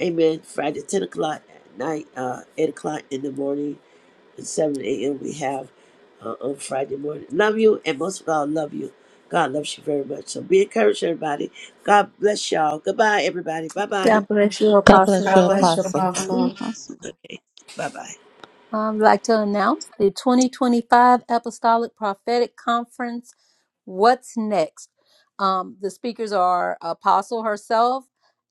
S1: Amen. Friday, 10 o'clock at night, uh, 8 o'clock in the morning, and 7 a.m. we have uh, on Friday morning. Love you, and most of all, love you. God loves you very much. So be encouraged, everybody. God bless y'all. Goodbye, everybody. Bye bye.
S2: God bless you,
S3: God bless you,
S4: God
S2: Apostle.
S4: bless you
S3: Apostle.
S4: all.
S6: Apostle.
S1: Bye bye.
S2: Um, I'd like to announce the 2025 Apostolic Prophetic Conference. What's next? Um, the speakers are Apostle herself,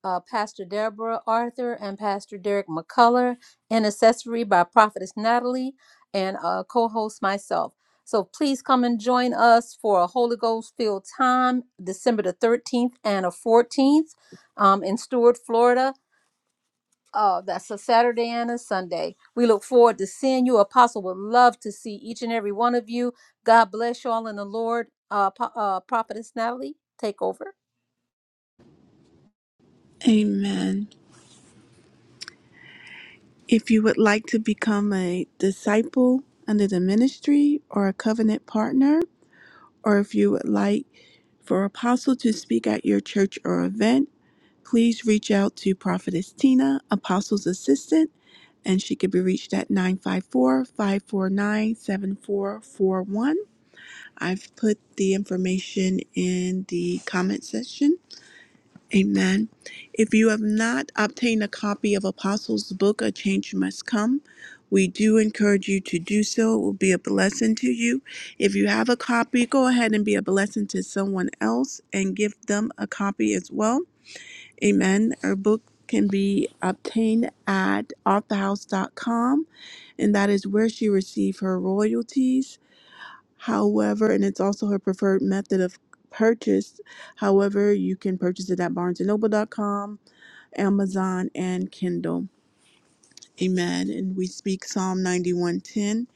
S2: uh, Pastor Deborah Arthur, and Pastor Derek McCullough, and accessory by Prophetess Natalie, and uh, co host myself. So please come and join us for a Holy Ghost filled time, December the 13th and the 14th um, in Stewart, Florida. Oh, that's a Saturday and a Sunday. We look forward to seeing you. Apostle would love to see each and every one of you. God bless you all in the Lord. Uh, Po- uh, Prophetess Natalie, take over.
S6: Amen. If you would like to become a disciple under the ministry or a covenant partner, or if you would like for Apostle to speak at your church or event, please reach out to Prophetess Tina, Apostle's assistant, and she can be reached at 954 549 7441. I've put the information in the comment section. Amen. If you have not obtained a copy of Apostles' book, A Change Must Come, we do encourage you to do so. It will be a blessing to you. If you have a copy, go ahead and be a blessing to someone else and give them a copy as well. Amen. Our book can be obtained at authorhouse.com, and that is where she received her royalties. However, and it's also her preferred method of purchase. However, you can purchase it at barnesandnoble.com, Amazon, and Kindle. Amen. And we speak Psalm 91:10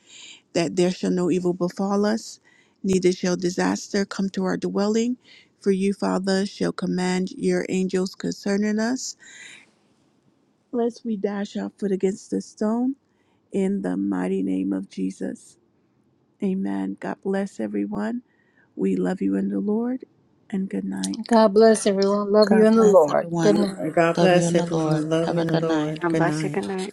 S6: that there shall no evil befall us, neither shall disaster come to our dwelling. For you, Father, shall command your angels concerning us, lest we dash our foot against a stone. In the mighty name of Jesus. Amen. God bless everyone. We love you in the Lord, and good night.
S2: God bless everyone. Love you
S3: God
S2: in the
S3: bless
S2: Lord. Good
S3: everyone.
S2: night.
S4: And God
S3: Love you
S4: bless
S3: in the Lord.
S4: everyone. Love
S3: Have
S4: you
S3: a
S4: in the
S3: good night.
S4: Lord.
S16: God
S4: Good
S16: bless you.
S4: night.
S16: Good night.